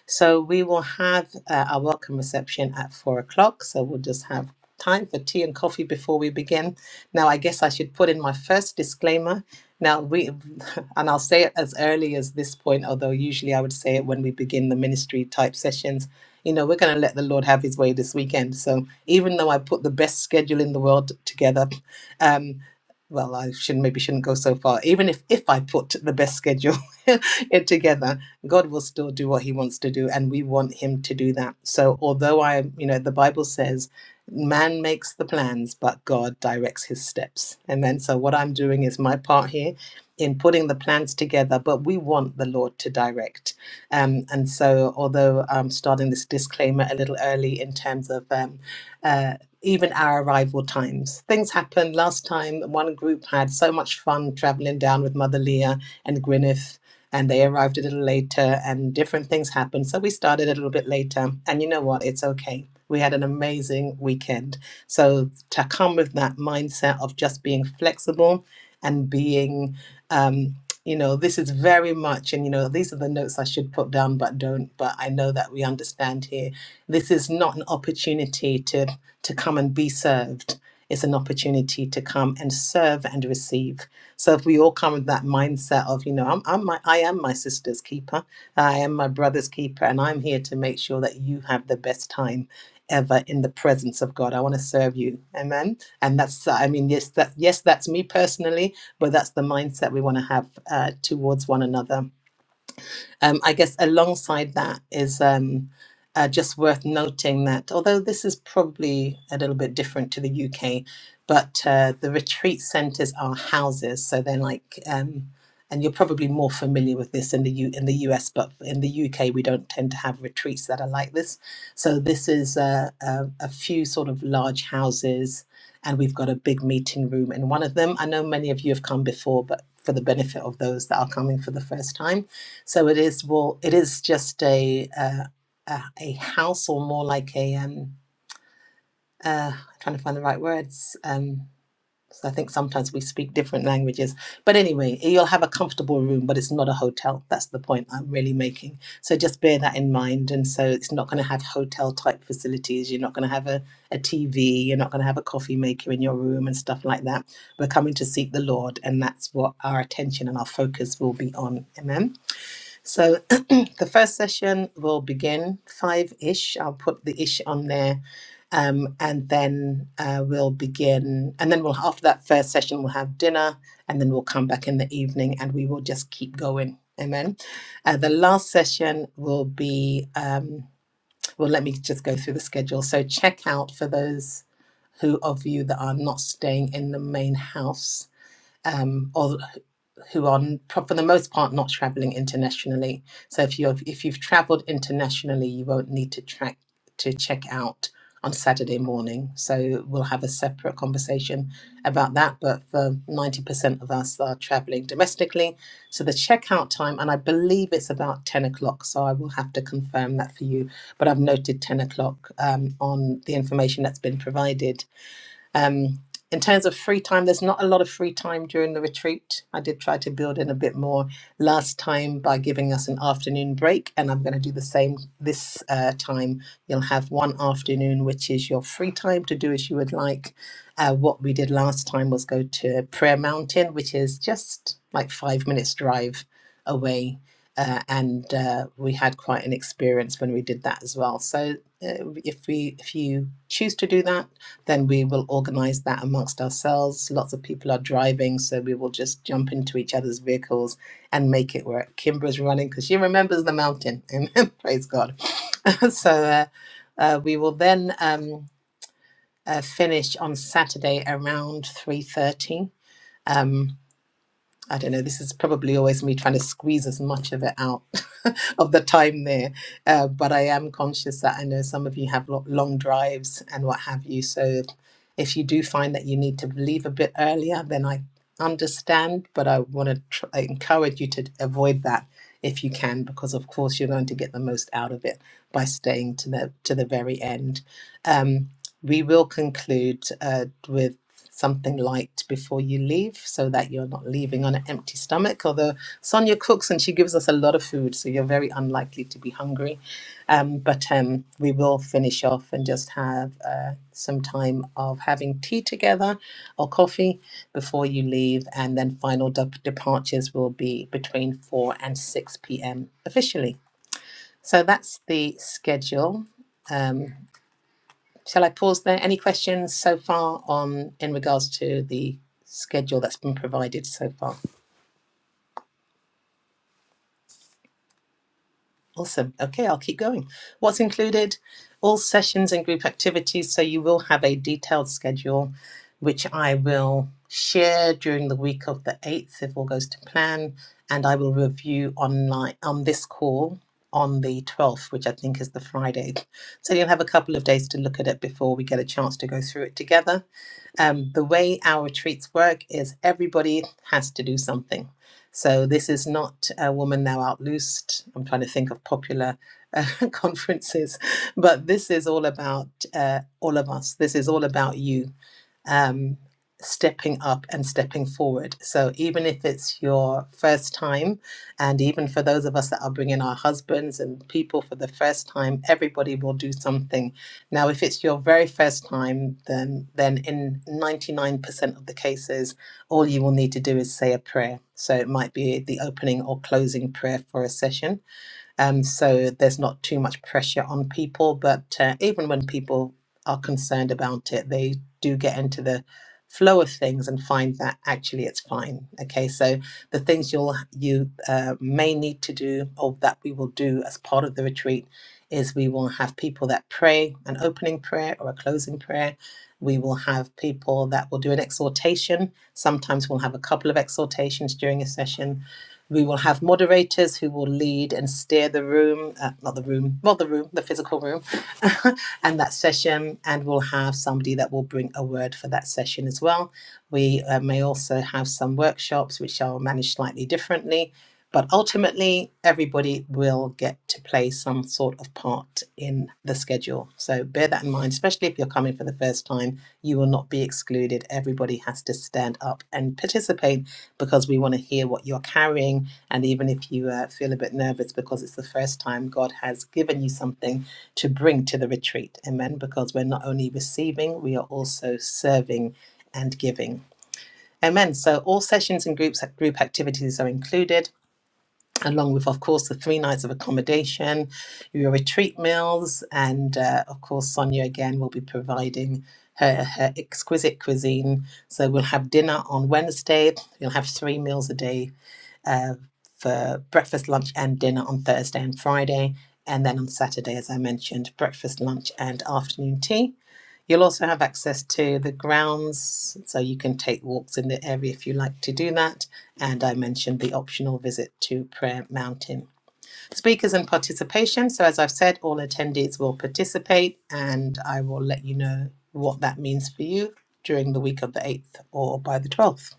Speaker 2: So we will have uh, our welcome reception at four o'clock. So we'll just have time for tea and coffee before we begin. Now, I guess I should put in my first disclaimer. Now, we, and I'll say it as early as this point, although usually I would say it when we begin the ministry type sessions. You know, we're going to let the Lord have his way this weekend. So even though I put the best schedule in the world together, um, well, I should not maybe shouldn't go so far. Even if if I put the best schedule it together, God will still do what he wants to do and we want him to do that. So although I, you know, the Bible says man makes the plans but God directs his steps. Amen. So what I'm doing is my part here in putting the plans together, but we want the Lord to direct. Um, and so although I'm starting this disclaimer a little early in terms of um, uh, even our arrival times. Things happened last time. One group had so much fun traveling down with Mother Leah and Gwyneth and they arrived a little later and different things happened so we started a little bit later and you know what it's okay we had an amazing weekend so to come with that mindset of just being flexible and being um, you know this is very much and you know these are the notes i should put down but don't but i know that we understand here this is not an opportunity to to come and be served it's an opportunity to come and serve and receive so if we all come with that mindset of, you know, I'm, I'm my, I am my sister's keeper, I am my brother's keeper, and I'm here to make sure that you have the best time ever in the presence of God. I want to serve you. Amen. And that's, uh, I mean, yes, that, yes, that's me personally, but that's the mindset we want to have uh, towards one another um, I guess alongside that is um, uh, just worth noting that although this is probably a little bit different to the UK, but uh, the retreat centres are houses, so they're like, um, and you're probably more familiar with this in the U- in the US, but in the UK we don't tend to have retreats that are like this. So this is uh, a, a few sort of large houses, and we've got a big meeting room in one of them. I know many of you have come before, but for the benefit of those that are coming for the first time so it is well, it is just a uh, a, a house or more like a um uh I'm trying to find the right words. Um so I think sometimes we speak different languages. But anyway, you'll have a comfortable room, but it's not a hotel. That's the point I'm really making. So just bear that in mind. And so it's not going to have hotel type facilities. You're not going to have a, a TV. You're not going to have a coffee maker in your room and stuff like that. We're coming to seek the Lord. And that's what our attention and our focus will be on. Amen. So the first session will begin five ish. I'll put the ish on there. Um, and then uh, we'll begin. And then we'll, after that first session, we'll have dinner. And then we'll come back in the evening and we will just keep going. Amen. Uh, the last session will be, um, well, let me just go through the schedule. So check out for those who of you that are not staying in the main house um, or who are for the most part not traveling internationally. So if you have if you've traveled internationally, you won't need to track to check out on Saturday morning. So we'll have a separate conversation about that. But for ninety percent of us are traveling domestically, so the checkout time, and I believe it's about ten o'clock. So I will have to confirm that for you. But I've noted ten o'clock um, on the information that's been provided um, in terms of free time, there's not a lot of free time during the retreat. I did try to build in a bit more last time by giving us an afternoon break, and I'm going to do the same this uh, time. You'll have one afternoon, which is your free time to do as you would like. Uh, what we did last time was go to Prayer Mountain, which is just like five minutes drive away. Uh, and uh, we had quite an experience when we did that as well. So uh, if we if you choose to do that, then we will organize that amongst ourselves. Lots of people are driving, so we will just jump into each other's vehicles and make it work. Kimbra's running because she remembers the mountain. Amen. Praise God. so uh, uh, we will then um, uh, finish on Saturday around three thirty. Um, I don't know, this is probably always me trying to squeeze as much of it out of the time there. Uh, but I am conscious that I know some of you have lo- long drives and what have you. So if, you do find that you need to leave a bit earlier, then I understand. But I want to tr- I encourage you to avoid that if you can, because of course you're going to get the most out of it by staying to the to the very end. Um, we will conclude uh, with something light before you leave so that you're not leaving on an empty stomach. Although Sonia cooks and she gives us a lot of food, so you're very unlikely to be hungry. Um, but um, we will finish off and just have uh, some time of having tea together or coffee before you leave. And then final de- departures will be between 4 and 6 p.m. officially. So that's the schedule. Um, Shall I pause there? Any questions so far on in regards to the schedule that's been provided so far? Awesome. Okay, I'll keep going. What's included? All sessions and group activities. So you will have a detailed schedule, which I will share during the week of the 8th if all goes to plan. And I will review online on this call on the 12th, which I think is the Friday. So you'll have a couple of days to look at it before we get a chance to go through it together. Um, the way our retreats work is everybody has to do something. So this is not a woman now out loosed. I'm trying to think of popular uh, conferences, but this is all about uh, all of us. This is all about you um, stepping up and stepping forward. So, even if it's your first time, and even for those of us that are bringing our husbands and people for the first time, everybody will do something. Now, if it's your very first time, then, then in 99% of the cases, all you will need to do is say a prayer. So, it might be the opening or closing prayer for a session um, so there's not too much pressure on people. But uh, even when people are concerned about it, they do get into the flow of things and find that actually it's fine. Okay, so the things you'll you uh, may need to do or that we will do as part of the retreat is we will have people that pray an opening prayer or a closing prayer. We will have people that will do an exhortation. Sometimes we'll have a couple of exhortations during a session we will have moderators who will lead and steer the room, uh, not the room, well, the room, the physical room, and that session. And we'll have somebody that will bring a word for that session as well. We uh, may also have some workshops which are managed slightly differently, but ultimately, everybody will get to play some sort of part in the schedule. So bear that in mind, especially if you're coming for the first time, you will not be excluded. Everybody has to stand up and participate because we want to hear what you're carrying. And even if you uh, feel a bit nervous because it's the first time God has given you something to bring to the retreat. Amen. Because we're not only receiving, we are also serving and giving. Amen. So all sessions and groups group activities are included, along with, of course, the three nights of accommodation, your retreat meals, and uh, of course, Sonia again will be providing her, her exquisite cuisine. So we'll have dinner on Wednesday. you will have three meals a day uh, for breakfast, lunch, and dinner on Thursday and Friday. And then on Saturday, as I mentioned, breakfast, lunch, and afternoon tea. You'll also have access to the grounds, so you can take walks in the area if you like to do that. And I mentioned the optional visit to Prayer Mountain. Speakers and participation. So, as I've said, all attendees will participate, and I will let you know what that means for you during the week of the 8th or by the 12th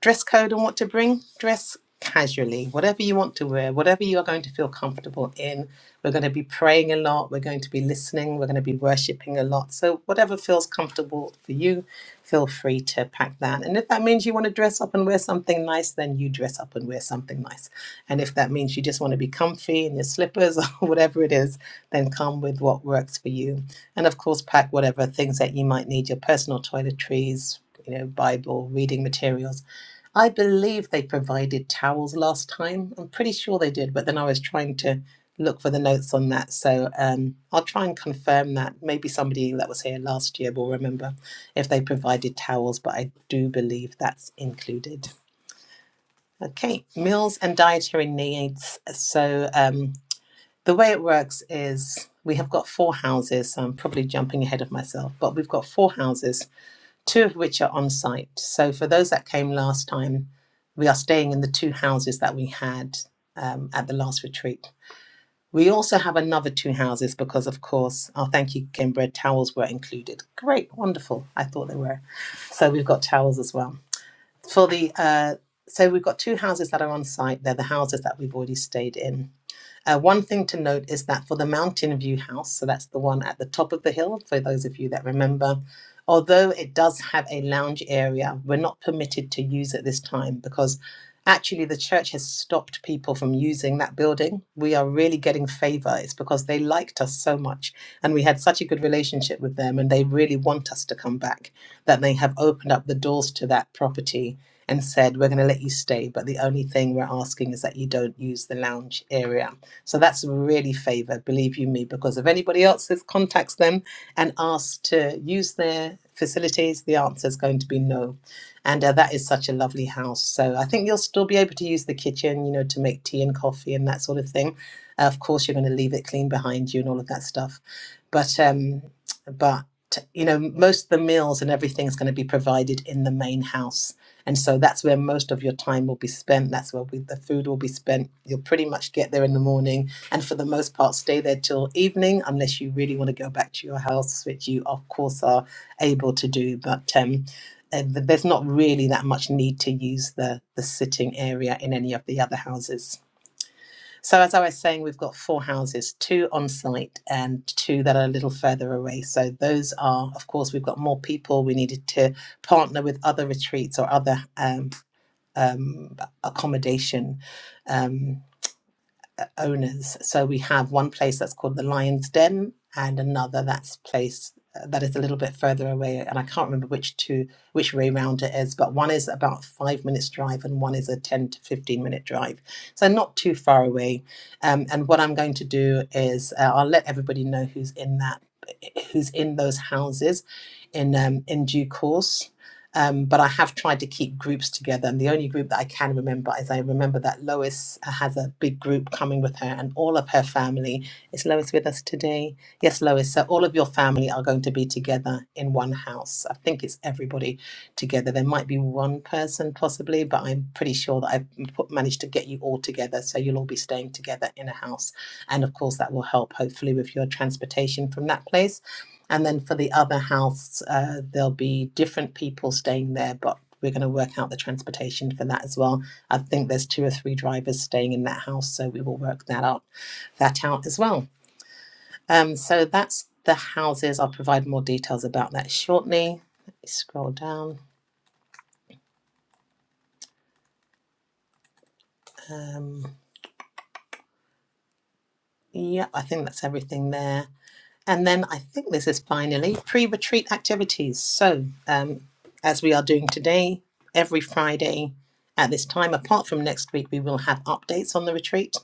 Speaker 2: dress code and what to bring, dress casually, whatever you want to wear, whatever you are going to feel comfortable in. We're going to be praying a lot, we're going to be listening, we're going to be worshiping a lot. So, whatever feels comfortable for you, feel free to pack that. And if that means you want to dress up and wear something nice, then you dress up and wear something nice. And if that means you just want to be comfy in your slippers or whatever it is, then come with what works for you. And of course, pack whatever things that you might need your personal toiletries, you know, Bible, reading materials I believe they provided towels last time. I'm pretty sure they did, but then I was trying to look for the notes on that. So um, I'll try and confirm that. Maybe somebody that was here last year will remember if they provided towels, but I do believe that's included. Okay, meals and dietary needs. So um, the way it works is we have got four houses. So I'm probably jumping ahead of myself, but we've got four houses two of which are on site. So for those that came last time, we are staying in the two houses that we had um, at the last retreat. We also have another two houses because, of course, our thank you game bread towels were included. Great, wonderful. I thought they were. So we've got towels as well. For the uh, so we've got two houses that are on site. They're the houses that we've already stayed in. Uh, one thing to note is that for the Mountain View House, so that's the one at the top of the hill, for those of you that remember, although it does have a lounge area, we're not permitted to use at this time because actually the church has stopped people from using that building. We are really getting favor. It's because they liked us so much and we had such a good relationship with them and they really want us to come back that they have opened up the doors to that property and said, We're going to let you stay, but the only thing we're asking is that you don't use the lounge area. So that's really favored, believe you me, because if anybody else has contacts them and asks to use their facilities, the answer is going to be no. And uh, that is such a lovely house. So I think you'll still be able to use the kitchen, you know, to make tea and coffee and that sort of thing. Uh, of course, you're going to leave it clean behind you and all of that stuff. But um, but you know, most of the meals and everything is going to be provided in the main house. And so that's where most of your time will be spent. That's where we, the food will be spent. You'll pretty much get there in the morning and for the most part stay there till evening, unless you really want to go back to your house, which you, of course, are able to do. But um, uh, th- there's not really that much need to use the, the sitting area in any of the other houses. So, as I was saying, we've got four houses two on site and two that are a little further away. So, those are, of course, we've got more people. We needed to partner with other retreats or other um, um, accommodation um, uh, owners. So we have one place that's called the Lion's Den, and another that's place uh, that is a little bit further away, and I can't remember which two which way round it is. But one is about five minutes drive, and one is a ten to fifteen minute drive. So not too far away. Um, and what I'm going to do is uh, I'll let everybody know who's in that, who's in those houses, in um, in due course. Um, but I have tried to keep groups together, and the only group that I can remember is I remember that Lois has a big group coming with her, and all of her family. Is Lois with us today? Yes, Lois. So all of your family are going to be together in one house. I think it's everybody together. There might be one person possibly, but I'm pretty sure that I've put, managed to get you all together, so you'll all be staying together in a house, and of course that will help hopefully with your transportation from that place and then for the other house, uh, there'll be different people staying there, but we're going to work out the transportation for that as well. I think there's two or three drivers staying in that house, so we will work that out, that out as well. Um, so that's the houses. I'll provide more details about that shortly. Let me scroll down. Um, yeah, I think that's everything there. And then I think this is finally pre retreat activities. So, um, as we are doing today, every Friday at this time, apart from next week, we will have updates on the retreat.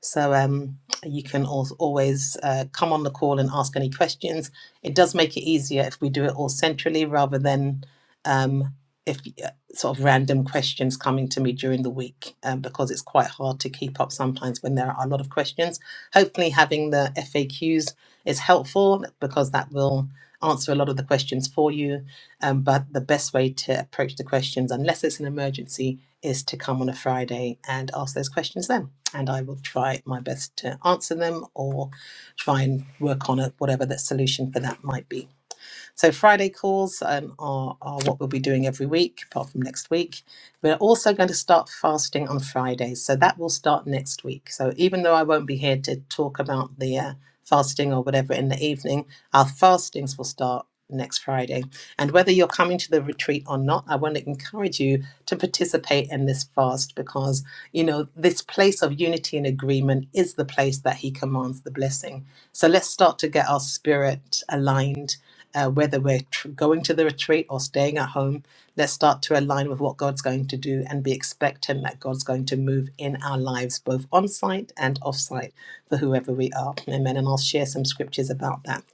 Speaker 2: So um, you can al- always uh, come on the call and ask any questions. It does make it easier if we do it all centrally rather than um, if uh, sort of random questions coming to me during the week um, because it's quite hard to keep up sometimes when there are a lot of questions. Hopefully, having the FAQs is helpful because that will answer a lot of the questions for you. Um, but the best way to approach the questions, unless it's an emergency, is to come on a Friday and ask those questions then and I will try my best to answer them or try and work on a, whatever the solution for that might be. So Friday calls um, are, are what we'll be doing every week, apart from next week. We're also going to start fasting on Fridays, so that will start next week. So even though I won't be here to talk about the uh, fasting or whatever in the evening, our fastings will start next Friday. And whether you're coming to the retreat or not, I want to encourage you to participate in this fast because you know this place of unity and agreement is the place that He commands the blessing. So let's start to get our spirit aligned uh, whether we're tr- going to the retreat or staying at home, let's start to align with what God's going to do and be expectant that God's going to move in our lives, both on site and off site, for whoever we are. Amen. And I'll share some scriptures about that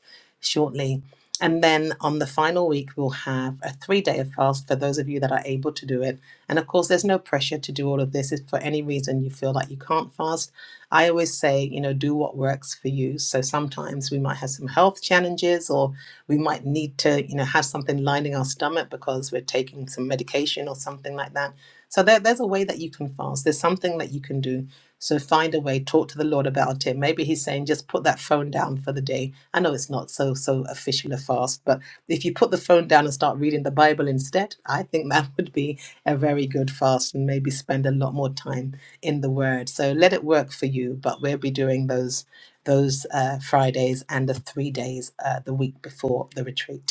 Speaker 2: shortly. And then on the final week, we'll have a three day of fast for those of you that are able to do it. And of course, there's no pressure to do all of this. If for any reason you feel like you can't fast, I always say, you know, do what works for you. So sometimes we might have some health challenges or we might need to you know have something lining our stomach because we're taking some medication or something like that so there, there's a way that you can fast there's something that you can do so find a way talk to the lord about it maybe he's saying just put that phone down for the day i know it's not so so official a fast but if you put the phone down and start reading the bible instead i think that would be a very good fast and maybe spend a lot more time in the word so let it work for you but we'll be doing those those uh, Fridays and the three days uh, the week before the retreat.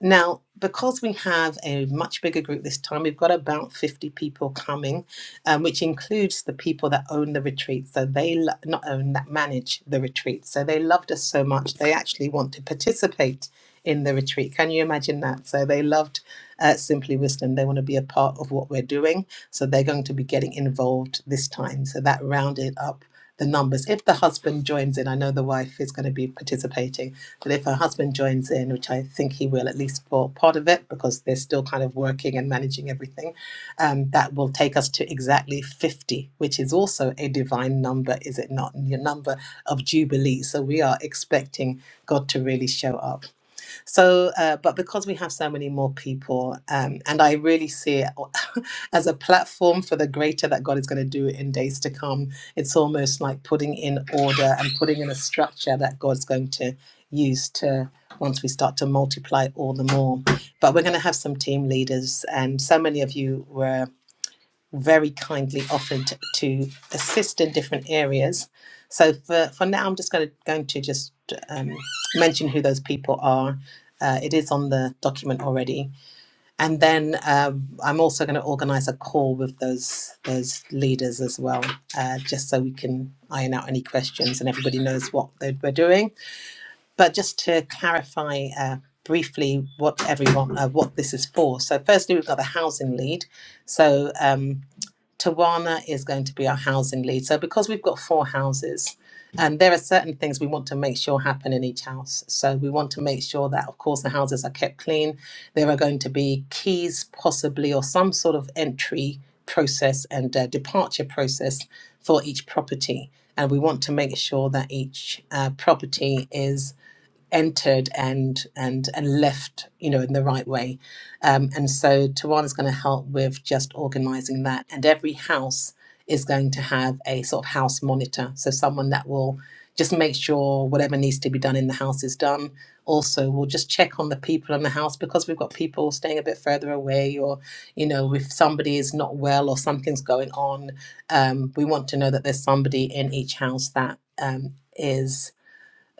Speaker 2: Now, because we have a much bigger group this time, we've got about 50 people coming, um, which includes the people that own the retreat. So they lo- not own, that manage the retreat. So they loved us so much, they actually want to participate in the retreat. Can you imagine that? So they loved uh, Simply Wisdom. They want to be a part of what we're doing. So they're going to be getting involved this time. So that rounded up the numbers. If the husband joins in, I know the wife is going to be participating but if her husband joins in, which I think he will at least for part of it, because they're still kind of working and managing everything, um, that will take us to exactly 50, which is also a divine number, is it not? Your number of Jubilee. So we are expecting God to really show up. So, uh, but because we have so many more people, um, and I really see it as a platform for the greater that God is going to do in days to come, it's almost like putting in order and putting in a structure that God's going to use to once we start to multiply all the more. But we're going to have some team leaders, and so many of you were very kindly offered to assist in different areas. So for, for now, I'm just going to, going to just um, mention who those people are. Uh, it is on the document already, and then um, I'm also going to organise a call with those those leaders as well, uh, just so we can iron out any questions and everybody knows what they- we're doing. But just to clarify uh, briefly, what everyone uh, what this is for. So firstly, we've got the housing lead. So um, Tawana is going to be our housing lead. So because we've got four houses, and there are certain things we want to make sure happen in each house. So we want to make sure that, of course, the houses are kept clean. There are going to be keys, possibly, or some sort of entry process and uh, departure process for each property. And we want to make sure that each uh, property is entered and and and left you know in the right way um, and so Tawana going to help with just organizing that and every house is going to have a sort of house monitor so someone that will just make sure whatever needs to be done in the house is done also we'll just check on the people in the house because we've got people staying a bit further away or you know if somebody is not well or something's going on um, we want to know that there's somebody in each house that um, is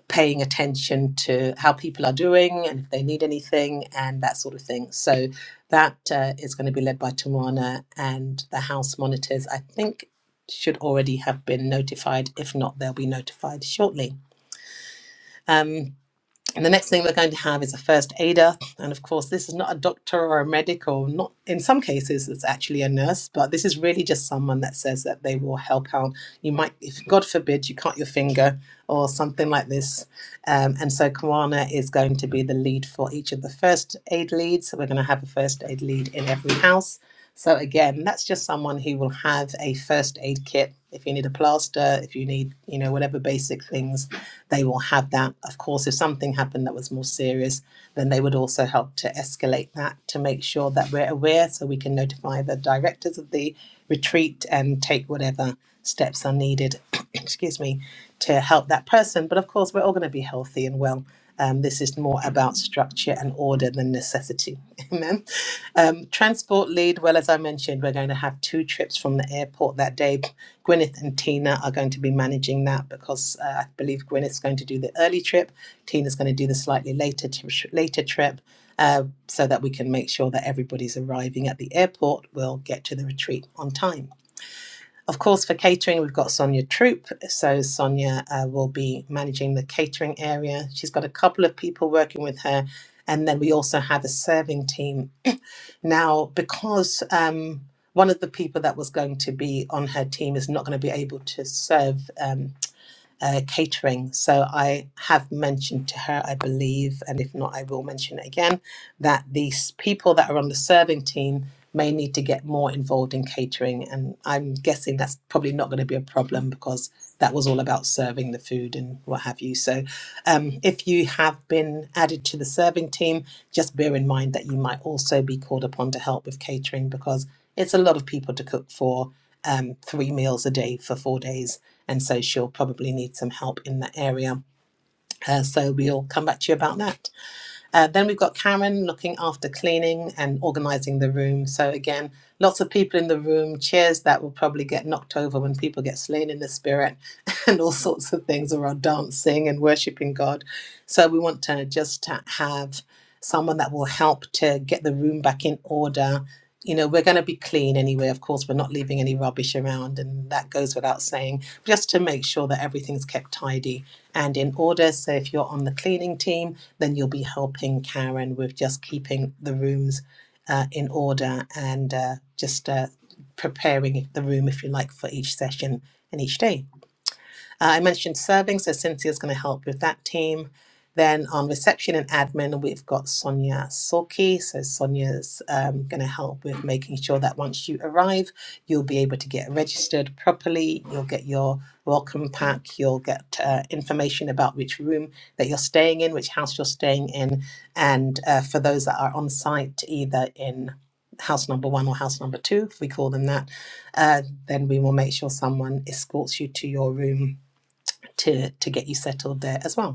Speaker 2: paying attention to how people are doing and if they need anything and that sort of thing. So that uh, is going to be led by Tawana and the house monitors. I think should already have been notified. If not, they'll be notified shortly. Um, and the next thing we're going to have is a first aider. And of course, this is not a doctor or a medic, or not in some cases, it's actually a nurse, but this is really just someone that says that they will help out. You might, if God forbid, you cut your finger or something like this. Um, and so Kawana is going to be the lead for each of the first aid leads. So we're going to have a first aid lead in every house. So again, that's just someone who will have a first aid kit. If you need a plaster, if you need, you know, whatever basic things they will have that. Of course, if something happened that was more serious, then they would also help to escalate that to make sure that we're aware so we can notify the directors of the retreat and take whatever steps are needed, excuse me, to help that person. But of course, we're all going to be healthy and well. Um, this is more about structure and order than necessity. Amen. Um, transport lead, well, as I mentioned, we're going to have two trips from the airport that day. Gwyneth and Tina are going to be managing that because uh, I believe Gwyneth's going to do the early trip, Tina's going to do the slightly later t- later trip, uh, so that we can make sure that everybody's arriving at the airport will get to the retreat on time. Of course, for catering, we've got Sonia Troop. So, Sonia uh, will be managing the catering area. She's got a couple of people working with her. And then we also have a serving team. Now, because um, one of the people that was going to be on her team is not going to be able to serve, um, uh, catering. So I have mentioned to her, I believe, and if not, I will mention it again, that these people that are on the serving team may need to get more involved in catering. And I'm guessing that's probably not going to be a problem because that was all about serving the food and what have you. So um, if you have been added to the serving team, just bear in mind that you might also be called upon to help with catering because it's a lot of people to cook for um, three meals a day for four days and so she'll probably need some help in that area. Uh, so we'll come back to you about that. Uh, then we've got Karen looking after cleaning and organizing the room. So, again, lots of people in the room, chairs that will probably get knocked over when people get slain in the spirit, and all sorts of things Or are dancing and worshiping God. So, we want to just to have someone that will help to get the room back in order. You know, we're going to be clean anyway. Of course, we're not leaving any rubbish around, and that goes without saying, just to make sure that everything's kept tidy and in order. So, if you're on the cleaning team, then you'll be helping Karen with just keeping the rooms uh, in order and uh, just uh, preparing the room, if you like, for each session and each day. Uh, I mentioned serving, so Cynthia's going to help with that team. Then on reception and admin, we've got Sonia Sorki. So Sonia's um, going to help with making sure that once you arrive, you'll be able to get registered properly. You'll get your welcome pack. You'll get uh, information about which room that you're staying in, which house you're staying in, and uh, for those that are on site, either in house number one or house number two, if we call them that, uh, then we will make sure someone escorts you to your room to to get you settled there as well.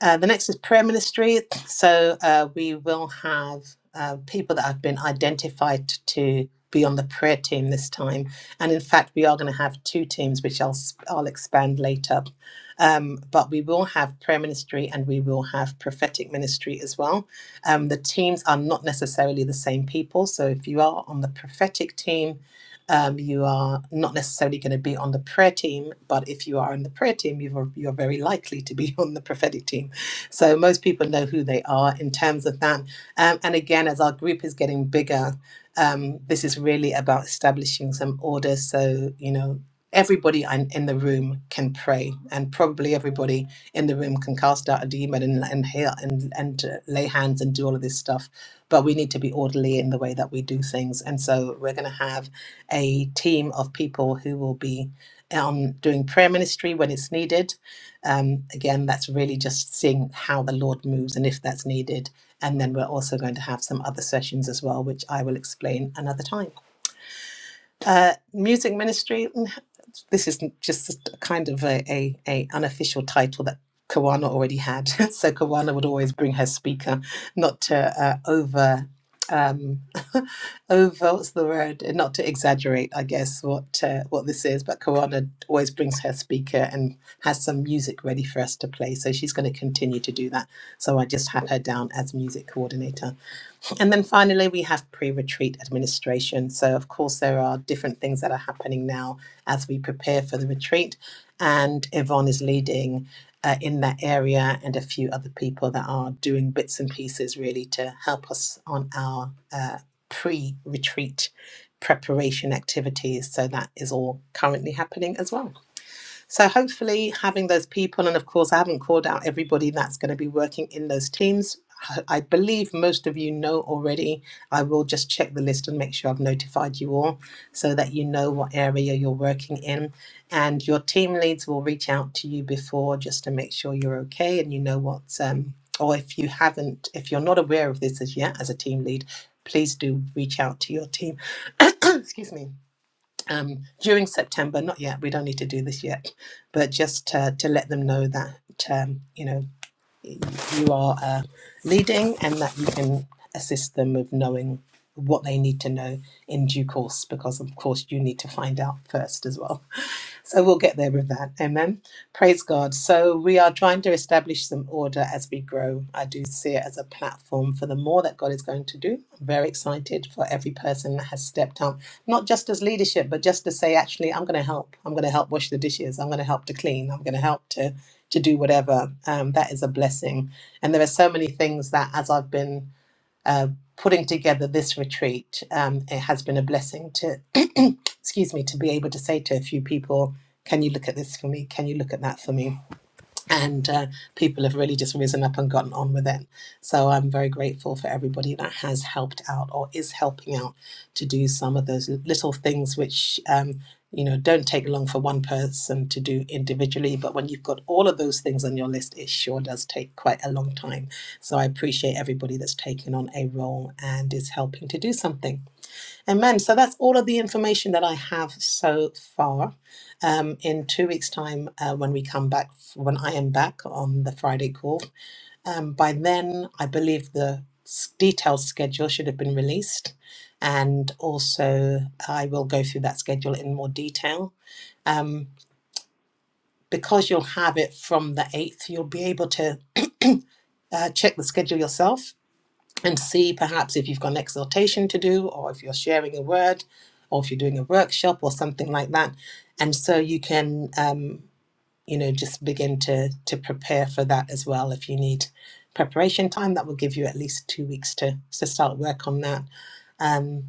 Speaker 2: Uh, the next is prayer ministry. So uh, we will have uh, people that have been identified to be on the prayer team this time, and in fact, we are going to have two teams, which I'll s- I'll expand later. Um, but we will have prayer ministry and we will have prophetic ministry as well. Um, the teams are not necessarily the same people, so if you are on the prophetic team. Um, you are not necessarily going to be on the prayer team, but if you are on the prayer team, you're, you're very likely to be on the prophetic team. So most people know who they are in terms of that. Um, and again, as our group is getting bigger, um, this is really about establishing some order. So, you know, everybody in in the room can pray, and probably everybody in the room can cast out a demon and, and heal and, and uh, lay hands and do all of this stuff. But we need to be orderly in the way that we do things. And so we're going to have a team of people who will be on doing prayer ministry when it's needed um, again, that's really just seeing how the Lord moves and if that's needed. And then we're also going to have some other sessions as well, which I will explain another time. Uh, music ministry. mm, This is just a kind of a, a, a unofficial title that Kawana already had. so Kawana would always bring her speaker, not to uh, over um over what's the word not to exaggerate i guess what uh, what this is but kawana always brings her speaker and has some music ready for us to play so she's going to continue to do that so i just had her down as music coordinator and then finally, we have pre retreat administration. So, of course, there are different things that are happening now as we prepare for the retreat. And Yvonne is leading uh, in that area, and a few other people that are doing bits and pieces really to help us on our uh, pre retreat preparation activities. So, that is all currently happening as well. So hopefully having those people, and of course I haven't called out everybody that's going to be working in those teams. I believe most of you know already. I will just check the list and make sure I've notified you all so that you know what area you're working in. And your team leads will reach out to you before just to make sure you're okay and you know what, um, or if you haven't, if you're not aware of this as yet as a team lead, please do reach out to your team. Excuse me um, during September. Not yet. We don't need to do this yet, but just to, to let them know that um, you know you are uh, leading and that you can assist them with knowing what they need to know in due course. Because of course you need to find out first as well. So we'll get there with that. Amen. Praise God. So we are trying to establish some order as we grow. I do see it as a platform for the more that God is going to do. I'm very excited for every person that has stepped up, not just as leadership, but just to say, actually, I'm going to help. I'm going to help wash the dishes. I'm going to help to clean. I'm going to help to to do whatever. Um, that is a blessing. And there are so many things that as I've been uh, putting together this retreat. Um, it has been a blessing to, excuse me, to be able to say to a few people, "Can you look at this for me? Can you look at that for me?" and uh, people have really just risen up and gotten on with it. So I'm very grateful for everybody that has helped out or is helping out to do some of those little things which. Um, you know, don't take long for one person to do individually, but when you've got all of those things on your list, it sure does take quite a long time. So I appreciate everybody that's taken on a role and is helping to do something. Amen. So that's all of the information that I have so far. Um, in two weeks' time, uh, when we come back, when I am back on the Friday call, um, by then I believe the s- detailed schedule should have been released, and also I will go through that schedule in more detail. Um, because you'll have it from the eighth, you'll be able to uh, check the schedule yourself and see perhaps if you've got an exhortation to do or if you're sharing a word or if you're doing a workshop or something like that and so you can um, you know just begin to to prepare for that as well if you need preparation time that will give you at least two weeks to to start work on that um,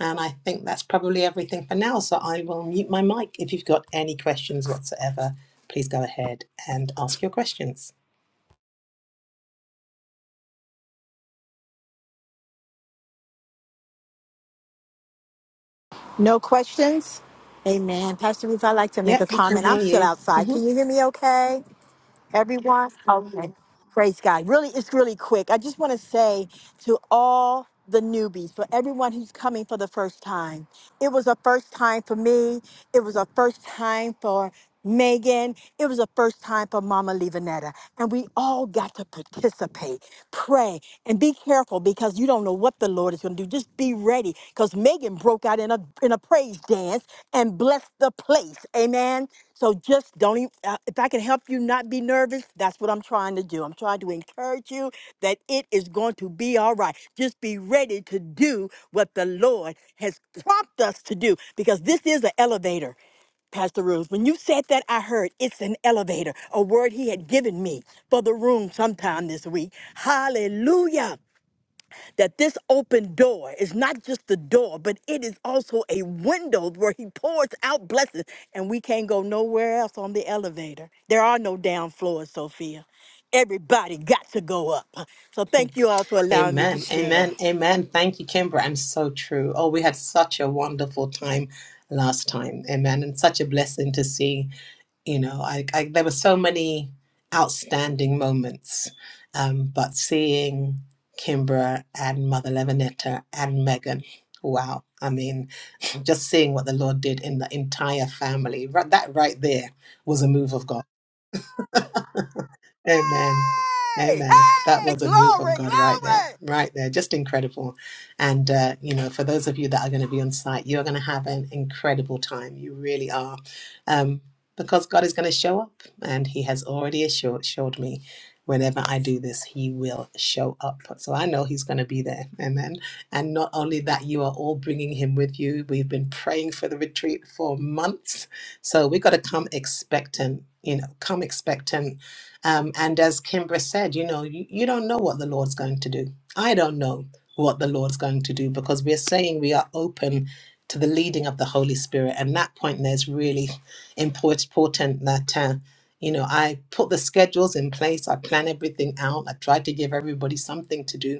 Speaker 2: and i think that's probably everything for now so i will mute my mic if you've got any questions whatsoever please go ahead and ask your questions
Speaker 6: No questions? Amen. Pastor Ruth, I'd like to make
Speaker 2: yeah
Speaker 6: a
Speaker 2: we can
Speaker 6: comment. I'm
Speaker 2: hear
Speaker 6: still
Speaker 2: you Mm-hmm.
Speaker 6: outside. Can you hear me okay? Everyone? Okay. Praise God. Really, it's really quick. I just want to say to all the newbies, for everyone who's coming for the first time, it was a first time for me. It was a first time for Megan. It was a first time for Mama Levanetta. And we all got to participate, pray, and be careful because you don't know what the Lord is going to do. Just be ready because Megan broke out in a, in a praise dance dance and bless the place. Amen. So just don't even, uh, if I can help you not be nervous, that's what I'm trying to do. I'm trying to encourage you that it is going to be all right. Just be ready to do what the Lord has prompted us to do because this is an elevator. Pastor Ruth, when you said that, I heard it's an elevator, a word he had given me for the room sometime this week. Hallelujah that this open door is not just the door, but it is also a window where he pours out blessings, and we can't go nowhere else on the elevator. There are no down floors, Sophia. Everybody got to go up. So thank you all for allowing me to
Speaker 2: Amen.
Speaker 6: share.
Speaker 2: Amen. Amen. Thank you, Kimbra. And so true. Oh, we had such a wonderful time last time. Amen. And such a blessing to see. You know, I, I there were so many outstanding moments. Um, but seeing Kimbra and Mother Levinetta and Megan, wow. I mean, just seeing what the Lord did in the entire family, ri- that right there was a move of God. Amen.
Speaker 6: Hey,
Speaker 2: Amen. That
Speaker 6: hey,
Speaker 2: was a move of
Speaker 6: glory,
Speaker 2: God right there,
Speaker 6: glory.
Speaker 2: right there. Just incredible. And, uh, you know, for those of you that are going to be on site, you're going to have an incredible time. You really are. Um, because God is going to show up, and He has already assured, assured me whenever I do this, He will show up. So I know He's going to be there. Amen. And not only that, you are all bringing Him with you. We've been praying for the retreat for months. So we've got to come expectant, you know, come expectant um, and as Kimbra said, you know, you, you don't know what the Lord's going to do. I don't know what the Lord's going to do because we're saying we are open to the leading of the Holy Spirit. And that point there's really import- important that, uh, you know, I put the schedules in place, I plan everything out, I try to give everybody something to do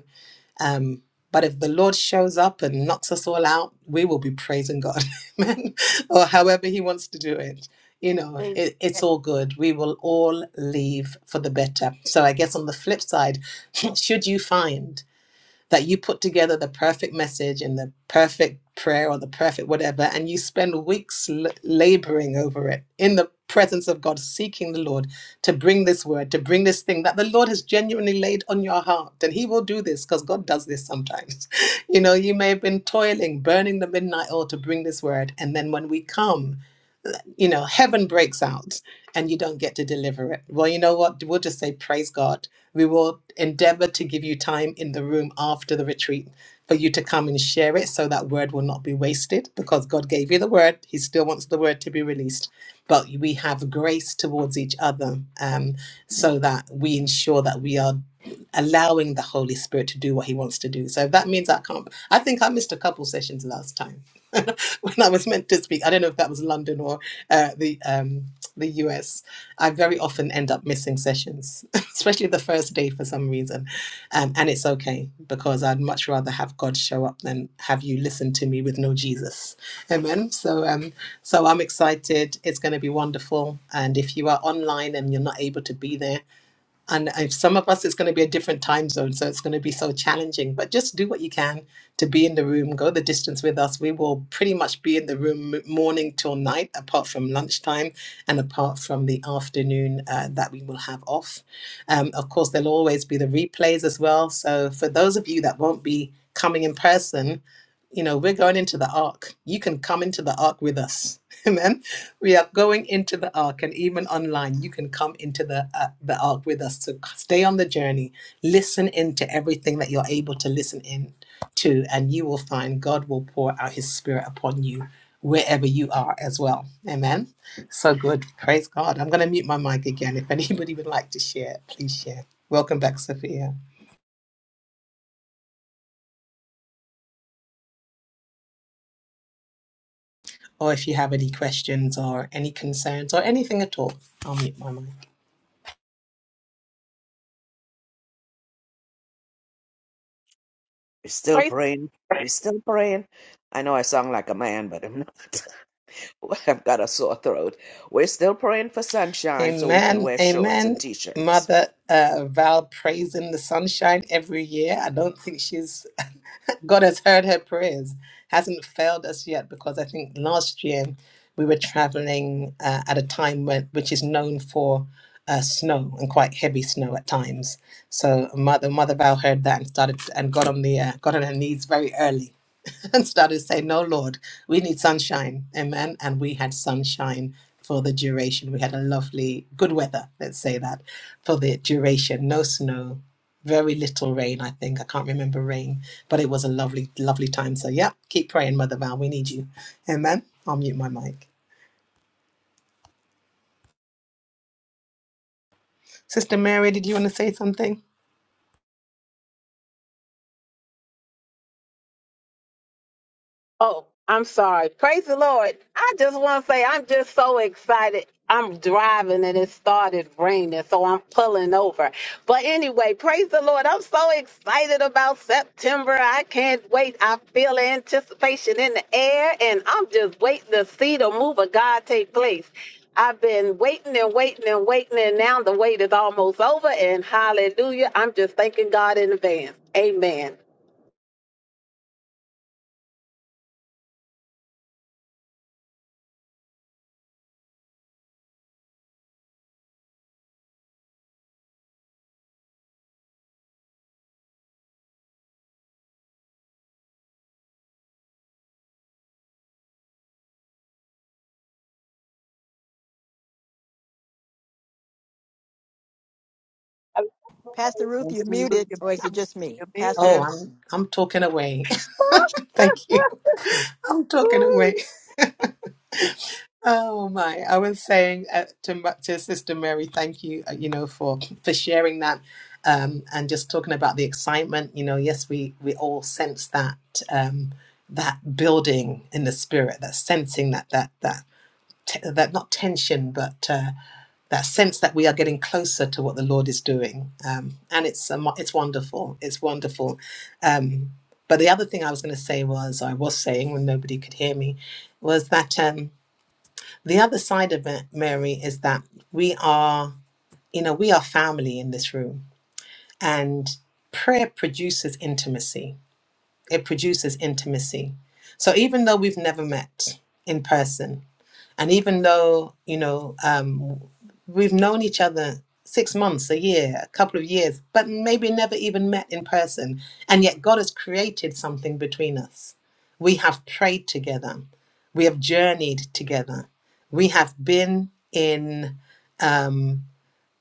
Speaker 2: um, but if the Lord shows up and knocks us all out, we will be praising God, amen, or however He wants to do it. You know,
Speaker 6: Hey,
Speaker 2: it, it's
Speaker 6: hey.
Speaker 2: all good. We will all leave for the better. So I guess on the flip side, should you find that you put together the perfect message and the perfect prayer or the perfect whatever, and you spend weeks l- laboring over it in the presence of God, seeking the Lord to bring this word, to bring this thing that the Lord has genuinely laid on your heart. And He will do this because God does this sometimes. you know, you may have been toiling, burning the midnight oil to bring this word. And then when we come, you know, heaven breaks out and you don't get to deliver it. Well, you know what? We'll just say, Praise God we will endeavor to give you time in the room after the retreat for you to come and share it so that word will not be wasted because God gave you the word. He still wants the word to be released. But we have grace towards each other um, so that we ensure that we are allowing the Holy Spirit to do what He wants to do. So if that means I can't, I think I missed a couple sessions last time when I was meant to speak. I don't know if that was London or uh, the um, the US. I very often end up missing sessions, especially the first day for some reason. Um, and it's okay because I'd much rather have God show up than have you listen to me with no Jesus. Amen. So, um, so I'm excited. It's going to be wonderful. And if you are online and you're not able to be there, and if some of us it's going to be a different time zone so it's going to be so challenging but just do what you can to be in the room go the distance with us we will pretty much be in the room m- morning till night apart from lunchtime and apart from the afternoon uh, that we will have off um, of course there'll always be the replays as well so for those of you that won't be coming in person you know we're going into the ark you can come into the ark with us amen we are going into the ark, and even online, you can come into the uh, the ark with us. So c- stay on the journey, listen into everything that you're able to listen in to, and you will find God will pour out His Spirit upon you wherever you are as well. Amen. So good. Praise God. I'm going to mute my mic again. If anybody would like to share, please share. Welcome back, Sophia. Or if you have any questions or any concerns or anything at all, I'll mute my mic.
Speaker 7: We're still
Speaker 8: Praise.
Speaker 7: praying. We're still praying. I know I sound like a man, but I'm not. I've got a sore throat. We're still praying for sunshine so we can
Speaker 2: Amen.
Speaker 7: wear shorts
Speaker 2: Amen.
Speaker 7: and t shirts.
Speaker 2: Mother uh, Val prays in the sunshine every year. I don't think she's, God has heard her prayers, hasn't failed us yet because I think last year we were traveling uh, at a time when, which is known for uh, snow and quite heavy snow at times. So Mother Mother Val heard that and started and got on the uh, got on her knees very early and started saying, No, Lord, we need sunshine. Amen. And we had sunshine for the duration. We had a lovely, good weather, let's say that, for the duration. No snow, very little rain, I think. I can't remember rain, but it was a lovely, lovely time. So, yeah, keep praying, Mother Val. We need you. Amen. I'll mute my mic. Sister Mary, did you want to say something?
Speaker 8: Oh, I'm sorry. Praise the Lord. I just want to say I'm just so excited. I'm driving and it started raining, so I'm pulling over. But anyway, praise the Lord. I'm so excited about September. I can't wait. I feel the anticipation in the air, and I'm just waiting to see the move of God take place. I've been waiting and waiting and waiting, and now the wait is almost over. And hallelujah, I'm just thanking God in advance. Amen.
Speaker 6: Pastor Ruth, you're
Speaker 7: Pastor Ruth,
Speaker 6: muted,
Speaker 7: you're,
Speaker 6: or is it just me?
Speaker 7: you're
Speaker 6: Pastor.
Speaker 2: Oh,
Speaker 7: muted.
Speaker 2: I'm I'm talking away. Thank you. I'm talking away. Oh my! I was saying uh, to Ma- to Sister Mary, thank you, uh, you know, for for sharing that, um, and just talking about the excitement. You know, yes, we we all sense that um, that building in the spirit, that sensing that that that t- that not tension, but uh, that sense that we are getting closer to what the Lord is doing, um, and it's um, it's wonderful. It's wonderful. Um, but the other thing I was going to say was, I was saying when nobody could hear me, was that. Um, the other side of it, Mary, is that we are, you know, we are family in this room, and prayer produces intimacy. It produces intimacy. So even though we've never met in person, and even though, you know, um, we've known each other six months, a year, a couple of years, but maybe never even met in person, and yet God has created something between us. We have prayed together, we have journeyed together, we have been in. Um,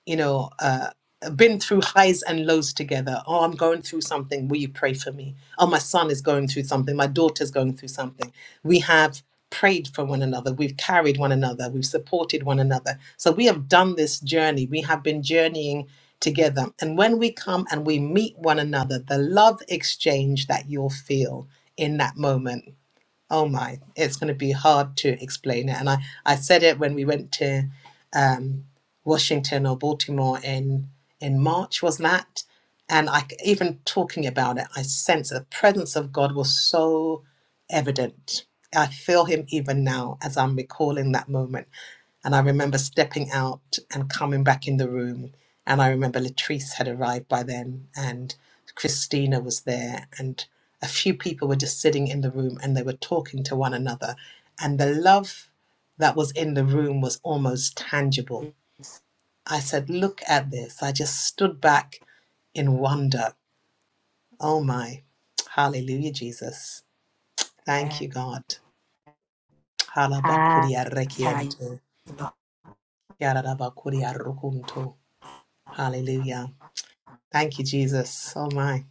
Speaker 2: you know, uh, been through highs and lows together. Oh, I'm going through something. Will you pray for me? Oh, my son is going through something. My daughter's going through something. We have prayed for one another. We've carried one another. We've supported one another. So we have done this journey. We have been journeying together. And when we come and we meet one another, the love exchange that you'll feel in that moment Oh my, it's going to be hard to explain it. And I, I said it when we went to um, Washington or Baltimore in in March, was that? And I c- even talking about it, I sense the presence of God was so evident. I feel Him even now as I'm recalling that moment and I remember stepping out and coming back in the room. And I remember Latrice had arrived by then, and Christina was there, and a few people were just sitting in the room and they were talking to one another. And the love that was in the room was almost tangible. I said, Look at this. I just stood back in wonder. Oh my. Hallelujah, Jesus. Thank you, God. Hallelujah. Thank you, Jesus. Oh my,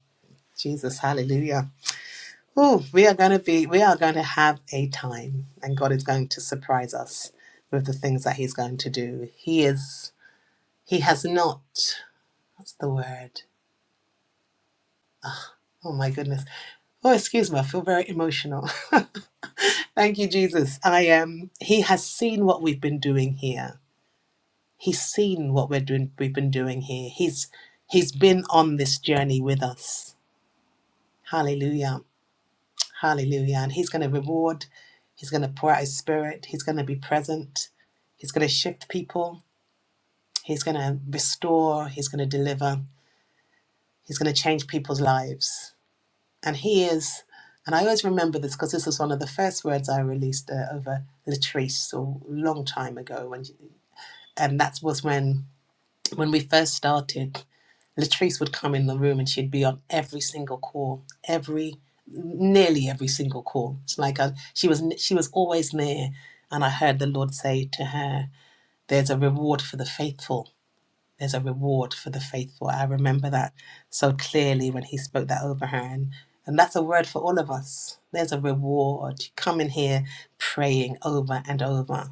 Speaker 2: Jesus, hallelujah. Oh, we are going to be, we are going to have a time, and God is going to surprise us with the things that He's going to do. He is, He has not, what's the word? Oh my goodness. Oh, excuse me, I feel very emotional. Thank you, Jesus. I am. He has seen what we've been doing here. He's seen what we're doing. We've been doing here. He's He's been on this journey with us. Hallelujah. Hallelujah. And He's going to reward, He's going to pour out His Spirit, He's going to be present, He's going to shift people, He's going to restore, He's going to deliver, He's going to change people's lives. And He is, and I always remember this because this was one of the first words I released uh, over Latrice a long time ago. When, and that was when. When we first started, Latrice would come in the room and she'd be on every single call, every nearly every single call. It's like I, she was she was always near, and I heard the Lord say to her, "There's a reward for the faithful. There's a reward for the faithful." I remember that so clearly when He spoke that over her, and and that's a word for all of us. There's a reward. You come in here praying over and over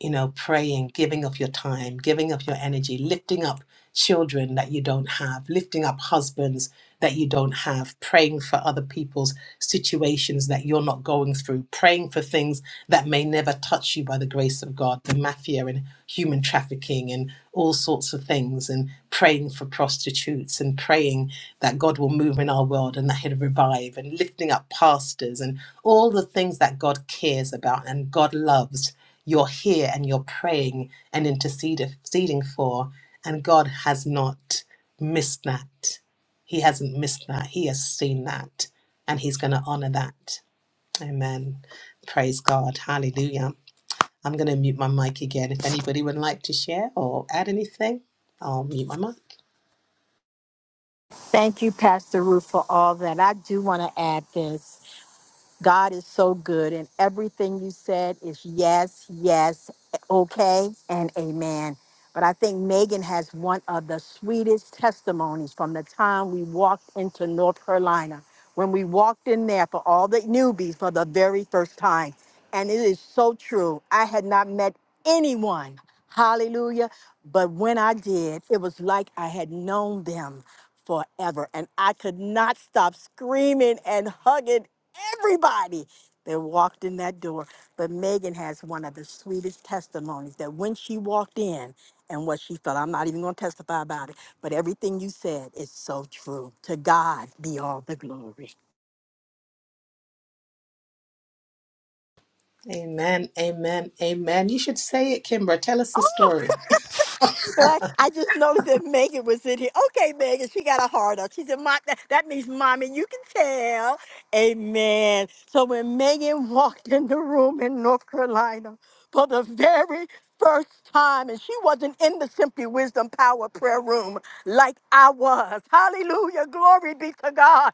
Speaker 2: you know, praying, giving of your time, giving of your energy, lifting up children that you don't have, lifting up husbands that you don't have, praying for other people's situations that you're not going through, praying for things that may never touch you by the grace of God, the mafia and human trafficking and all sorts of things, and praying for prostitutes and praying that God will move in our world and that He'll revive, and lifting up pastors and all the things that God cares about and God loves you're here and you're praying and interceding for. And God has not missed that. He hasn't missed that. He has seen that. And He's going to honor that. Amen. Praise God. Hallelujah. I'm going to mute my mic again. If anybody would like to share or add anything, I'll mute my mic.
Speaker 6: Thank you, Pastor Ruth, for all that. I do want to add this. God is so good, and everything you said is yes, yes, okay, and amen. But I think Megan has one of the sweetest testimonies from the time we walked into North Carolina, when we walked in there for all the newbies for the very first time. And it is so true. I had not met anyone, hallelujah, but when I did, it was like I had known them forever. And I could not stop screaming and hugging everybody that walked in that door. But Megan has one of the sweetest testimonies that when she walked in and what she felt, I'm not even going to testify about it, but everything you said is so true. To God be all the glory.
Speaker 2: Amen. Amen. Amen. You should say it, Kimbra. Tell us the story.
Speaker 6: Well, I, I just noticed that Megan was in here. Okay, Megan, she got a heart up. She said, Mom, that, that means mommy, you can tell. Amen. So when Megan walked in the room in North Carolina for the very first time, and she wasn't in the Simply Wisdom Power Prayer Room like I was. Hallelujah. Glory be to God.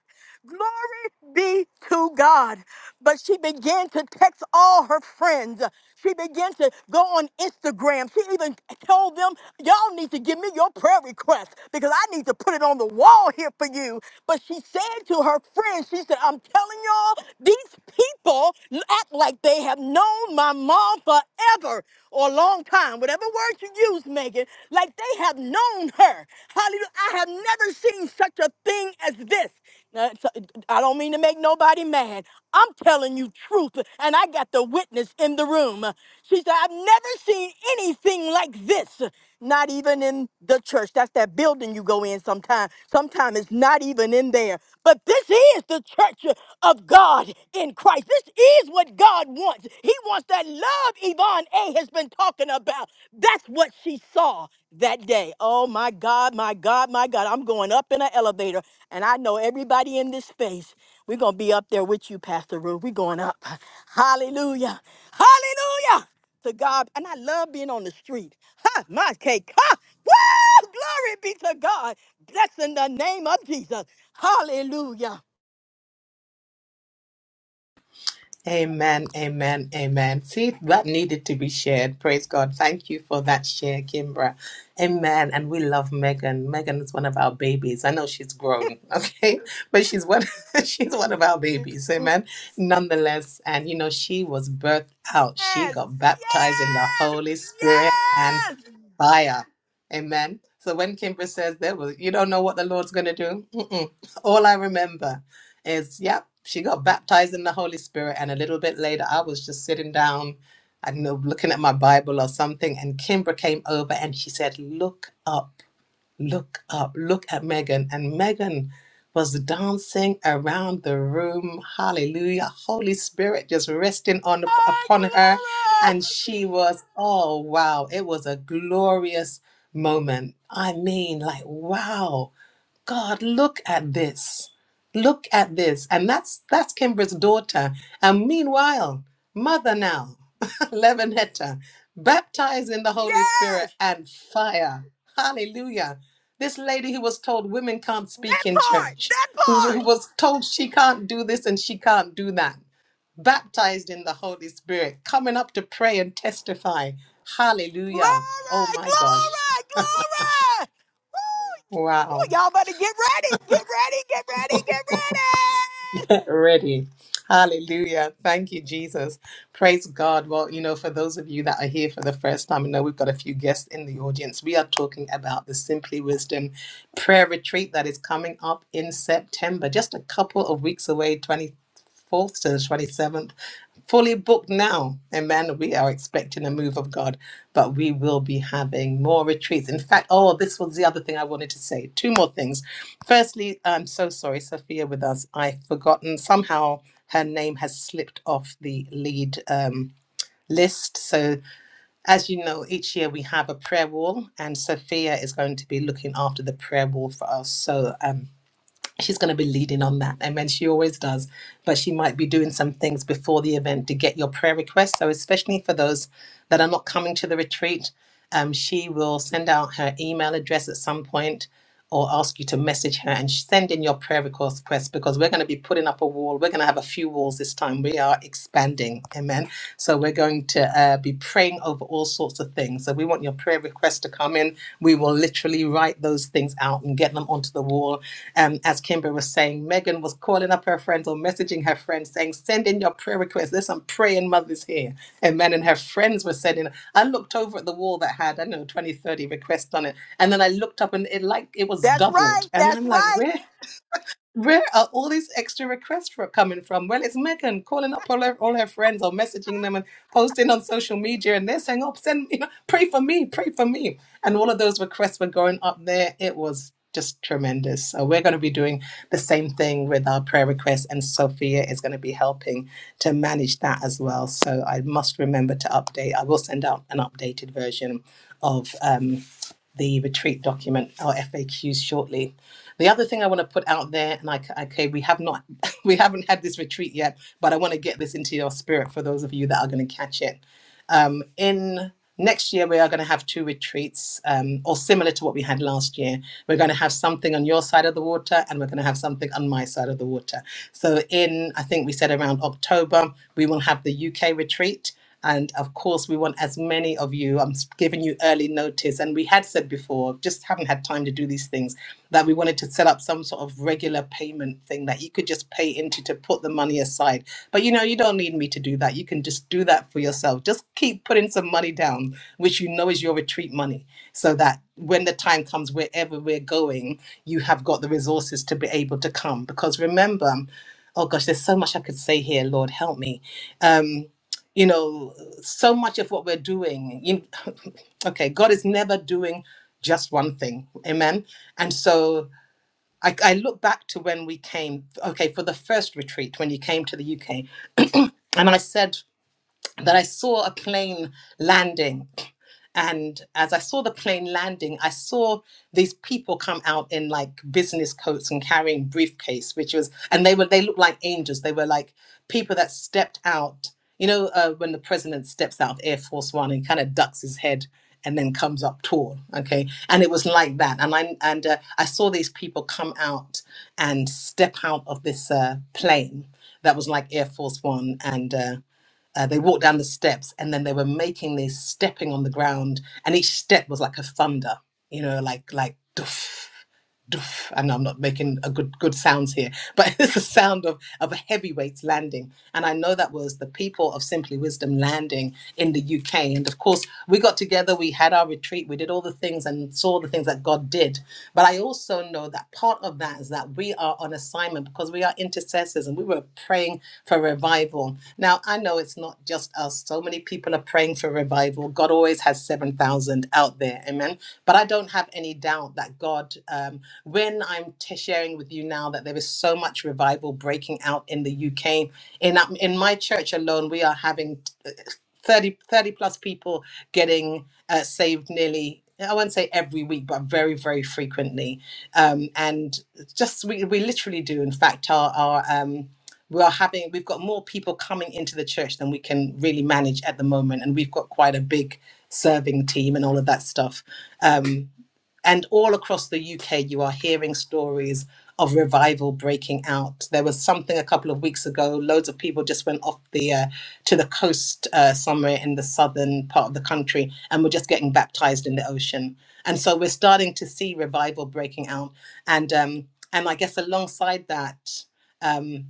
Speaker 6: Glory be to God. But she began to text all her friends. She began to go on Instagram. She even told them, Y'all need to give me your prayer request because I need to put it on the wall here for you. But she said to her friends, She said, I'm telling y'all, these people act like they have known my mom forever or a long time, whatever word you use, Megan, like they have known her. Hallelujah. I have never seen such a thing as this. Now, it's- I don't mean to make nobody mad. I'm telling you truth, and I got the witness in the room. She said, I've never seen anything like this, not even in the church. That's that building you go in sometime. Sometimes it's not even in there. But this is the church of God in Christ. This is what God wants. He wants that love Yvonne A has been talking about. That's what she saw that day. Oh my God, my God, my God. I'm going up in an elevator, and I know everybody in this space. We're going to be up there with you, Pastor Ruth. We're going up. Hallelujah. Hallelujah to God. And I love being on the street. Ha, my cake. Ha, woo! Glory be to God. Bless in the name of Jesus. Hallelujah.
Speaker 2: Amen, amen, amen. See, that needed to be shared. Praise God. Thank you for that share, Kimbra. Amen. And we love Megan. Megan is one of our babies. I know she's grown, okay, but she's one. she's one of our
Speaker 6: Yes,
Speaker 2: babies. Amen. Nonetheless, and you know, she was birthed out. She
Speaker 6: yes,
Speaker 2: got baptized in the Holy Spirit, and
Speaker 6: yes.
Speaker 2: Fire. Amen. So when Kimber says there was, you don't know what the Lord's going to do. Mm-mm. All I remember is, yep, she got baptized in the Holy Spirit, and a little bit later, I was just sitting down, I don't know, looking at my Bible or something, and Kimber came over and she said, "Look up." look up, look at Megan. And Megan was dancing around the room. Hallelujah. Holy Spirit just resting on
Speaker 6: Glory,
Speaker 2: upon her.
Speaker 6: glory.
Speaker 2: And she was, oh wow, it was a glorious moment. I mean, like, wow. God, look at this. Look at this. And that's that's Kimbra's daughter. And meanwhile, mother now, Levanetta, baptized in the Holy
Speaker 6: Yes,
Speaker 2: Spirit and fire. Hallelujah. This lady who was told women can't speak
Speaker 6: that
Speaker 2: in
Speaker 6: part,
Speaker 2: church,
Speaker 6: that
Speaker 2: who, who
Speaker 6: part.
Speaker 2: was told she can't do this and she can't do that, baptized in the Holy Spirit, coming up to pray and testify. Hallelujah. Oh
Speaker 6: Glory,
Speaker 2: my gosh.
Speaker 6: glory, glory. Woo. Woo,
Speaker 2: Wow.
Speaker 6: y'all better get ready, get ready, get ready, get ready.
Speaker 2: Ready. Hallelujah. Thank you, Jesus. Praise God. Well, you know, for those of you that are here for the first time, I know we've got a few guests in the audience. We are talking about the Simply Wisdom prayer retreat that is coming up in September, just a couple of weeks away, 24th to the 27th fully booked now. Amen. We are expecting a move of God, but we will be having more retreats. In fact, oh, this was the other thing I wanted to say. Two more things. Firstly, I'm so sorry, Sophia, with us. I've forgotten somehow her name has slipped off the lead. Um, List. So, as you know, each year we have a prayer wall, and Sophia is going to be looking after the prayer wall for us. So, um, she's going to be leading on that. I mean, she always does, but she might be doing some things before the event to get your prayer requests. So, especially for those that are not coming to the retreat, um, she will send out her email address at some point or ask you to message her and send in your prayer request requests because we're going to be putting up a wall. We're going to have a few walls this time. We are expanding. Amen. So, we're going to uh, be praying over all sorts of things. So, we want your prayer requests to come in. We will literally write those things out and get them onto the wall um, as Kimber was saying, Megan was calling up her friends or messaging her friends saying, send in your prayer requests. There's some praying mothers here. Amen. And her friends were sending. I looked over at the wall that had, I don't know, 20, 30 requests on it. And then I looked up and it like it was
Speaker 6: That's
Speaker 2: doubled.
Speaker 6: right,
Speaker 2: And
Speaker 6: that's
Speaker 2: I'm like,
Speaker 6: right.
Speaker 2: where? Where are all these extra requests for coming from? Well, it's Megan calling up all her, all her friends or messaging them and posting on social media, and they're saying, "Oh, send me, pray for me, pray for me," and all of those requests were going up there. It was just tremendous. So we're going to be doing the same thing with our prayer requests, and Sophia is going to be helping to manage that as well. So I must remember to update. I will send out an updated version of um, the retreat document or FAQs shortly the other thing I want to put out there, and I okay, we have not, we haven't had this retreat yet, but I want to get this into your spirit for those of you that are going to catch it. Um, in next year, we are going to have two retreats, um, or similar to what we had last year. We're going to have something on your side of the water, and we're going to have something on my side of the water. So, in I think we said around October, we will have the UK retreat. And of course, we want as many of you. I'm s- giving you early notice. And we had said before, just haven't had time to do these things that we wanted to set up some sort of regular payment thing that you could just pay into to put the money aside. But you know, you don't need me to do that. You can just do that for yourself. Just keep putting some money down, which you know is your retreat money, so that when the time comes, wherever we're going, you have got the resources to be able to come. Because remember, oh gosh, there's so much I could say here. Lord, help me. Um, you know so much of what we're doing you, okay god is never doing just one thing amen and so I, I look back to when we came okay for the first retreat when you came to the uk and i said that I saw a plane landing. And as I saw the plane landing, I saw these people come out in like business coats and carrying briefcase, which was, and they were, they looked like angels. They were like people that stepped out. You know, uh, when the president steps out of Air Force One and kind of ducks his head and then comes up tall, okay? And it was like that. And I and uh, I saw these people come out and step out of this uh, plane that was like Air Force One, and. uh, uh, they walked down the steps and then they were making this stepping on the ground, and each step was like a thunder, you know, like like doof, doof. I know I'm not making a good good sounds here, but it's the sound of of a heavyweights landing, and I know that was the people of Simply Wisdom landing in the UK. And of course, we got together, we had our retreat, we did all the things and saw the things that God did. But I also know that part of that is that we are on assignment because we are intercessors, and we were praying for revival. Now I know it's not just us; so many people are praying for revival. God always has seven thousand out there, amen. But I don't have any doubt that God. Um, when I'm t- sharing with you now that there is so much revival breaking out in the UK, in um, in my church alone, we are having uh, 30, thirty plus people getting uh, saved nearly. I won't say every week, but very, very frequently. Um, and just we, we literally do. In fact, our our um, we are having we've got more people coming into the church than we can really manage at the moment, and we've got quite a big serving team and all of that stuff. Um, and all across the UK, you are hearing stories of revival breaking out. There was something a couple of weeks ago, loads of people just went off the uh, to the coast uh, somewhere in the southern part of the country and were just getting baptized in the ocean. And so we're starting to see revival breaking out. And um, and I guess alongside that, um,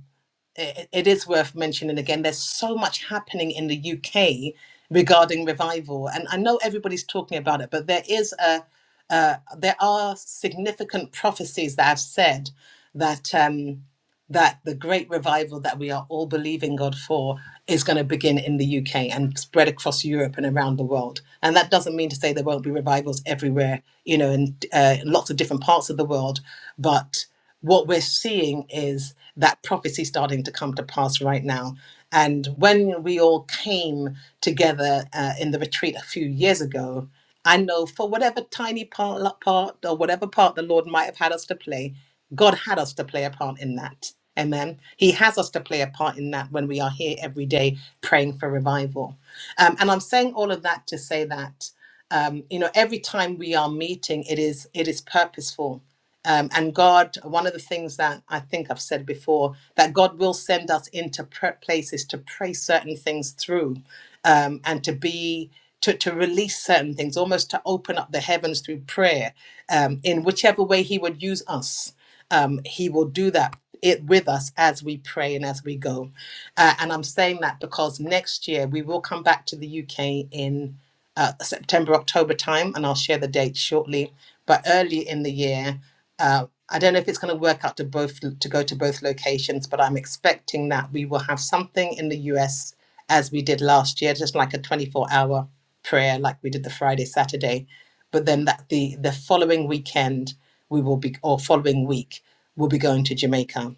Speaker 2: it, it is worth mentioning again there's so much happening in the UK regarding revival and I know everybody's talking about it but there is a uh, there are significant prophecies that have said that um, that the great revival that we are all believing God for is going to begin in the UK and spread across Europe and around the world. And that doesn't mean to say there won't be revivals everywhere, you know, in uh, lots of different parts of the world. But what we're seeing is that prophecy starting to come to pass right now. And when we all came together uh, in the retreat a few years ago, I know for whatever tiny part, part or whatever part the Lord might have had us to play, God had us to play a part in that. Amen. He has us to play a part in that when we are here every day praying for revival. Um, and I'm saying all of that to say that um, you know every time we are meeting, it is it is purposeful um, and God, one of the things that I think I've said before, that God will send us into pr- places to pray certain things through um, and to be. To, to release certain things, almost to open up the heavens through prayer, um, in whichever way He would use us, um, He will do that it with us as we pray and as we go. Uh, and I'm saying that because next year we will come back to the UK in uh, September, October time, and I'll share the date shortly. But early in the year, uh, I don't know if it's going to work out to both to go to both locations, but I'm expecting that we will have something in the US as we did last year, just like a 24-hour prayer, like we did the Friday Saturday. But then that the the following weekend we will be or following week we'll be going to Jamaica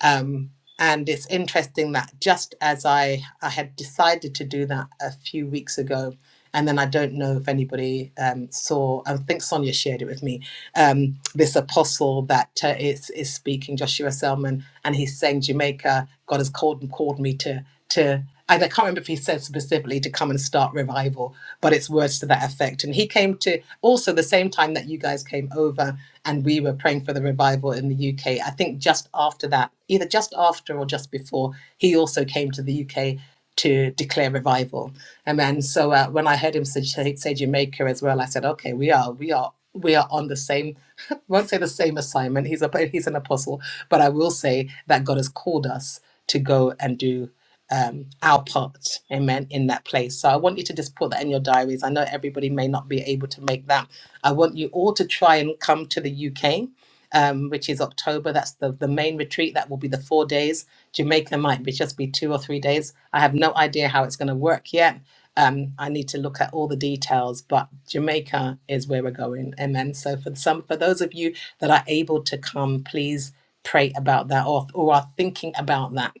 Speaker 2: um, and it's interesting that just as I, I had decided to do that a few weeks ago, and then I don't know if anybody um, saw, I think Sonia shared it with me, um, this apostle that uh, is, is speaking, Joshua Selman, and he's saying, Jamaica, God has called, called me to, to, and I can't remember if he said specifically to come and start revival, but it's words to that effect. And he came to also the same time that you guys came over and we were praying for the revival in the UK. I think just after that, either just after or just before, he also came to the UK to declare revival. And then, so uh, when I heard him say, say Jamaica as well, I said, okay, we are, we are. We are on the same, I won't say the same assignment. He's a he's an apostle, but I will say that God has called us to go and do um, our part, amen, in that place. So I want you to just put that in your diaries. I know everybody may not be able to make that I want you all to try and come to the UK, um, which is October. That's the, the main retreat. That will be the four days. Jamaica might be just be two or three days. I have no idea how it's going to work yet. Um, I need to look at all the details, but Jamaica is where we're going. Amen. So for some, for those of you that are able to come, please pray about that or, or are thinking about that.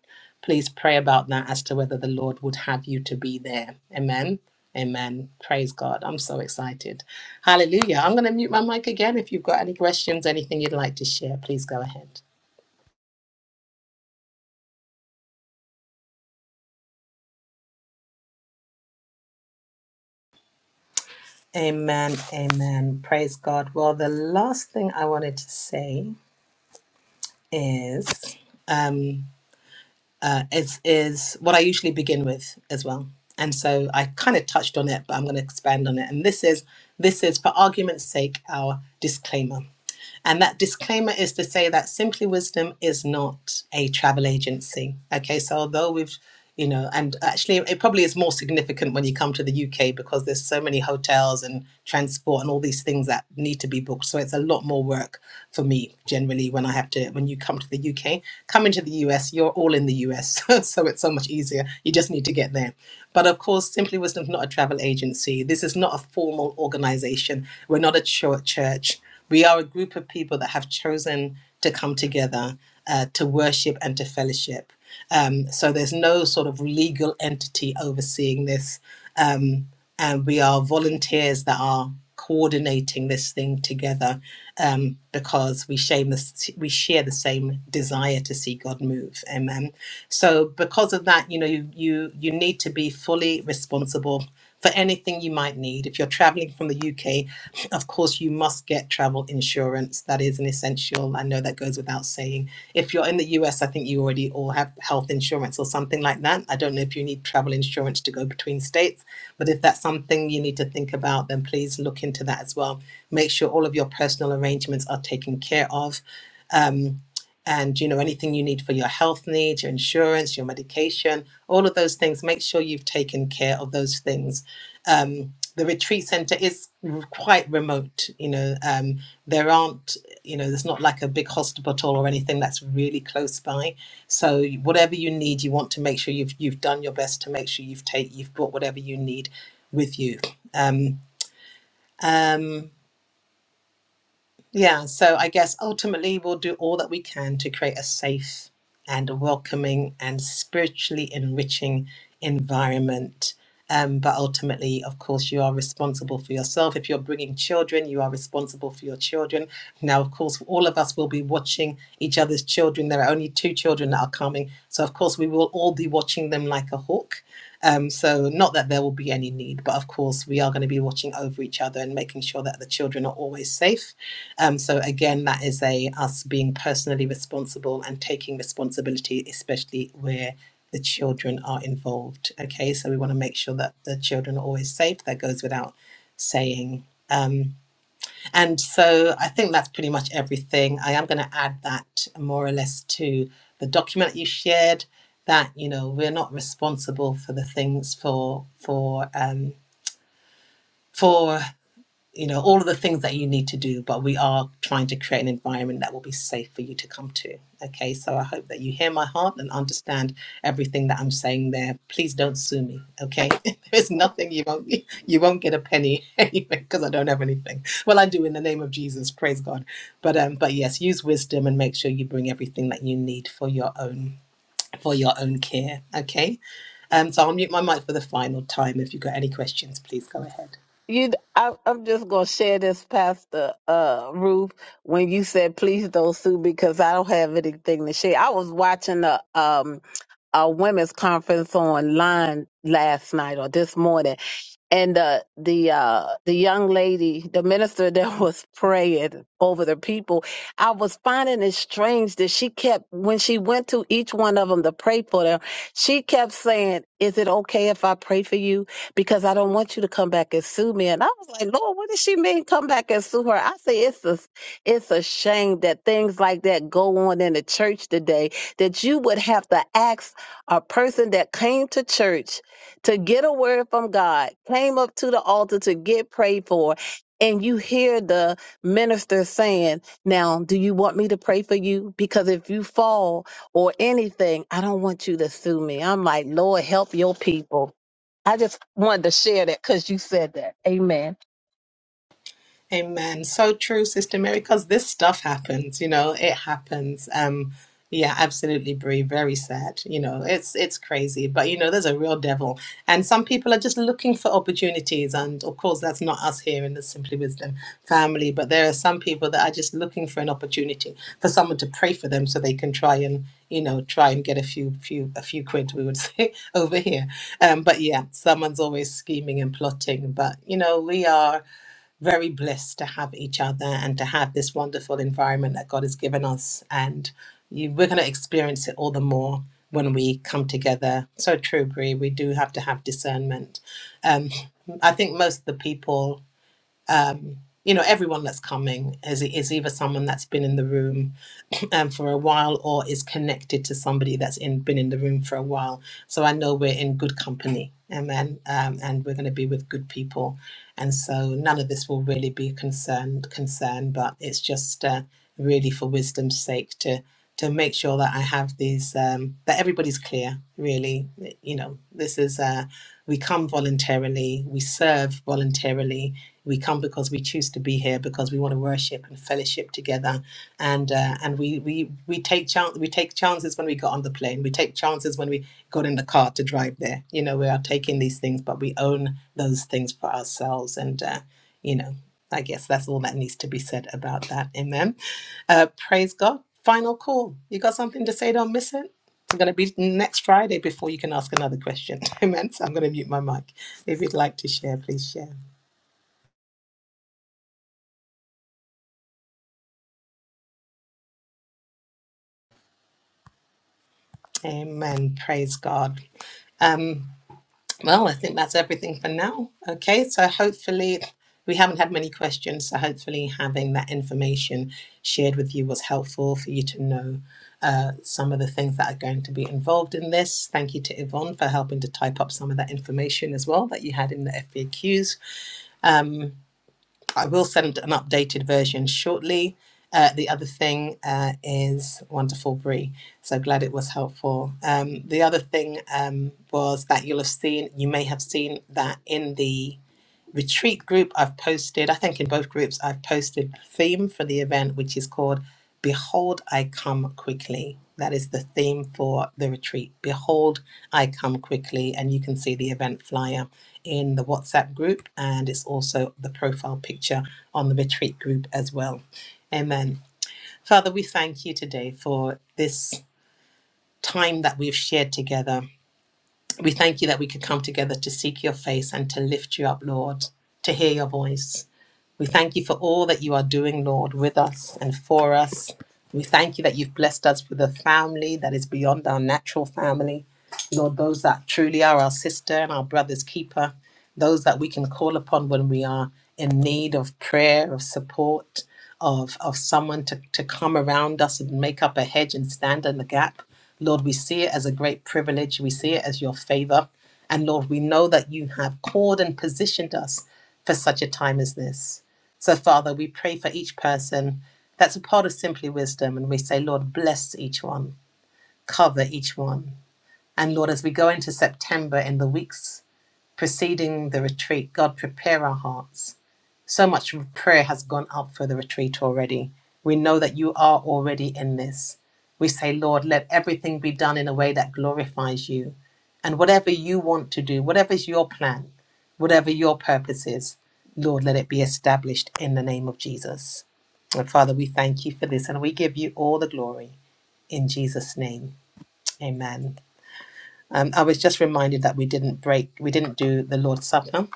Speaker 2: Please pray about that as to whether the Lord would have you to be there. Amen. Amen. Praise God. I'm so excited. Hallelujah. I'm going to mute my mic again. If you've got any questions, anything you'd like to share, please go ahead. Amen. Amen. Praise God. Well, the last thing I wanted to say is um uh is is what I usually begin with as well. And so I kind of touched on it, but I'm going to expand on it. And this is this is for argument's sake our disclaimer. And that disclaimer is to say that Simply Wisdom is not a travel agency. Okay, so although we've, you know, and actually it probably is more significant when you come to the UK because there's so many hotels and transport and all these things that need to be booked. So it's a lot more work for me generally when I have to, when you come to the UK. Coming to the US, you're all in the US. so it's so much easier. You just need to get there. But of course, Simply Wisdom is not a travel agency. This is not a formal organization. We're not a chur- church we are a group of people that have chosen to come together uh, to worship and to fellowship. Um, so there's no sort of legal entity overseeing this. Um, and we are volunteers that are coordinating this thing together um, because we shame this, we share the same desire to see God move. Amen. So because of that, you know, you you, you need to be fully responsible for anything you might need. If you're traveling from the UK, of course you must get travel insurance. That is an essential. I know that goes without saying. If you're in the US, I think you already all have health insurance or something like that. I don't know if you need travel insurance to go between states but if that's something you need to think about, then please look into that as well. Make sure all of your personal arrangements are taken care of. Um, and you know anything you need for your health needs, your insurance, your medication, all of those things. Make sure you've taken care of those things. Um, the retreat center is r- quite remote. You know, um, there aren't you know there's not like a big hospital or anything that's really close by so whatever you need, you want to make sure you've you've done your best to make sure you've take you've brought whatever you need with you. Um, um, yeah, so I guess ultimately we'll do all that we can to create a safe and a welcoming and spiritually enriching environment. Um, but ultimately, of course, you are responsible for yourself. If you're bringing children, you are responsible for your children. Now, of course, all of us will be watching each other's children. There are only two children that are coming. So, of course, we will all be watching them like a hawk. Um, so, not that there will be any need, but of course, we are going to be watching over each other and making sure that the children are always safe um, so again, that is a us being personally responsible and taking responsibility, especially where the children are involved. Okay, so we want to make sure that the children are always safe. That goes without saying. Um, and so I think that's pretty much everything. I am going to add that more or less to the document that you shared. That you know we're not responsible for the things for for um, for you know, all of the things that you need to do, but we are trying to create an environment that will be safe for you to come to. Okay, so I hope that you hear my heart and understand everything that I'm saying there. Please don't sue me. Okay, there's nothing you won't you won't get a penny anyway because I don't have anything. Well, I do in the name of Jesus. Praise God. But um, but yes, use wisdom and make sure you bring everything that you need for your own for your own care. Okay, um, so I'll mute my mic for the final time. If you've got any questions, please go ahead.
Speaker 8: You, I, I'm just gonna share this, Pastor uh, Ruth. When you said please don't sue because I don't have anything to share. I was watching a um a women's conference online last night or this morning, and the the uh the young lady the minister that was praying over the people i was finding it strange that she kept when she went to each one of them to pray for them she kept saying is it okay if i pray for you because i don't want you to come back and sue me and i was like lord what does she mean come back and sue her i say it's a it's a shame that things like that go on in the church today that you would have to ask a person that came to church to get a word from God, came up to the altar to get prayed for, and you hear the minister saying, Now, do you want me to pray for you? Because if you fall or anything, I don't want you to sue me. I'm like, Lord, help your people. I just wanted to share that because you said that. Amen.
Speaker 2: Amen. So true, Sister Mary, because this stuff happens, you know, it happens. Um, yeah, absolutely, Brie. Very sad. You know, it's it's crazy. But you know, there's a real devil. And some people are just looking for opportunities. And of course, that's not us here in the Simply Wisdom family, but there are some people that are just looking for an opportunity for someone to pray for them so they can try and, you know, try and get a few few a few quid, we would say, over here. Um, but yeah, someone's always scheming and plotting. But you know, we are very blessed to have each other and to have this wonderful environment that God has given us. And you, we're going to experience it all the more when we come together. So true, Brie. We do have to have discernment. Um, I think most of the people, um, you know, everyone that's coming is is either someone that's been in the room um, for a while or is connected to somebody that's in, been in the room for a while. So I know we're in good company, amen, um, and we're going to be with good people. And so none of this will really be concerned concern, but it's just uh, really for wisdom's sake to to make sure that I have these um, that everybody's clear. Really, you know, this is uh, we come voluntarily, we serve voluntarily. We come because we choose to be here because we want to worship and fellowship together and uh, and we we we take chance we take chances when we got on the plane we take chances when we got in the car to drive there you know we are taking these things but we own those things for ourselves and uh, you know i guess that's all that needs to be said about that amen uh, praise god final call you got something to say don't miss it it's going to be next friday before you can ask another question amen so i'm going to mute my mic if you'd like to share please share amen praise god Um, Well, I think that's everything for now. Okay, so hopefully we haven't had many questions, so hopefully having that information shared with you was helpful for you to know uh, some of the things that are going to be involved in this. Thank you to Yvonne for helping to type up some of that information as well that you had in the FAQs. I will send an updated version shortly. Uh, the other thing uh, is wonderful, Brie. So glad it was helpful. Um, the other thing um, was that you'll have seen, you may have seen that in the retreat group I've posted, I think in both groups, I've posted the theme for the event, which is called Behold, I Come Quickly. That is the theme for the retreat. Behold, I Come Quickly. And you can see the event flyer in the WhatsApp group, and it's also the profile picture on the retreat group as well. Amen. Father, we thank you today for this time that we've shared together. We thank you that we could come together to seek your face and to lift you up, Lord, to hear your voice. We thank you for all that you are doing, Lord, with us and for us. We thank you that you've blessed us with a family that is beyond our natural family. Lord, those that truly are our sister and our brother's keeper, those that we can call upon when we are in need of prayer, of support, of, of someone to, to come around us and make up a hedge and stand in the gap. Lord, we see it as a great privilege. We see it as your favor. And Lord, we know that you have called and positioned us for such a time as this. So, Father, we pray for each person that's a part of Simply Wisdom, and we say, Lord, bless each one, cover each one. And Lord, as we go into September in the weeks preceding the retreat, God, prepare our hearts so much prayer has gone up for the retreat already. We know that you are already in this. We say, Lord, let everything be done in a way that glorifies you. And whatever you want to do, whatever's your plan, whatever your purpose is, Lord, let it be established in the name of Jesus. And Father, we thank you for this and we give you all the glory in Jesus' name. Amen. Um, I was just reminded that we didn't break, we didn't do the Lord's Supper.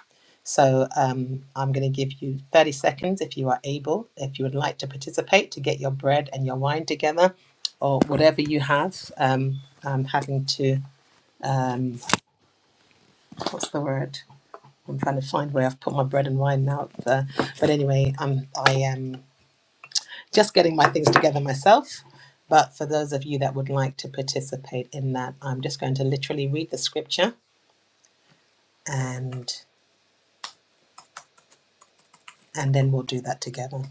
Speaker 2: So um, I'm going to give you 30 seconds if you are able, if you would like to participate, to get your bread and your wine together or whatever you have. Um, I'm having to, um, what's the word? I'm trying to find where I've put my bread and wine now. Uh, but anyway, I'm, I am just getting my things together myself. But for those of you that would like to participate in that, I'm just going to literally read the scripture and and then we'll do that together.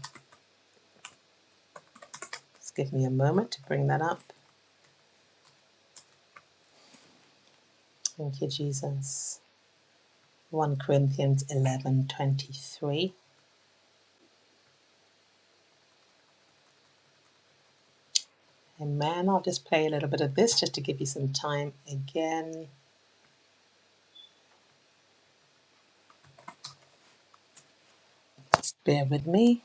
Speaker 2: Just give me a moment to bring that up. Thank you, Jesus. 1 Corinthians 11 23. Amen. I'll just play a little bit of this just to give you some time again. Just bear with me.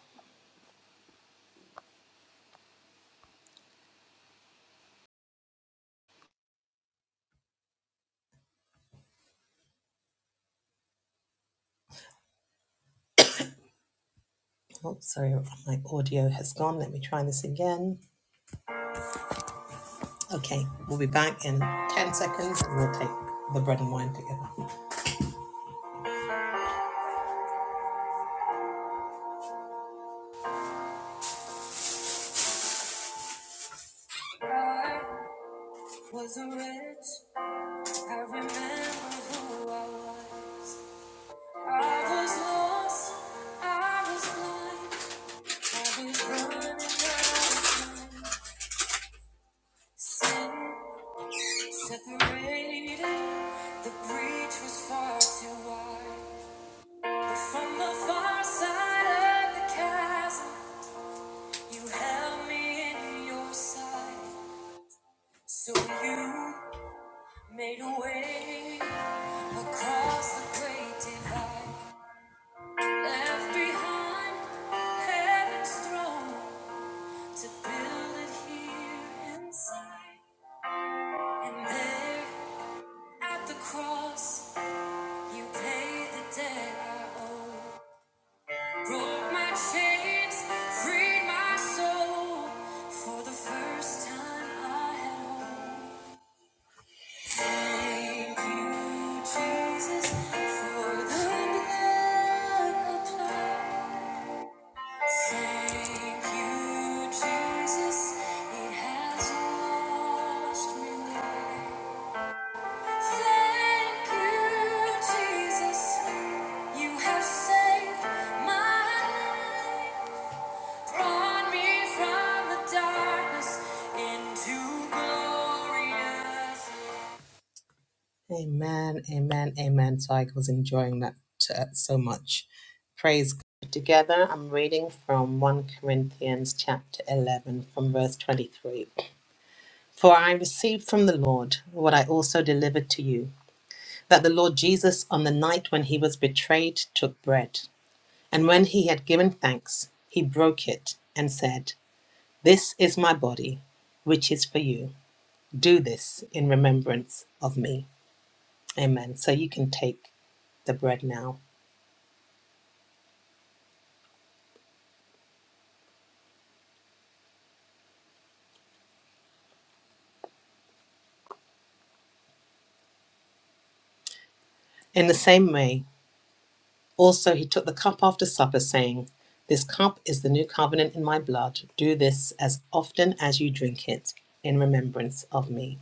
Speaker 2: Oh, sorry, my audio has gone. Let me try this again. Okay, we'll be back in 10 seconds and we'll take the bread and wine together. I was a I remember who I was. I was lost. I was blind. The breach was far too wide. But from the far side of the chasm, you held me in your sight. So you made a way across the great divide. Left behind heaven's throne to build it here inside. At the cross, you paid the debt I owe. Broke my chains, freed my soul. For the first time, I had hope. Thank you, Jesus, for the blood applied. Thank you, Jesus, it has washed me white. Amen, amen, amen. So I was enjoying that uh, so much. Praise God. Together, I'm reading from 1 Corinthians chapter 11, from verse 23. For I received from the Lord what I also delivered to you. that the Lord Jesus, on the night when he was betrayed, took bread. And when he had given thanks, he broke it and said, This is my body, which is for you. Do this in remembrance of me. Amen. So you can take the bread now. In the same way, also he took the cup after supper, saying, This cup is the new covenant in my blood. Do this as often as you drink it in remembrance of me.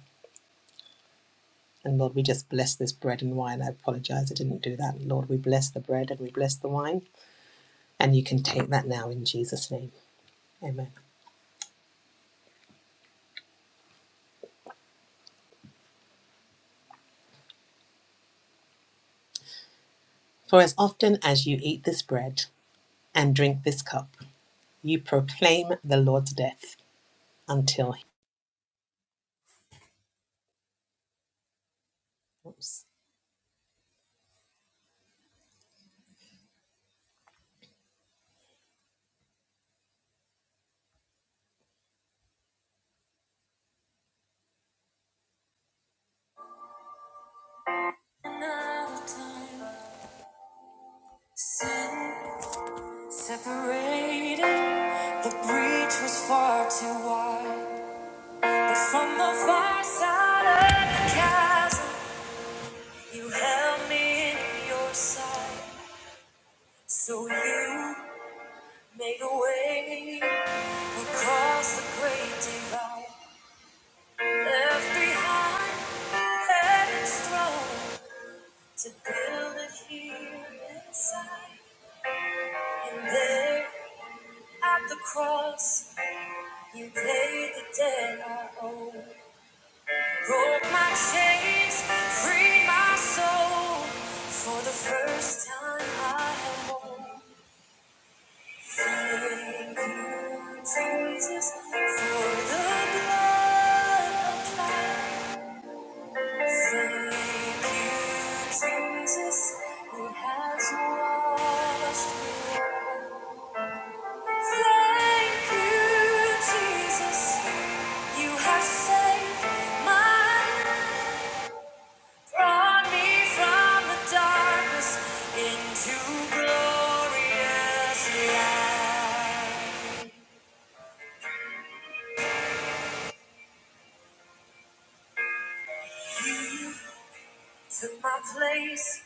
Speaker 2: And Lord, we just bless this bread and wine. I apologize, I didn't do that. Lord, we bless the bread and we bless the wine. And you can take that now in Jesus' name. Amen. For as often as you eat this bread and drink this cup, you proclaim the Lord's death until he comes. Another time, sin separated. The breach was far too wide. But from the far side of the chasm, you held me in your sight. So you made a way across the great divide, left behind heaven's throne to build it here inside. And there at the cross, you paid the debt I owe. Broke my chains, freed my soul. For the first time I have won. Jesus, for the blood applied. Thank you, Jesus, it has washed Thank you, Jesus, you have saved my life. Brought me from the darkness into glorious light. Took my place,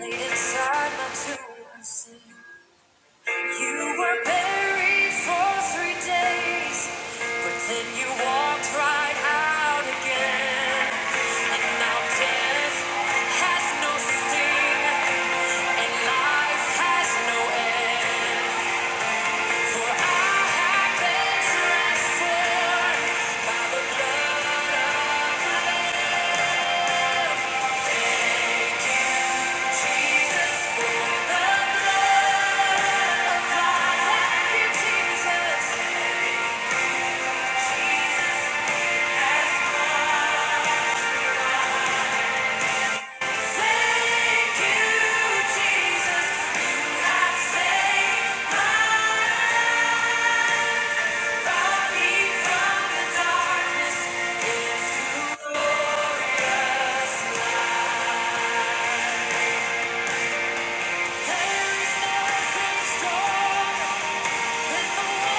Speaker 2: laid inside my tomb. I said, You were buried for three days, but then you walked right out again. And now death has no sting, and life has no end. For I have been transformed by the blood of Jesus, the blood of Jesus. Thank you, saved my body from the darkness. Glorious There's nothing stronger than the wonder-working power of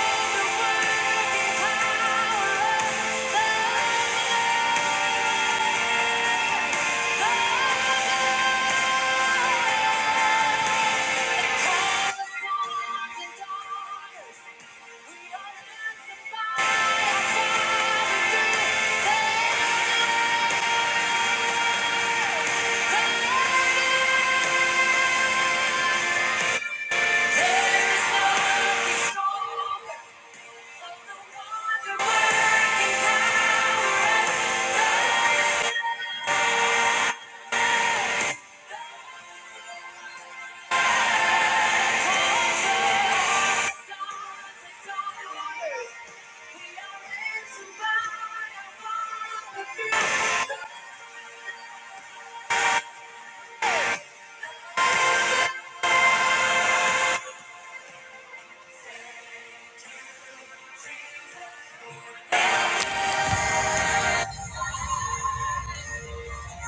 Speaker 2: the wonder.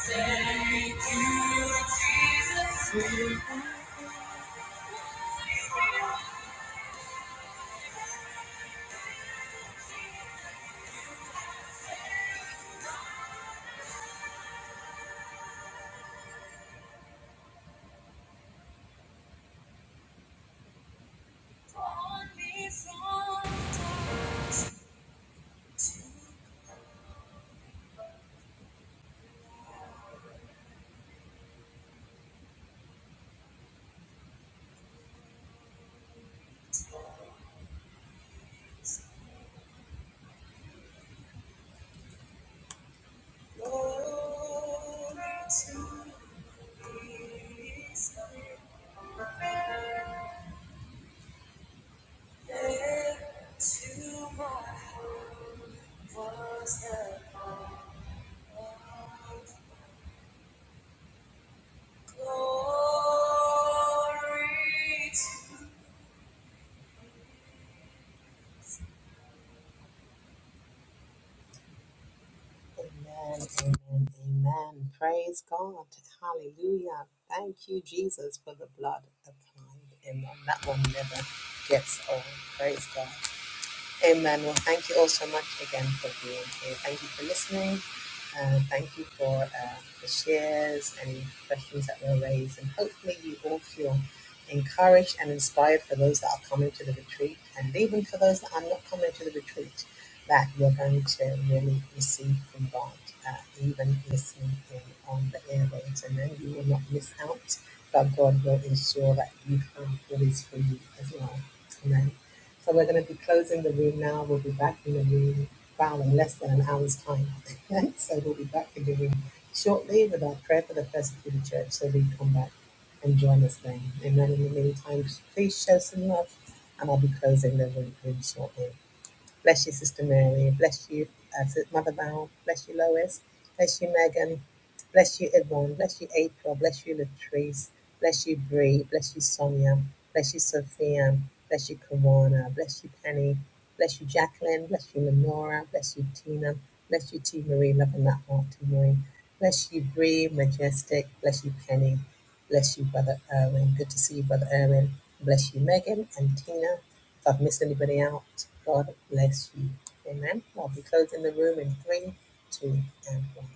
Speaker 2: Thank you, Jesus. for Born me from darkness to glory to His name. There to my heart was the light. Glory to Amen. Amen. Amen. Praise God. Hallelujah. Thank you, Jesus, for the blood applied in them. That will never get old. Praise God. Amen. Well, thank you all so much again for being here. Thank you for listening. Uh, thank you for uh, the shares and questions that were raised. And hopefully, you all feel encouraged and inspired for those that are coming to the retreat, and even for those that are not coming to the retreat, that you're going to really receive from God, uh, even listening in on the airwaves. And then you will not miss out, but God will ensure that you have what is for you as well. Amen. So we're going to be closing the room now. We'll be back in the room about in less than an hour's time. so we'll be back in the room shortly with our prayer for the persecuted church. So we come back and join us then. And then in the meantime, please show some love and I'll be closing the room room shortly. Bless you, Sister Mary. Bless you, uh, Mother Val. Bless you, Lois. Bless you, Megan. Bless you, Yvonne. Bless you, April. Bless you, Latrice. Bless you, Bree. Bless you, Sonia. Bless you, Sophia. Bless you, Kawana. Bless you, Penny. Bless you, Jacqueline. Bless you, Lenora. Bless you, Tina. Bless you, T. Marie. Loving that heart, T. Marie. Bless you, Bree, Majestic. Bless you, Penny. Bless you, Brother Erwin. Good to see you, Brother Erwin. Bless you, Megan and Tina. If I've missed anybody out, God bless you. Amen. Well, I'll be closing the room in three, two, and one.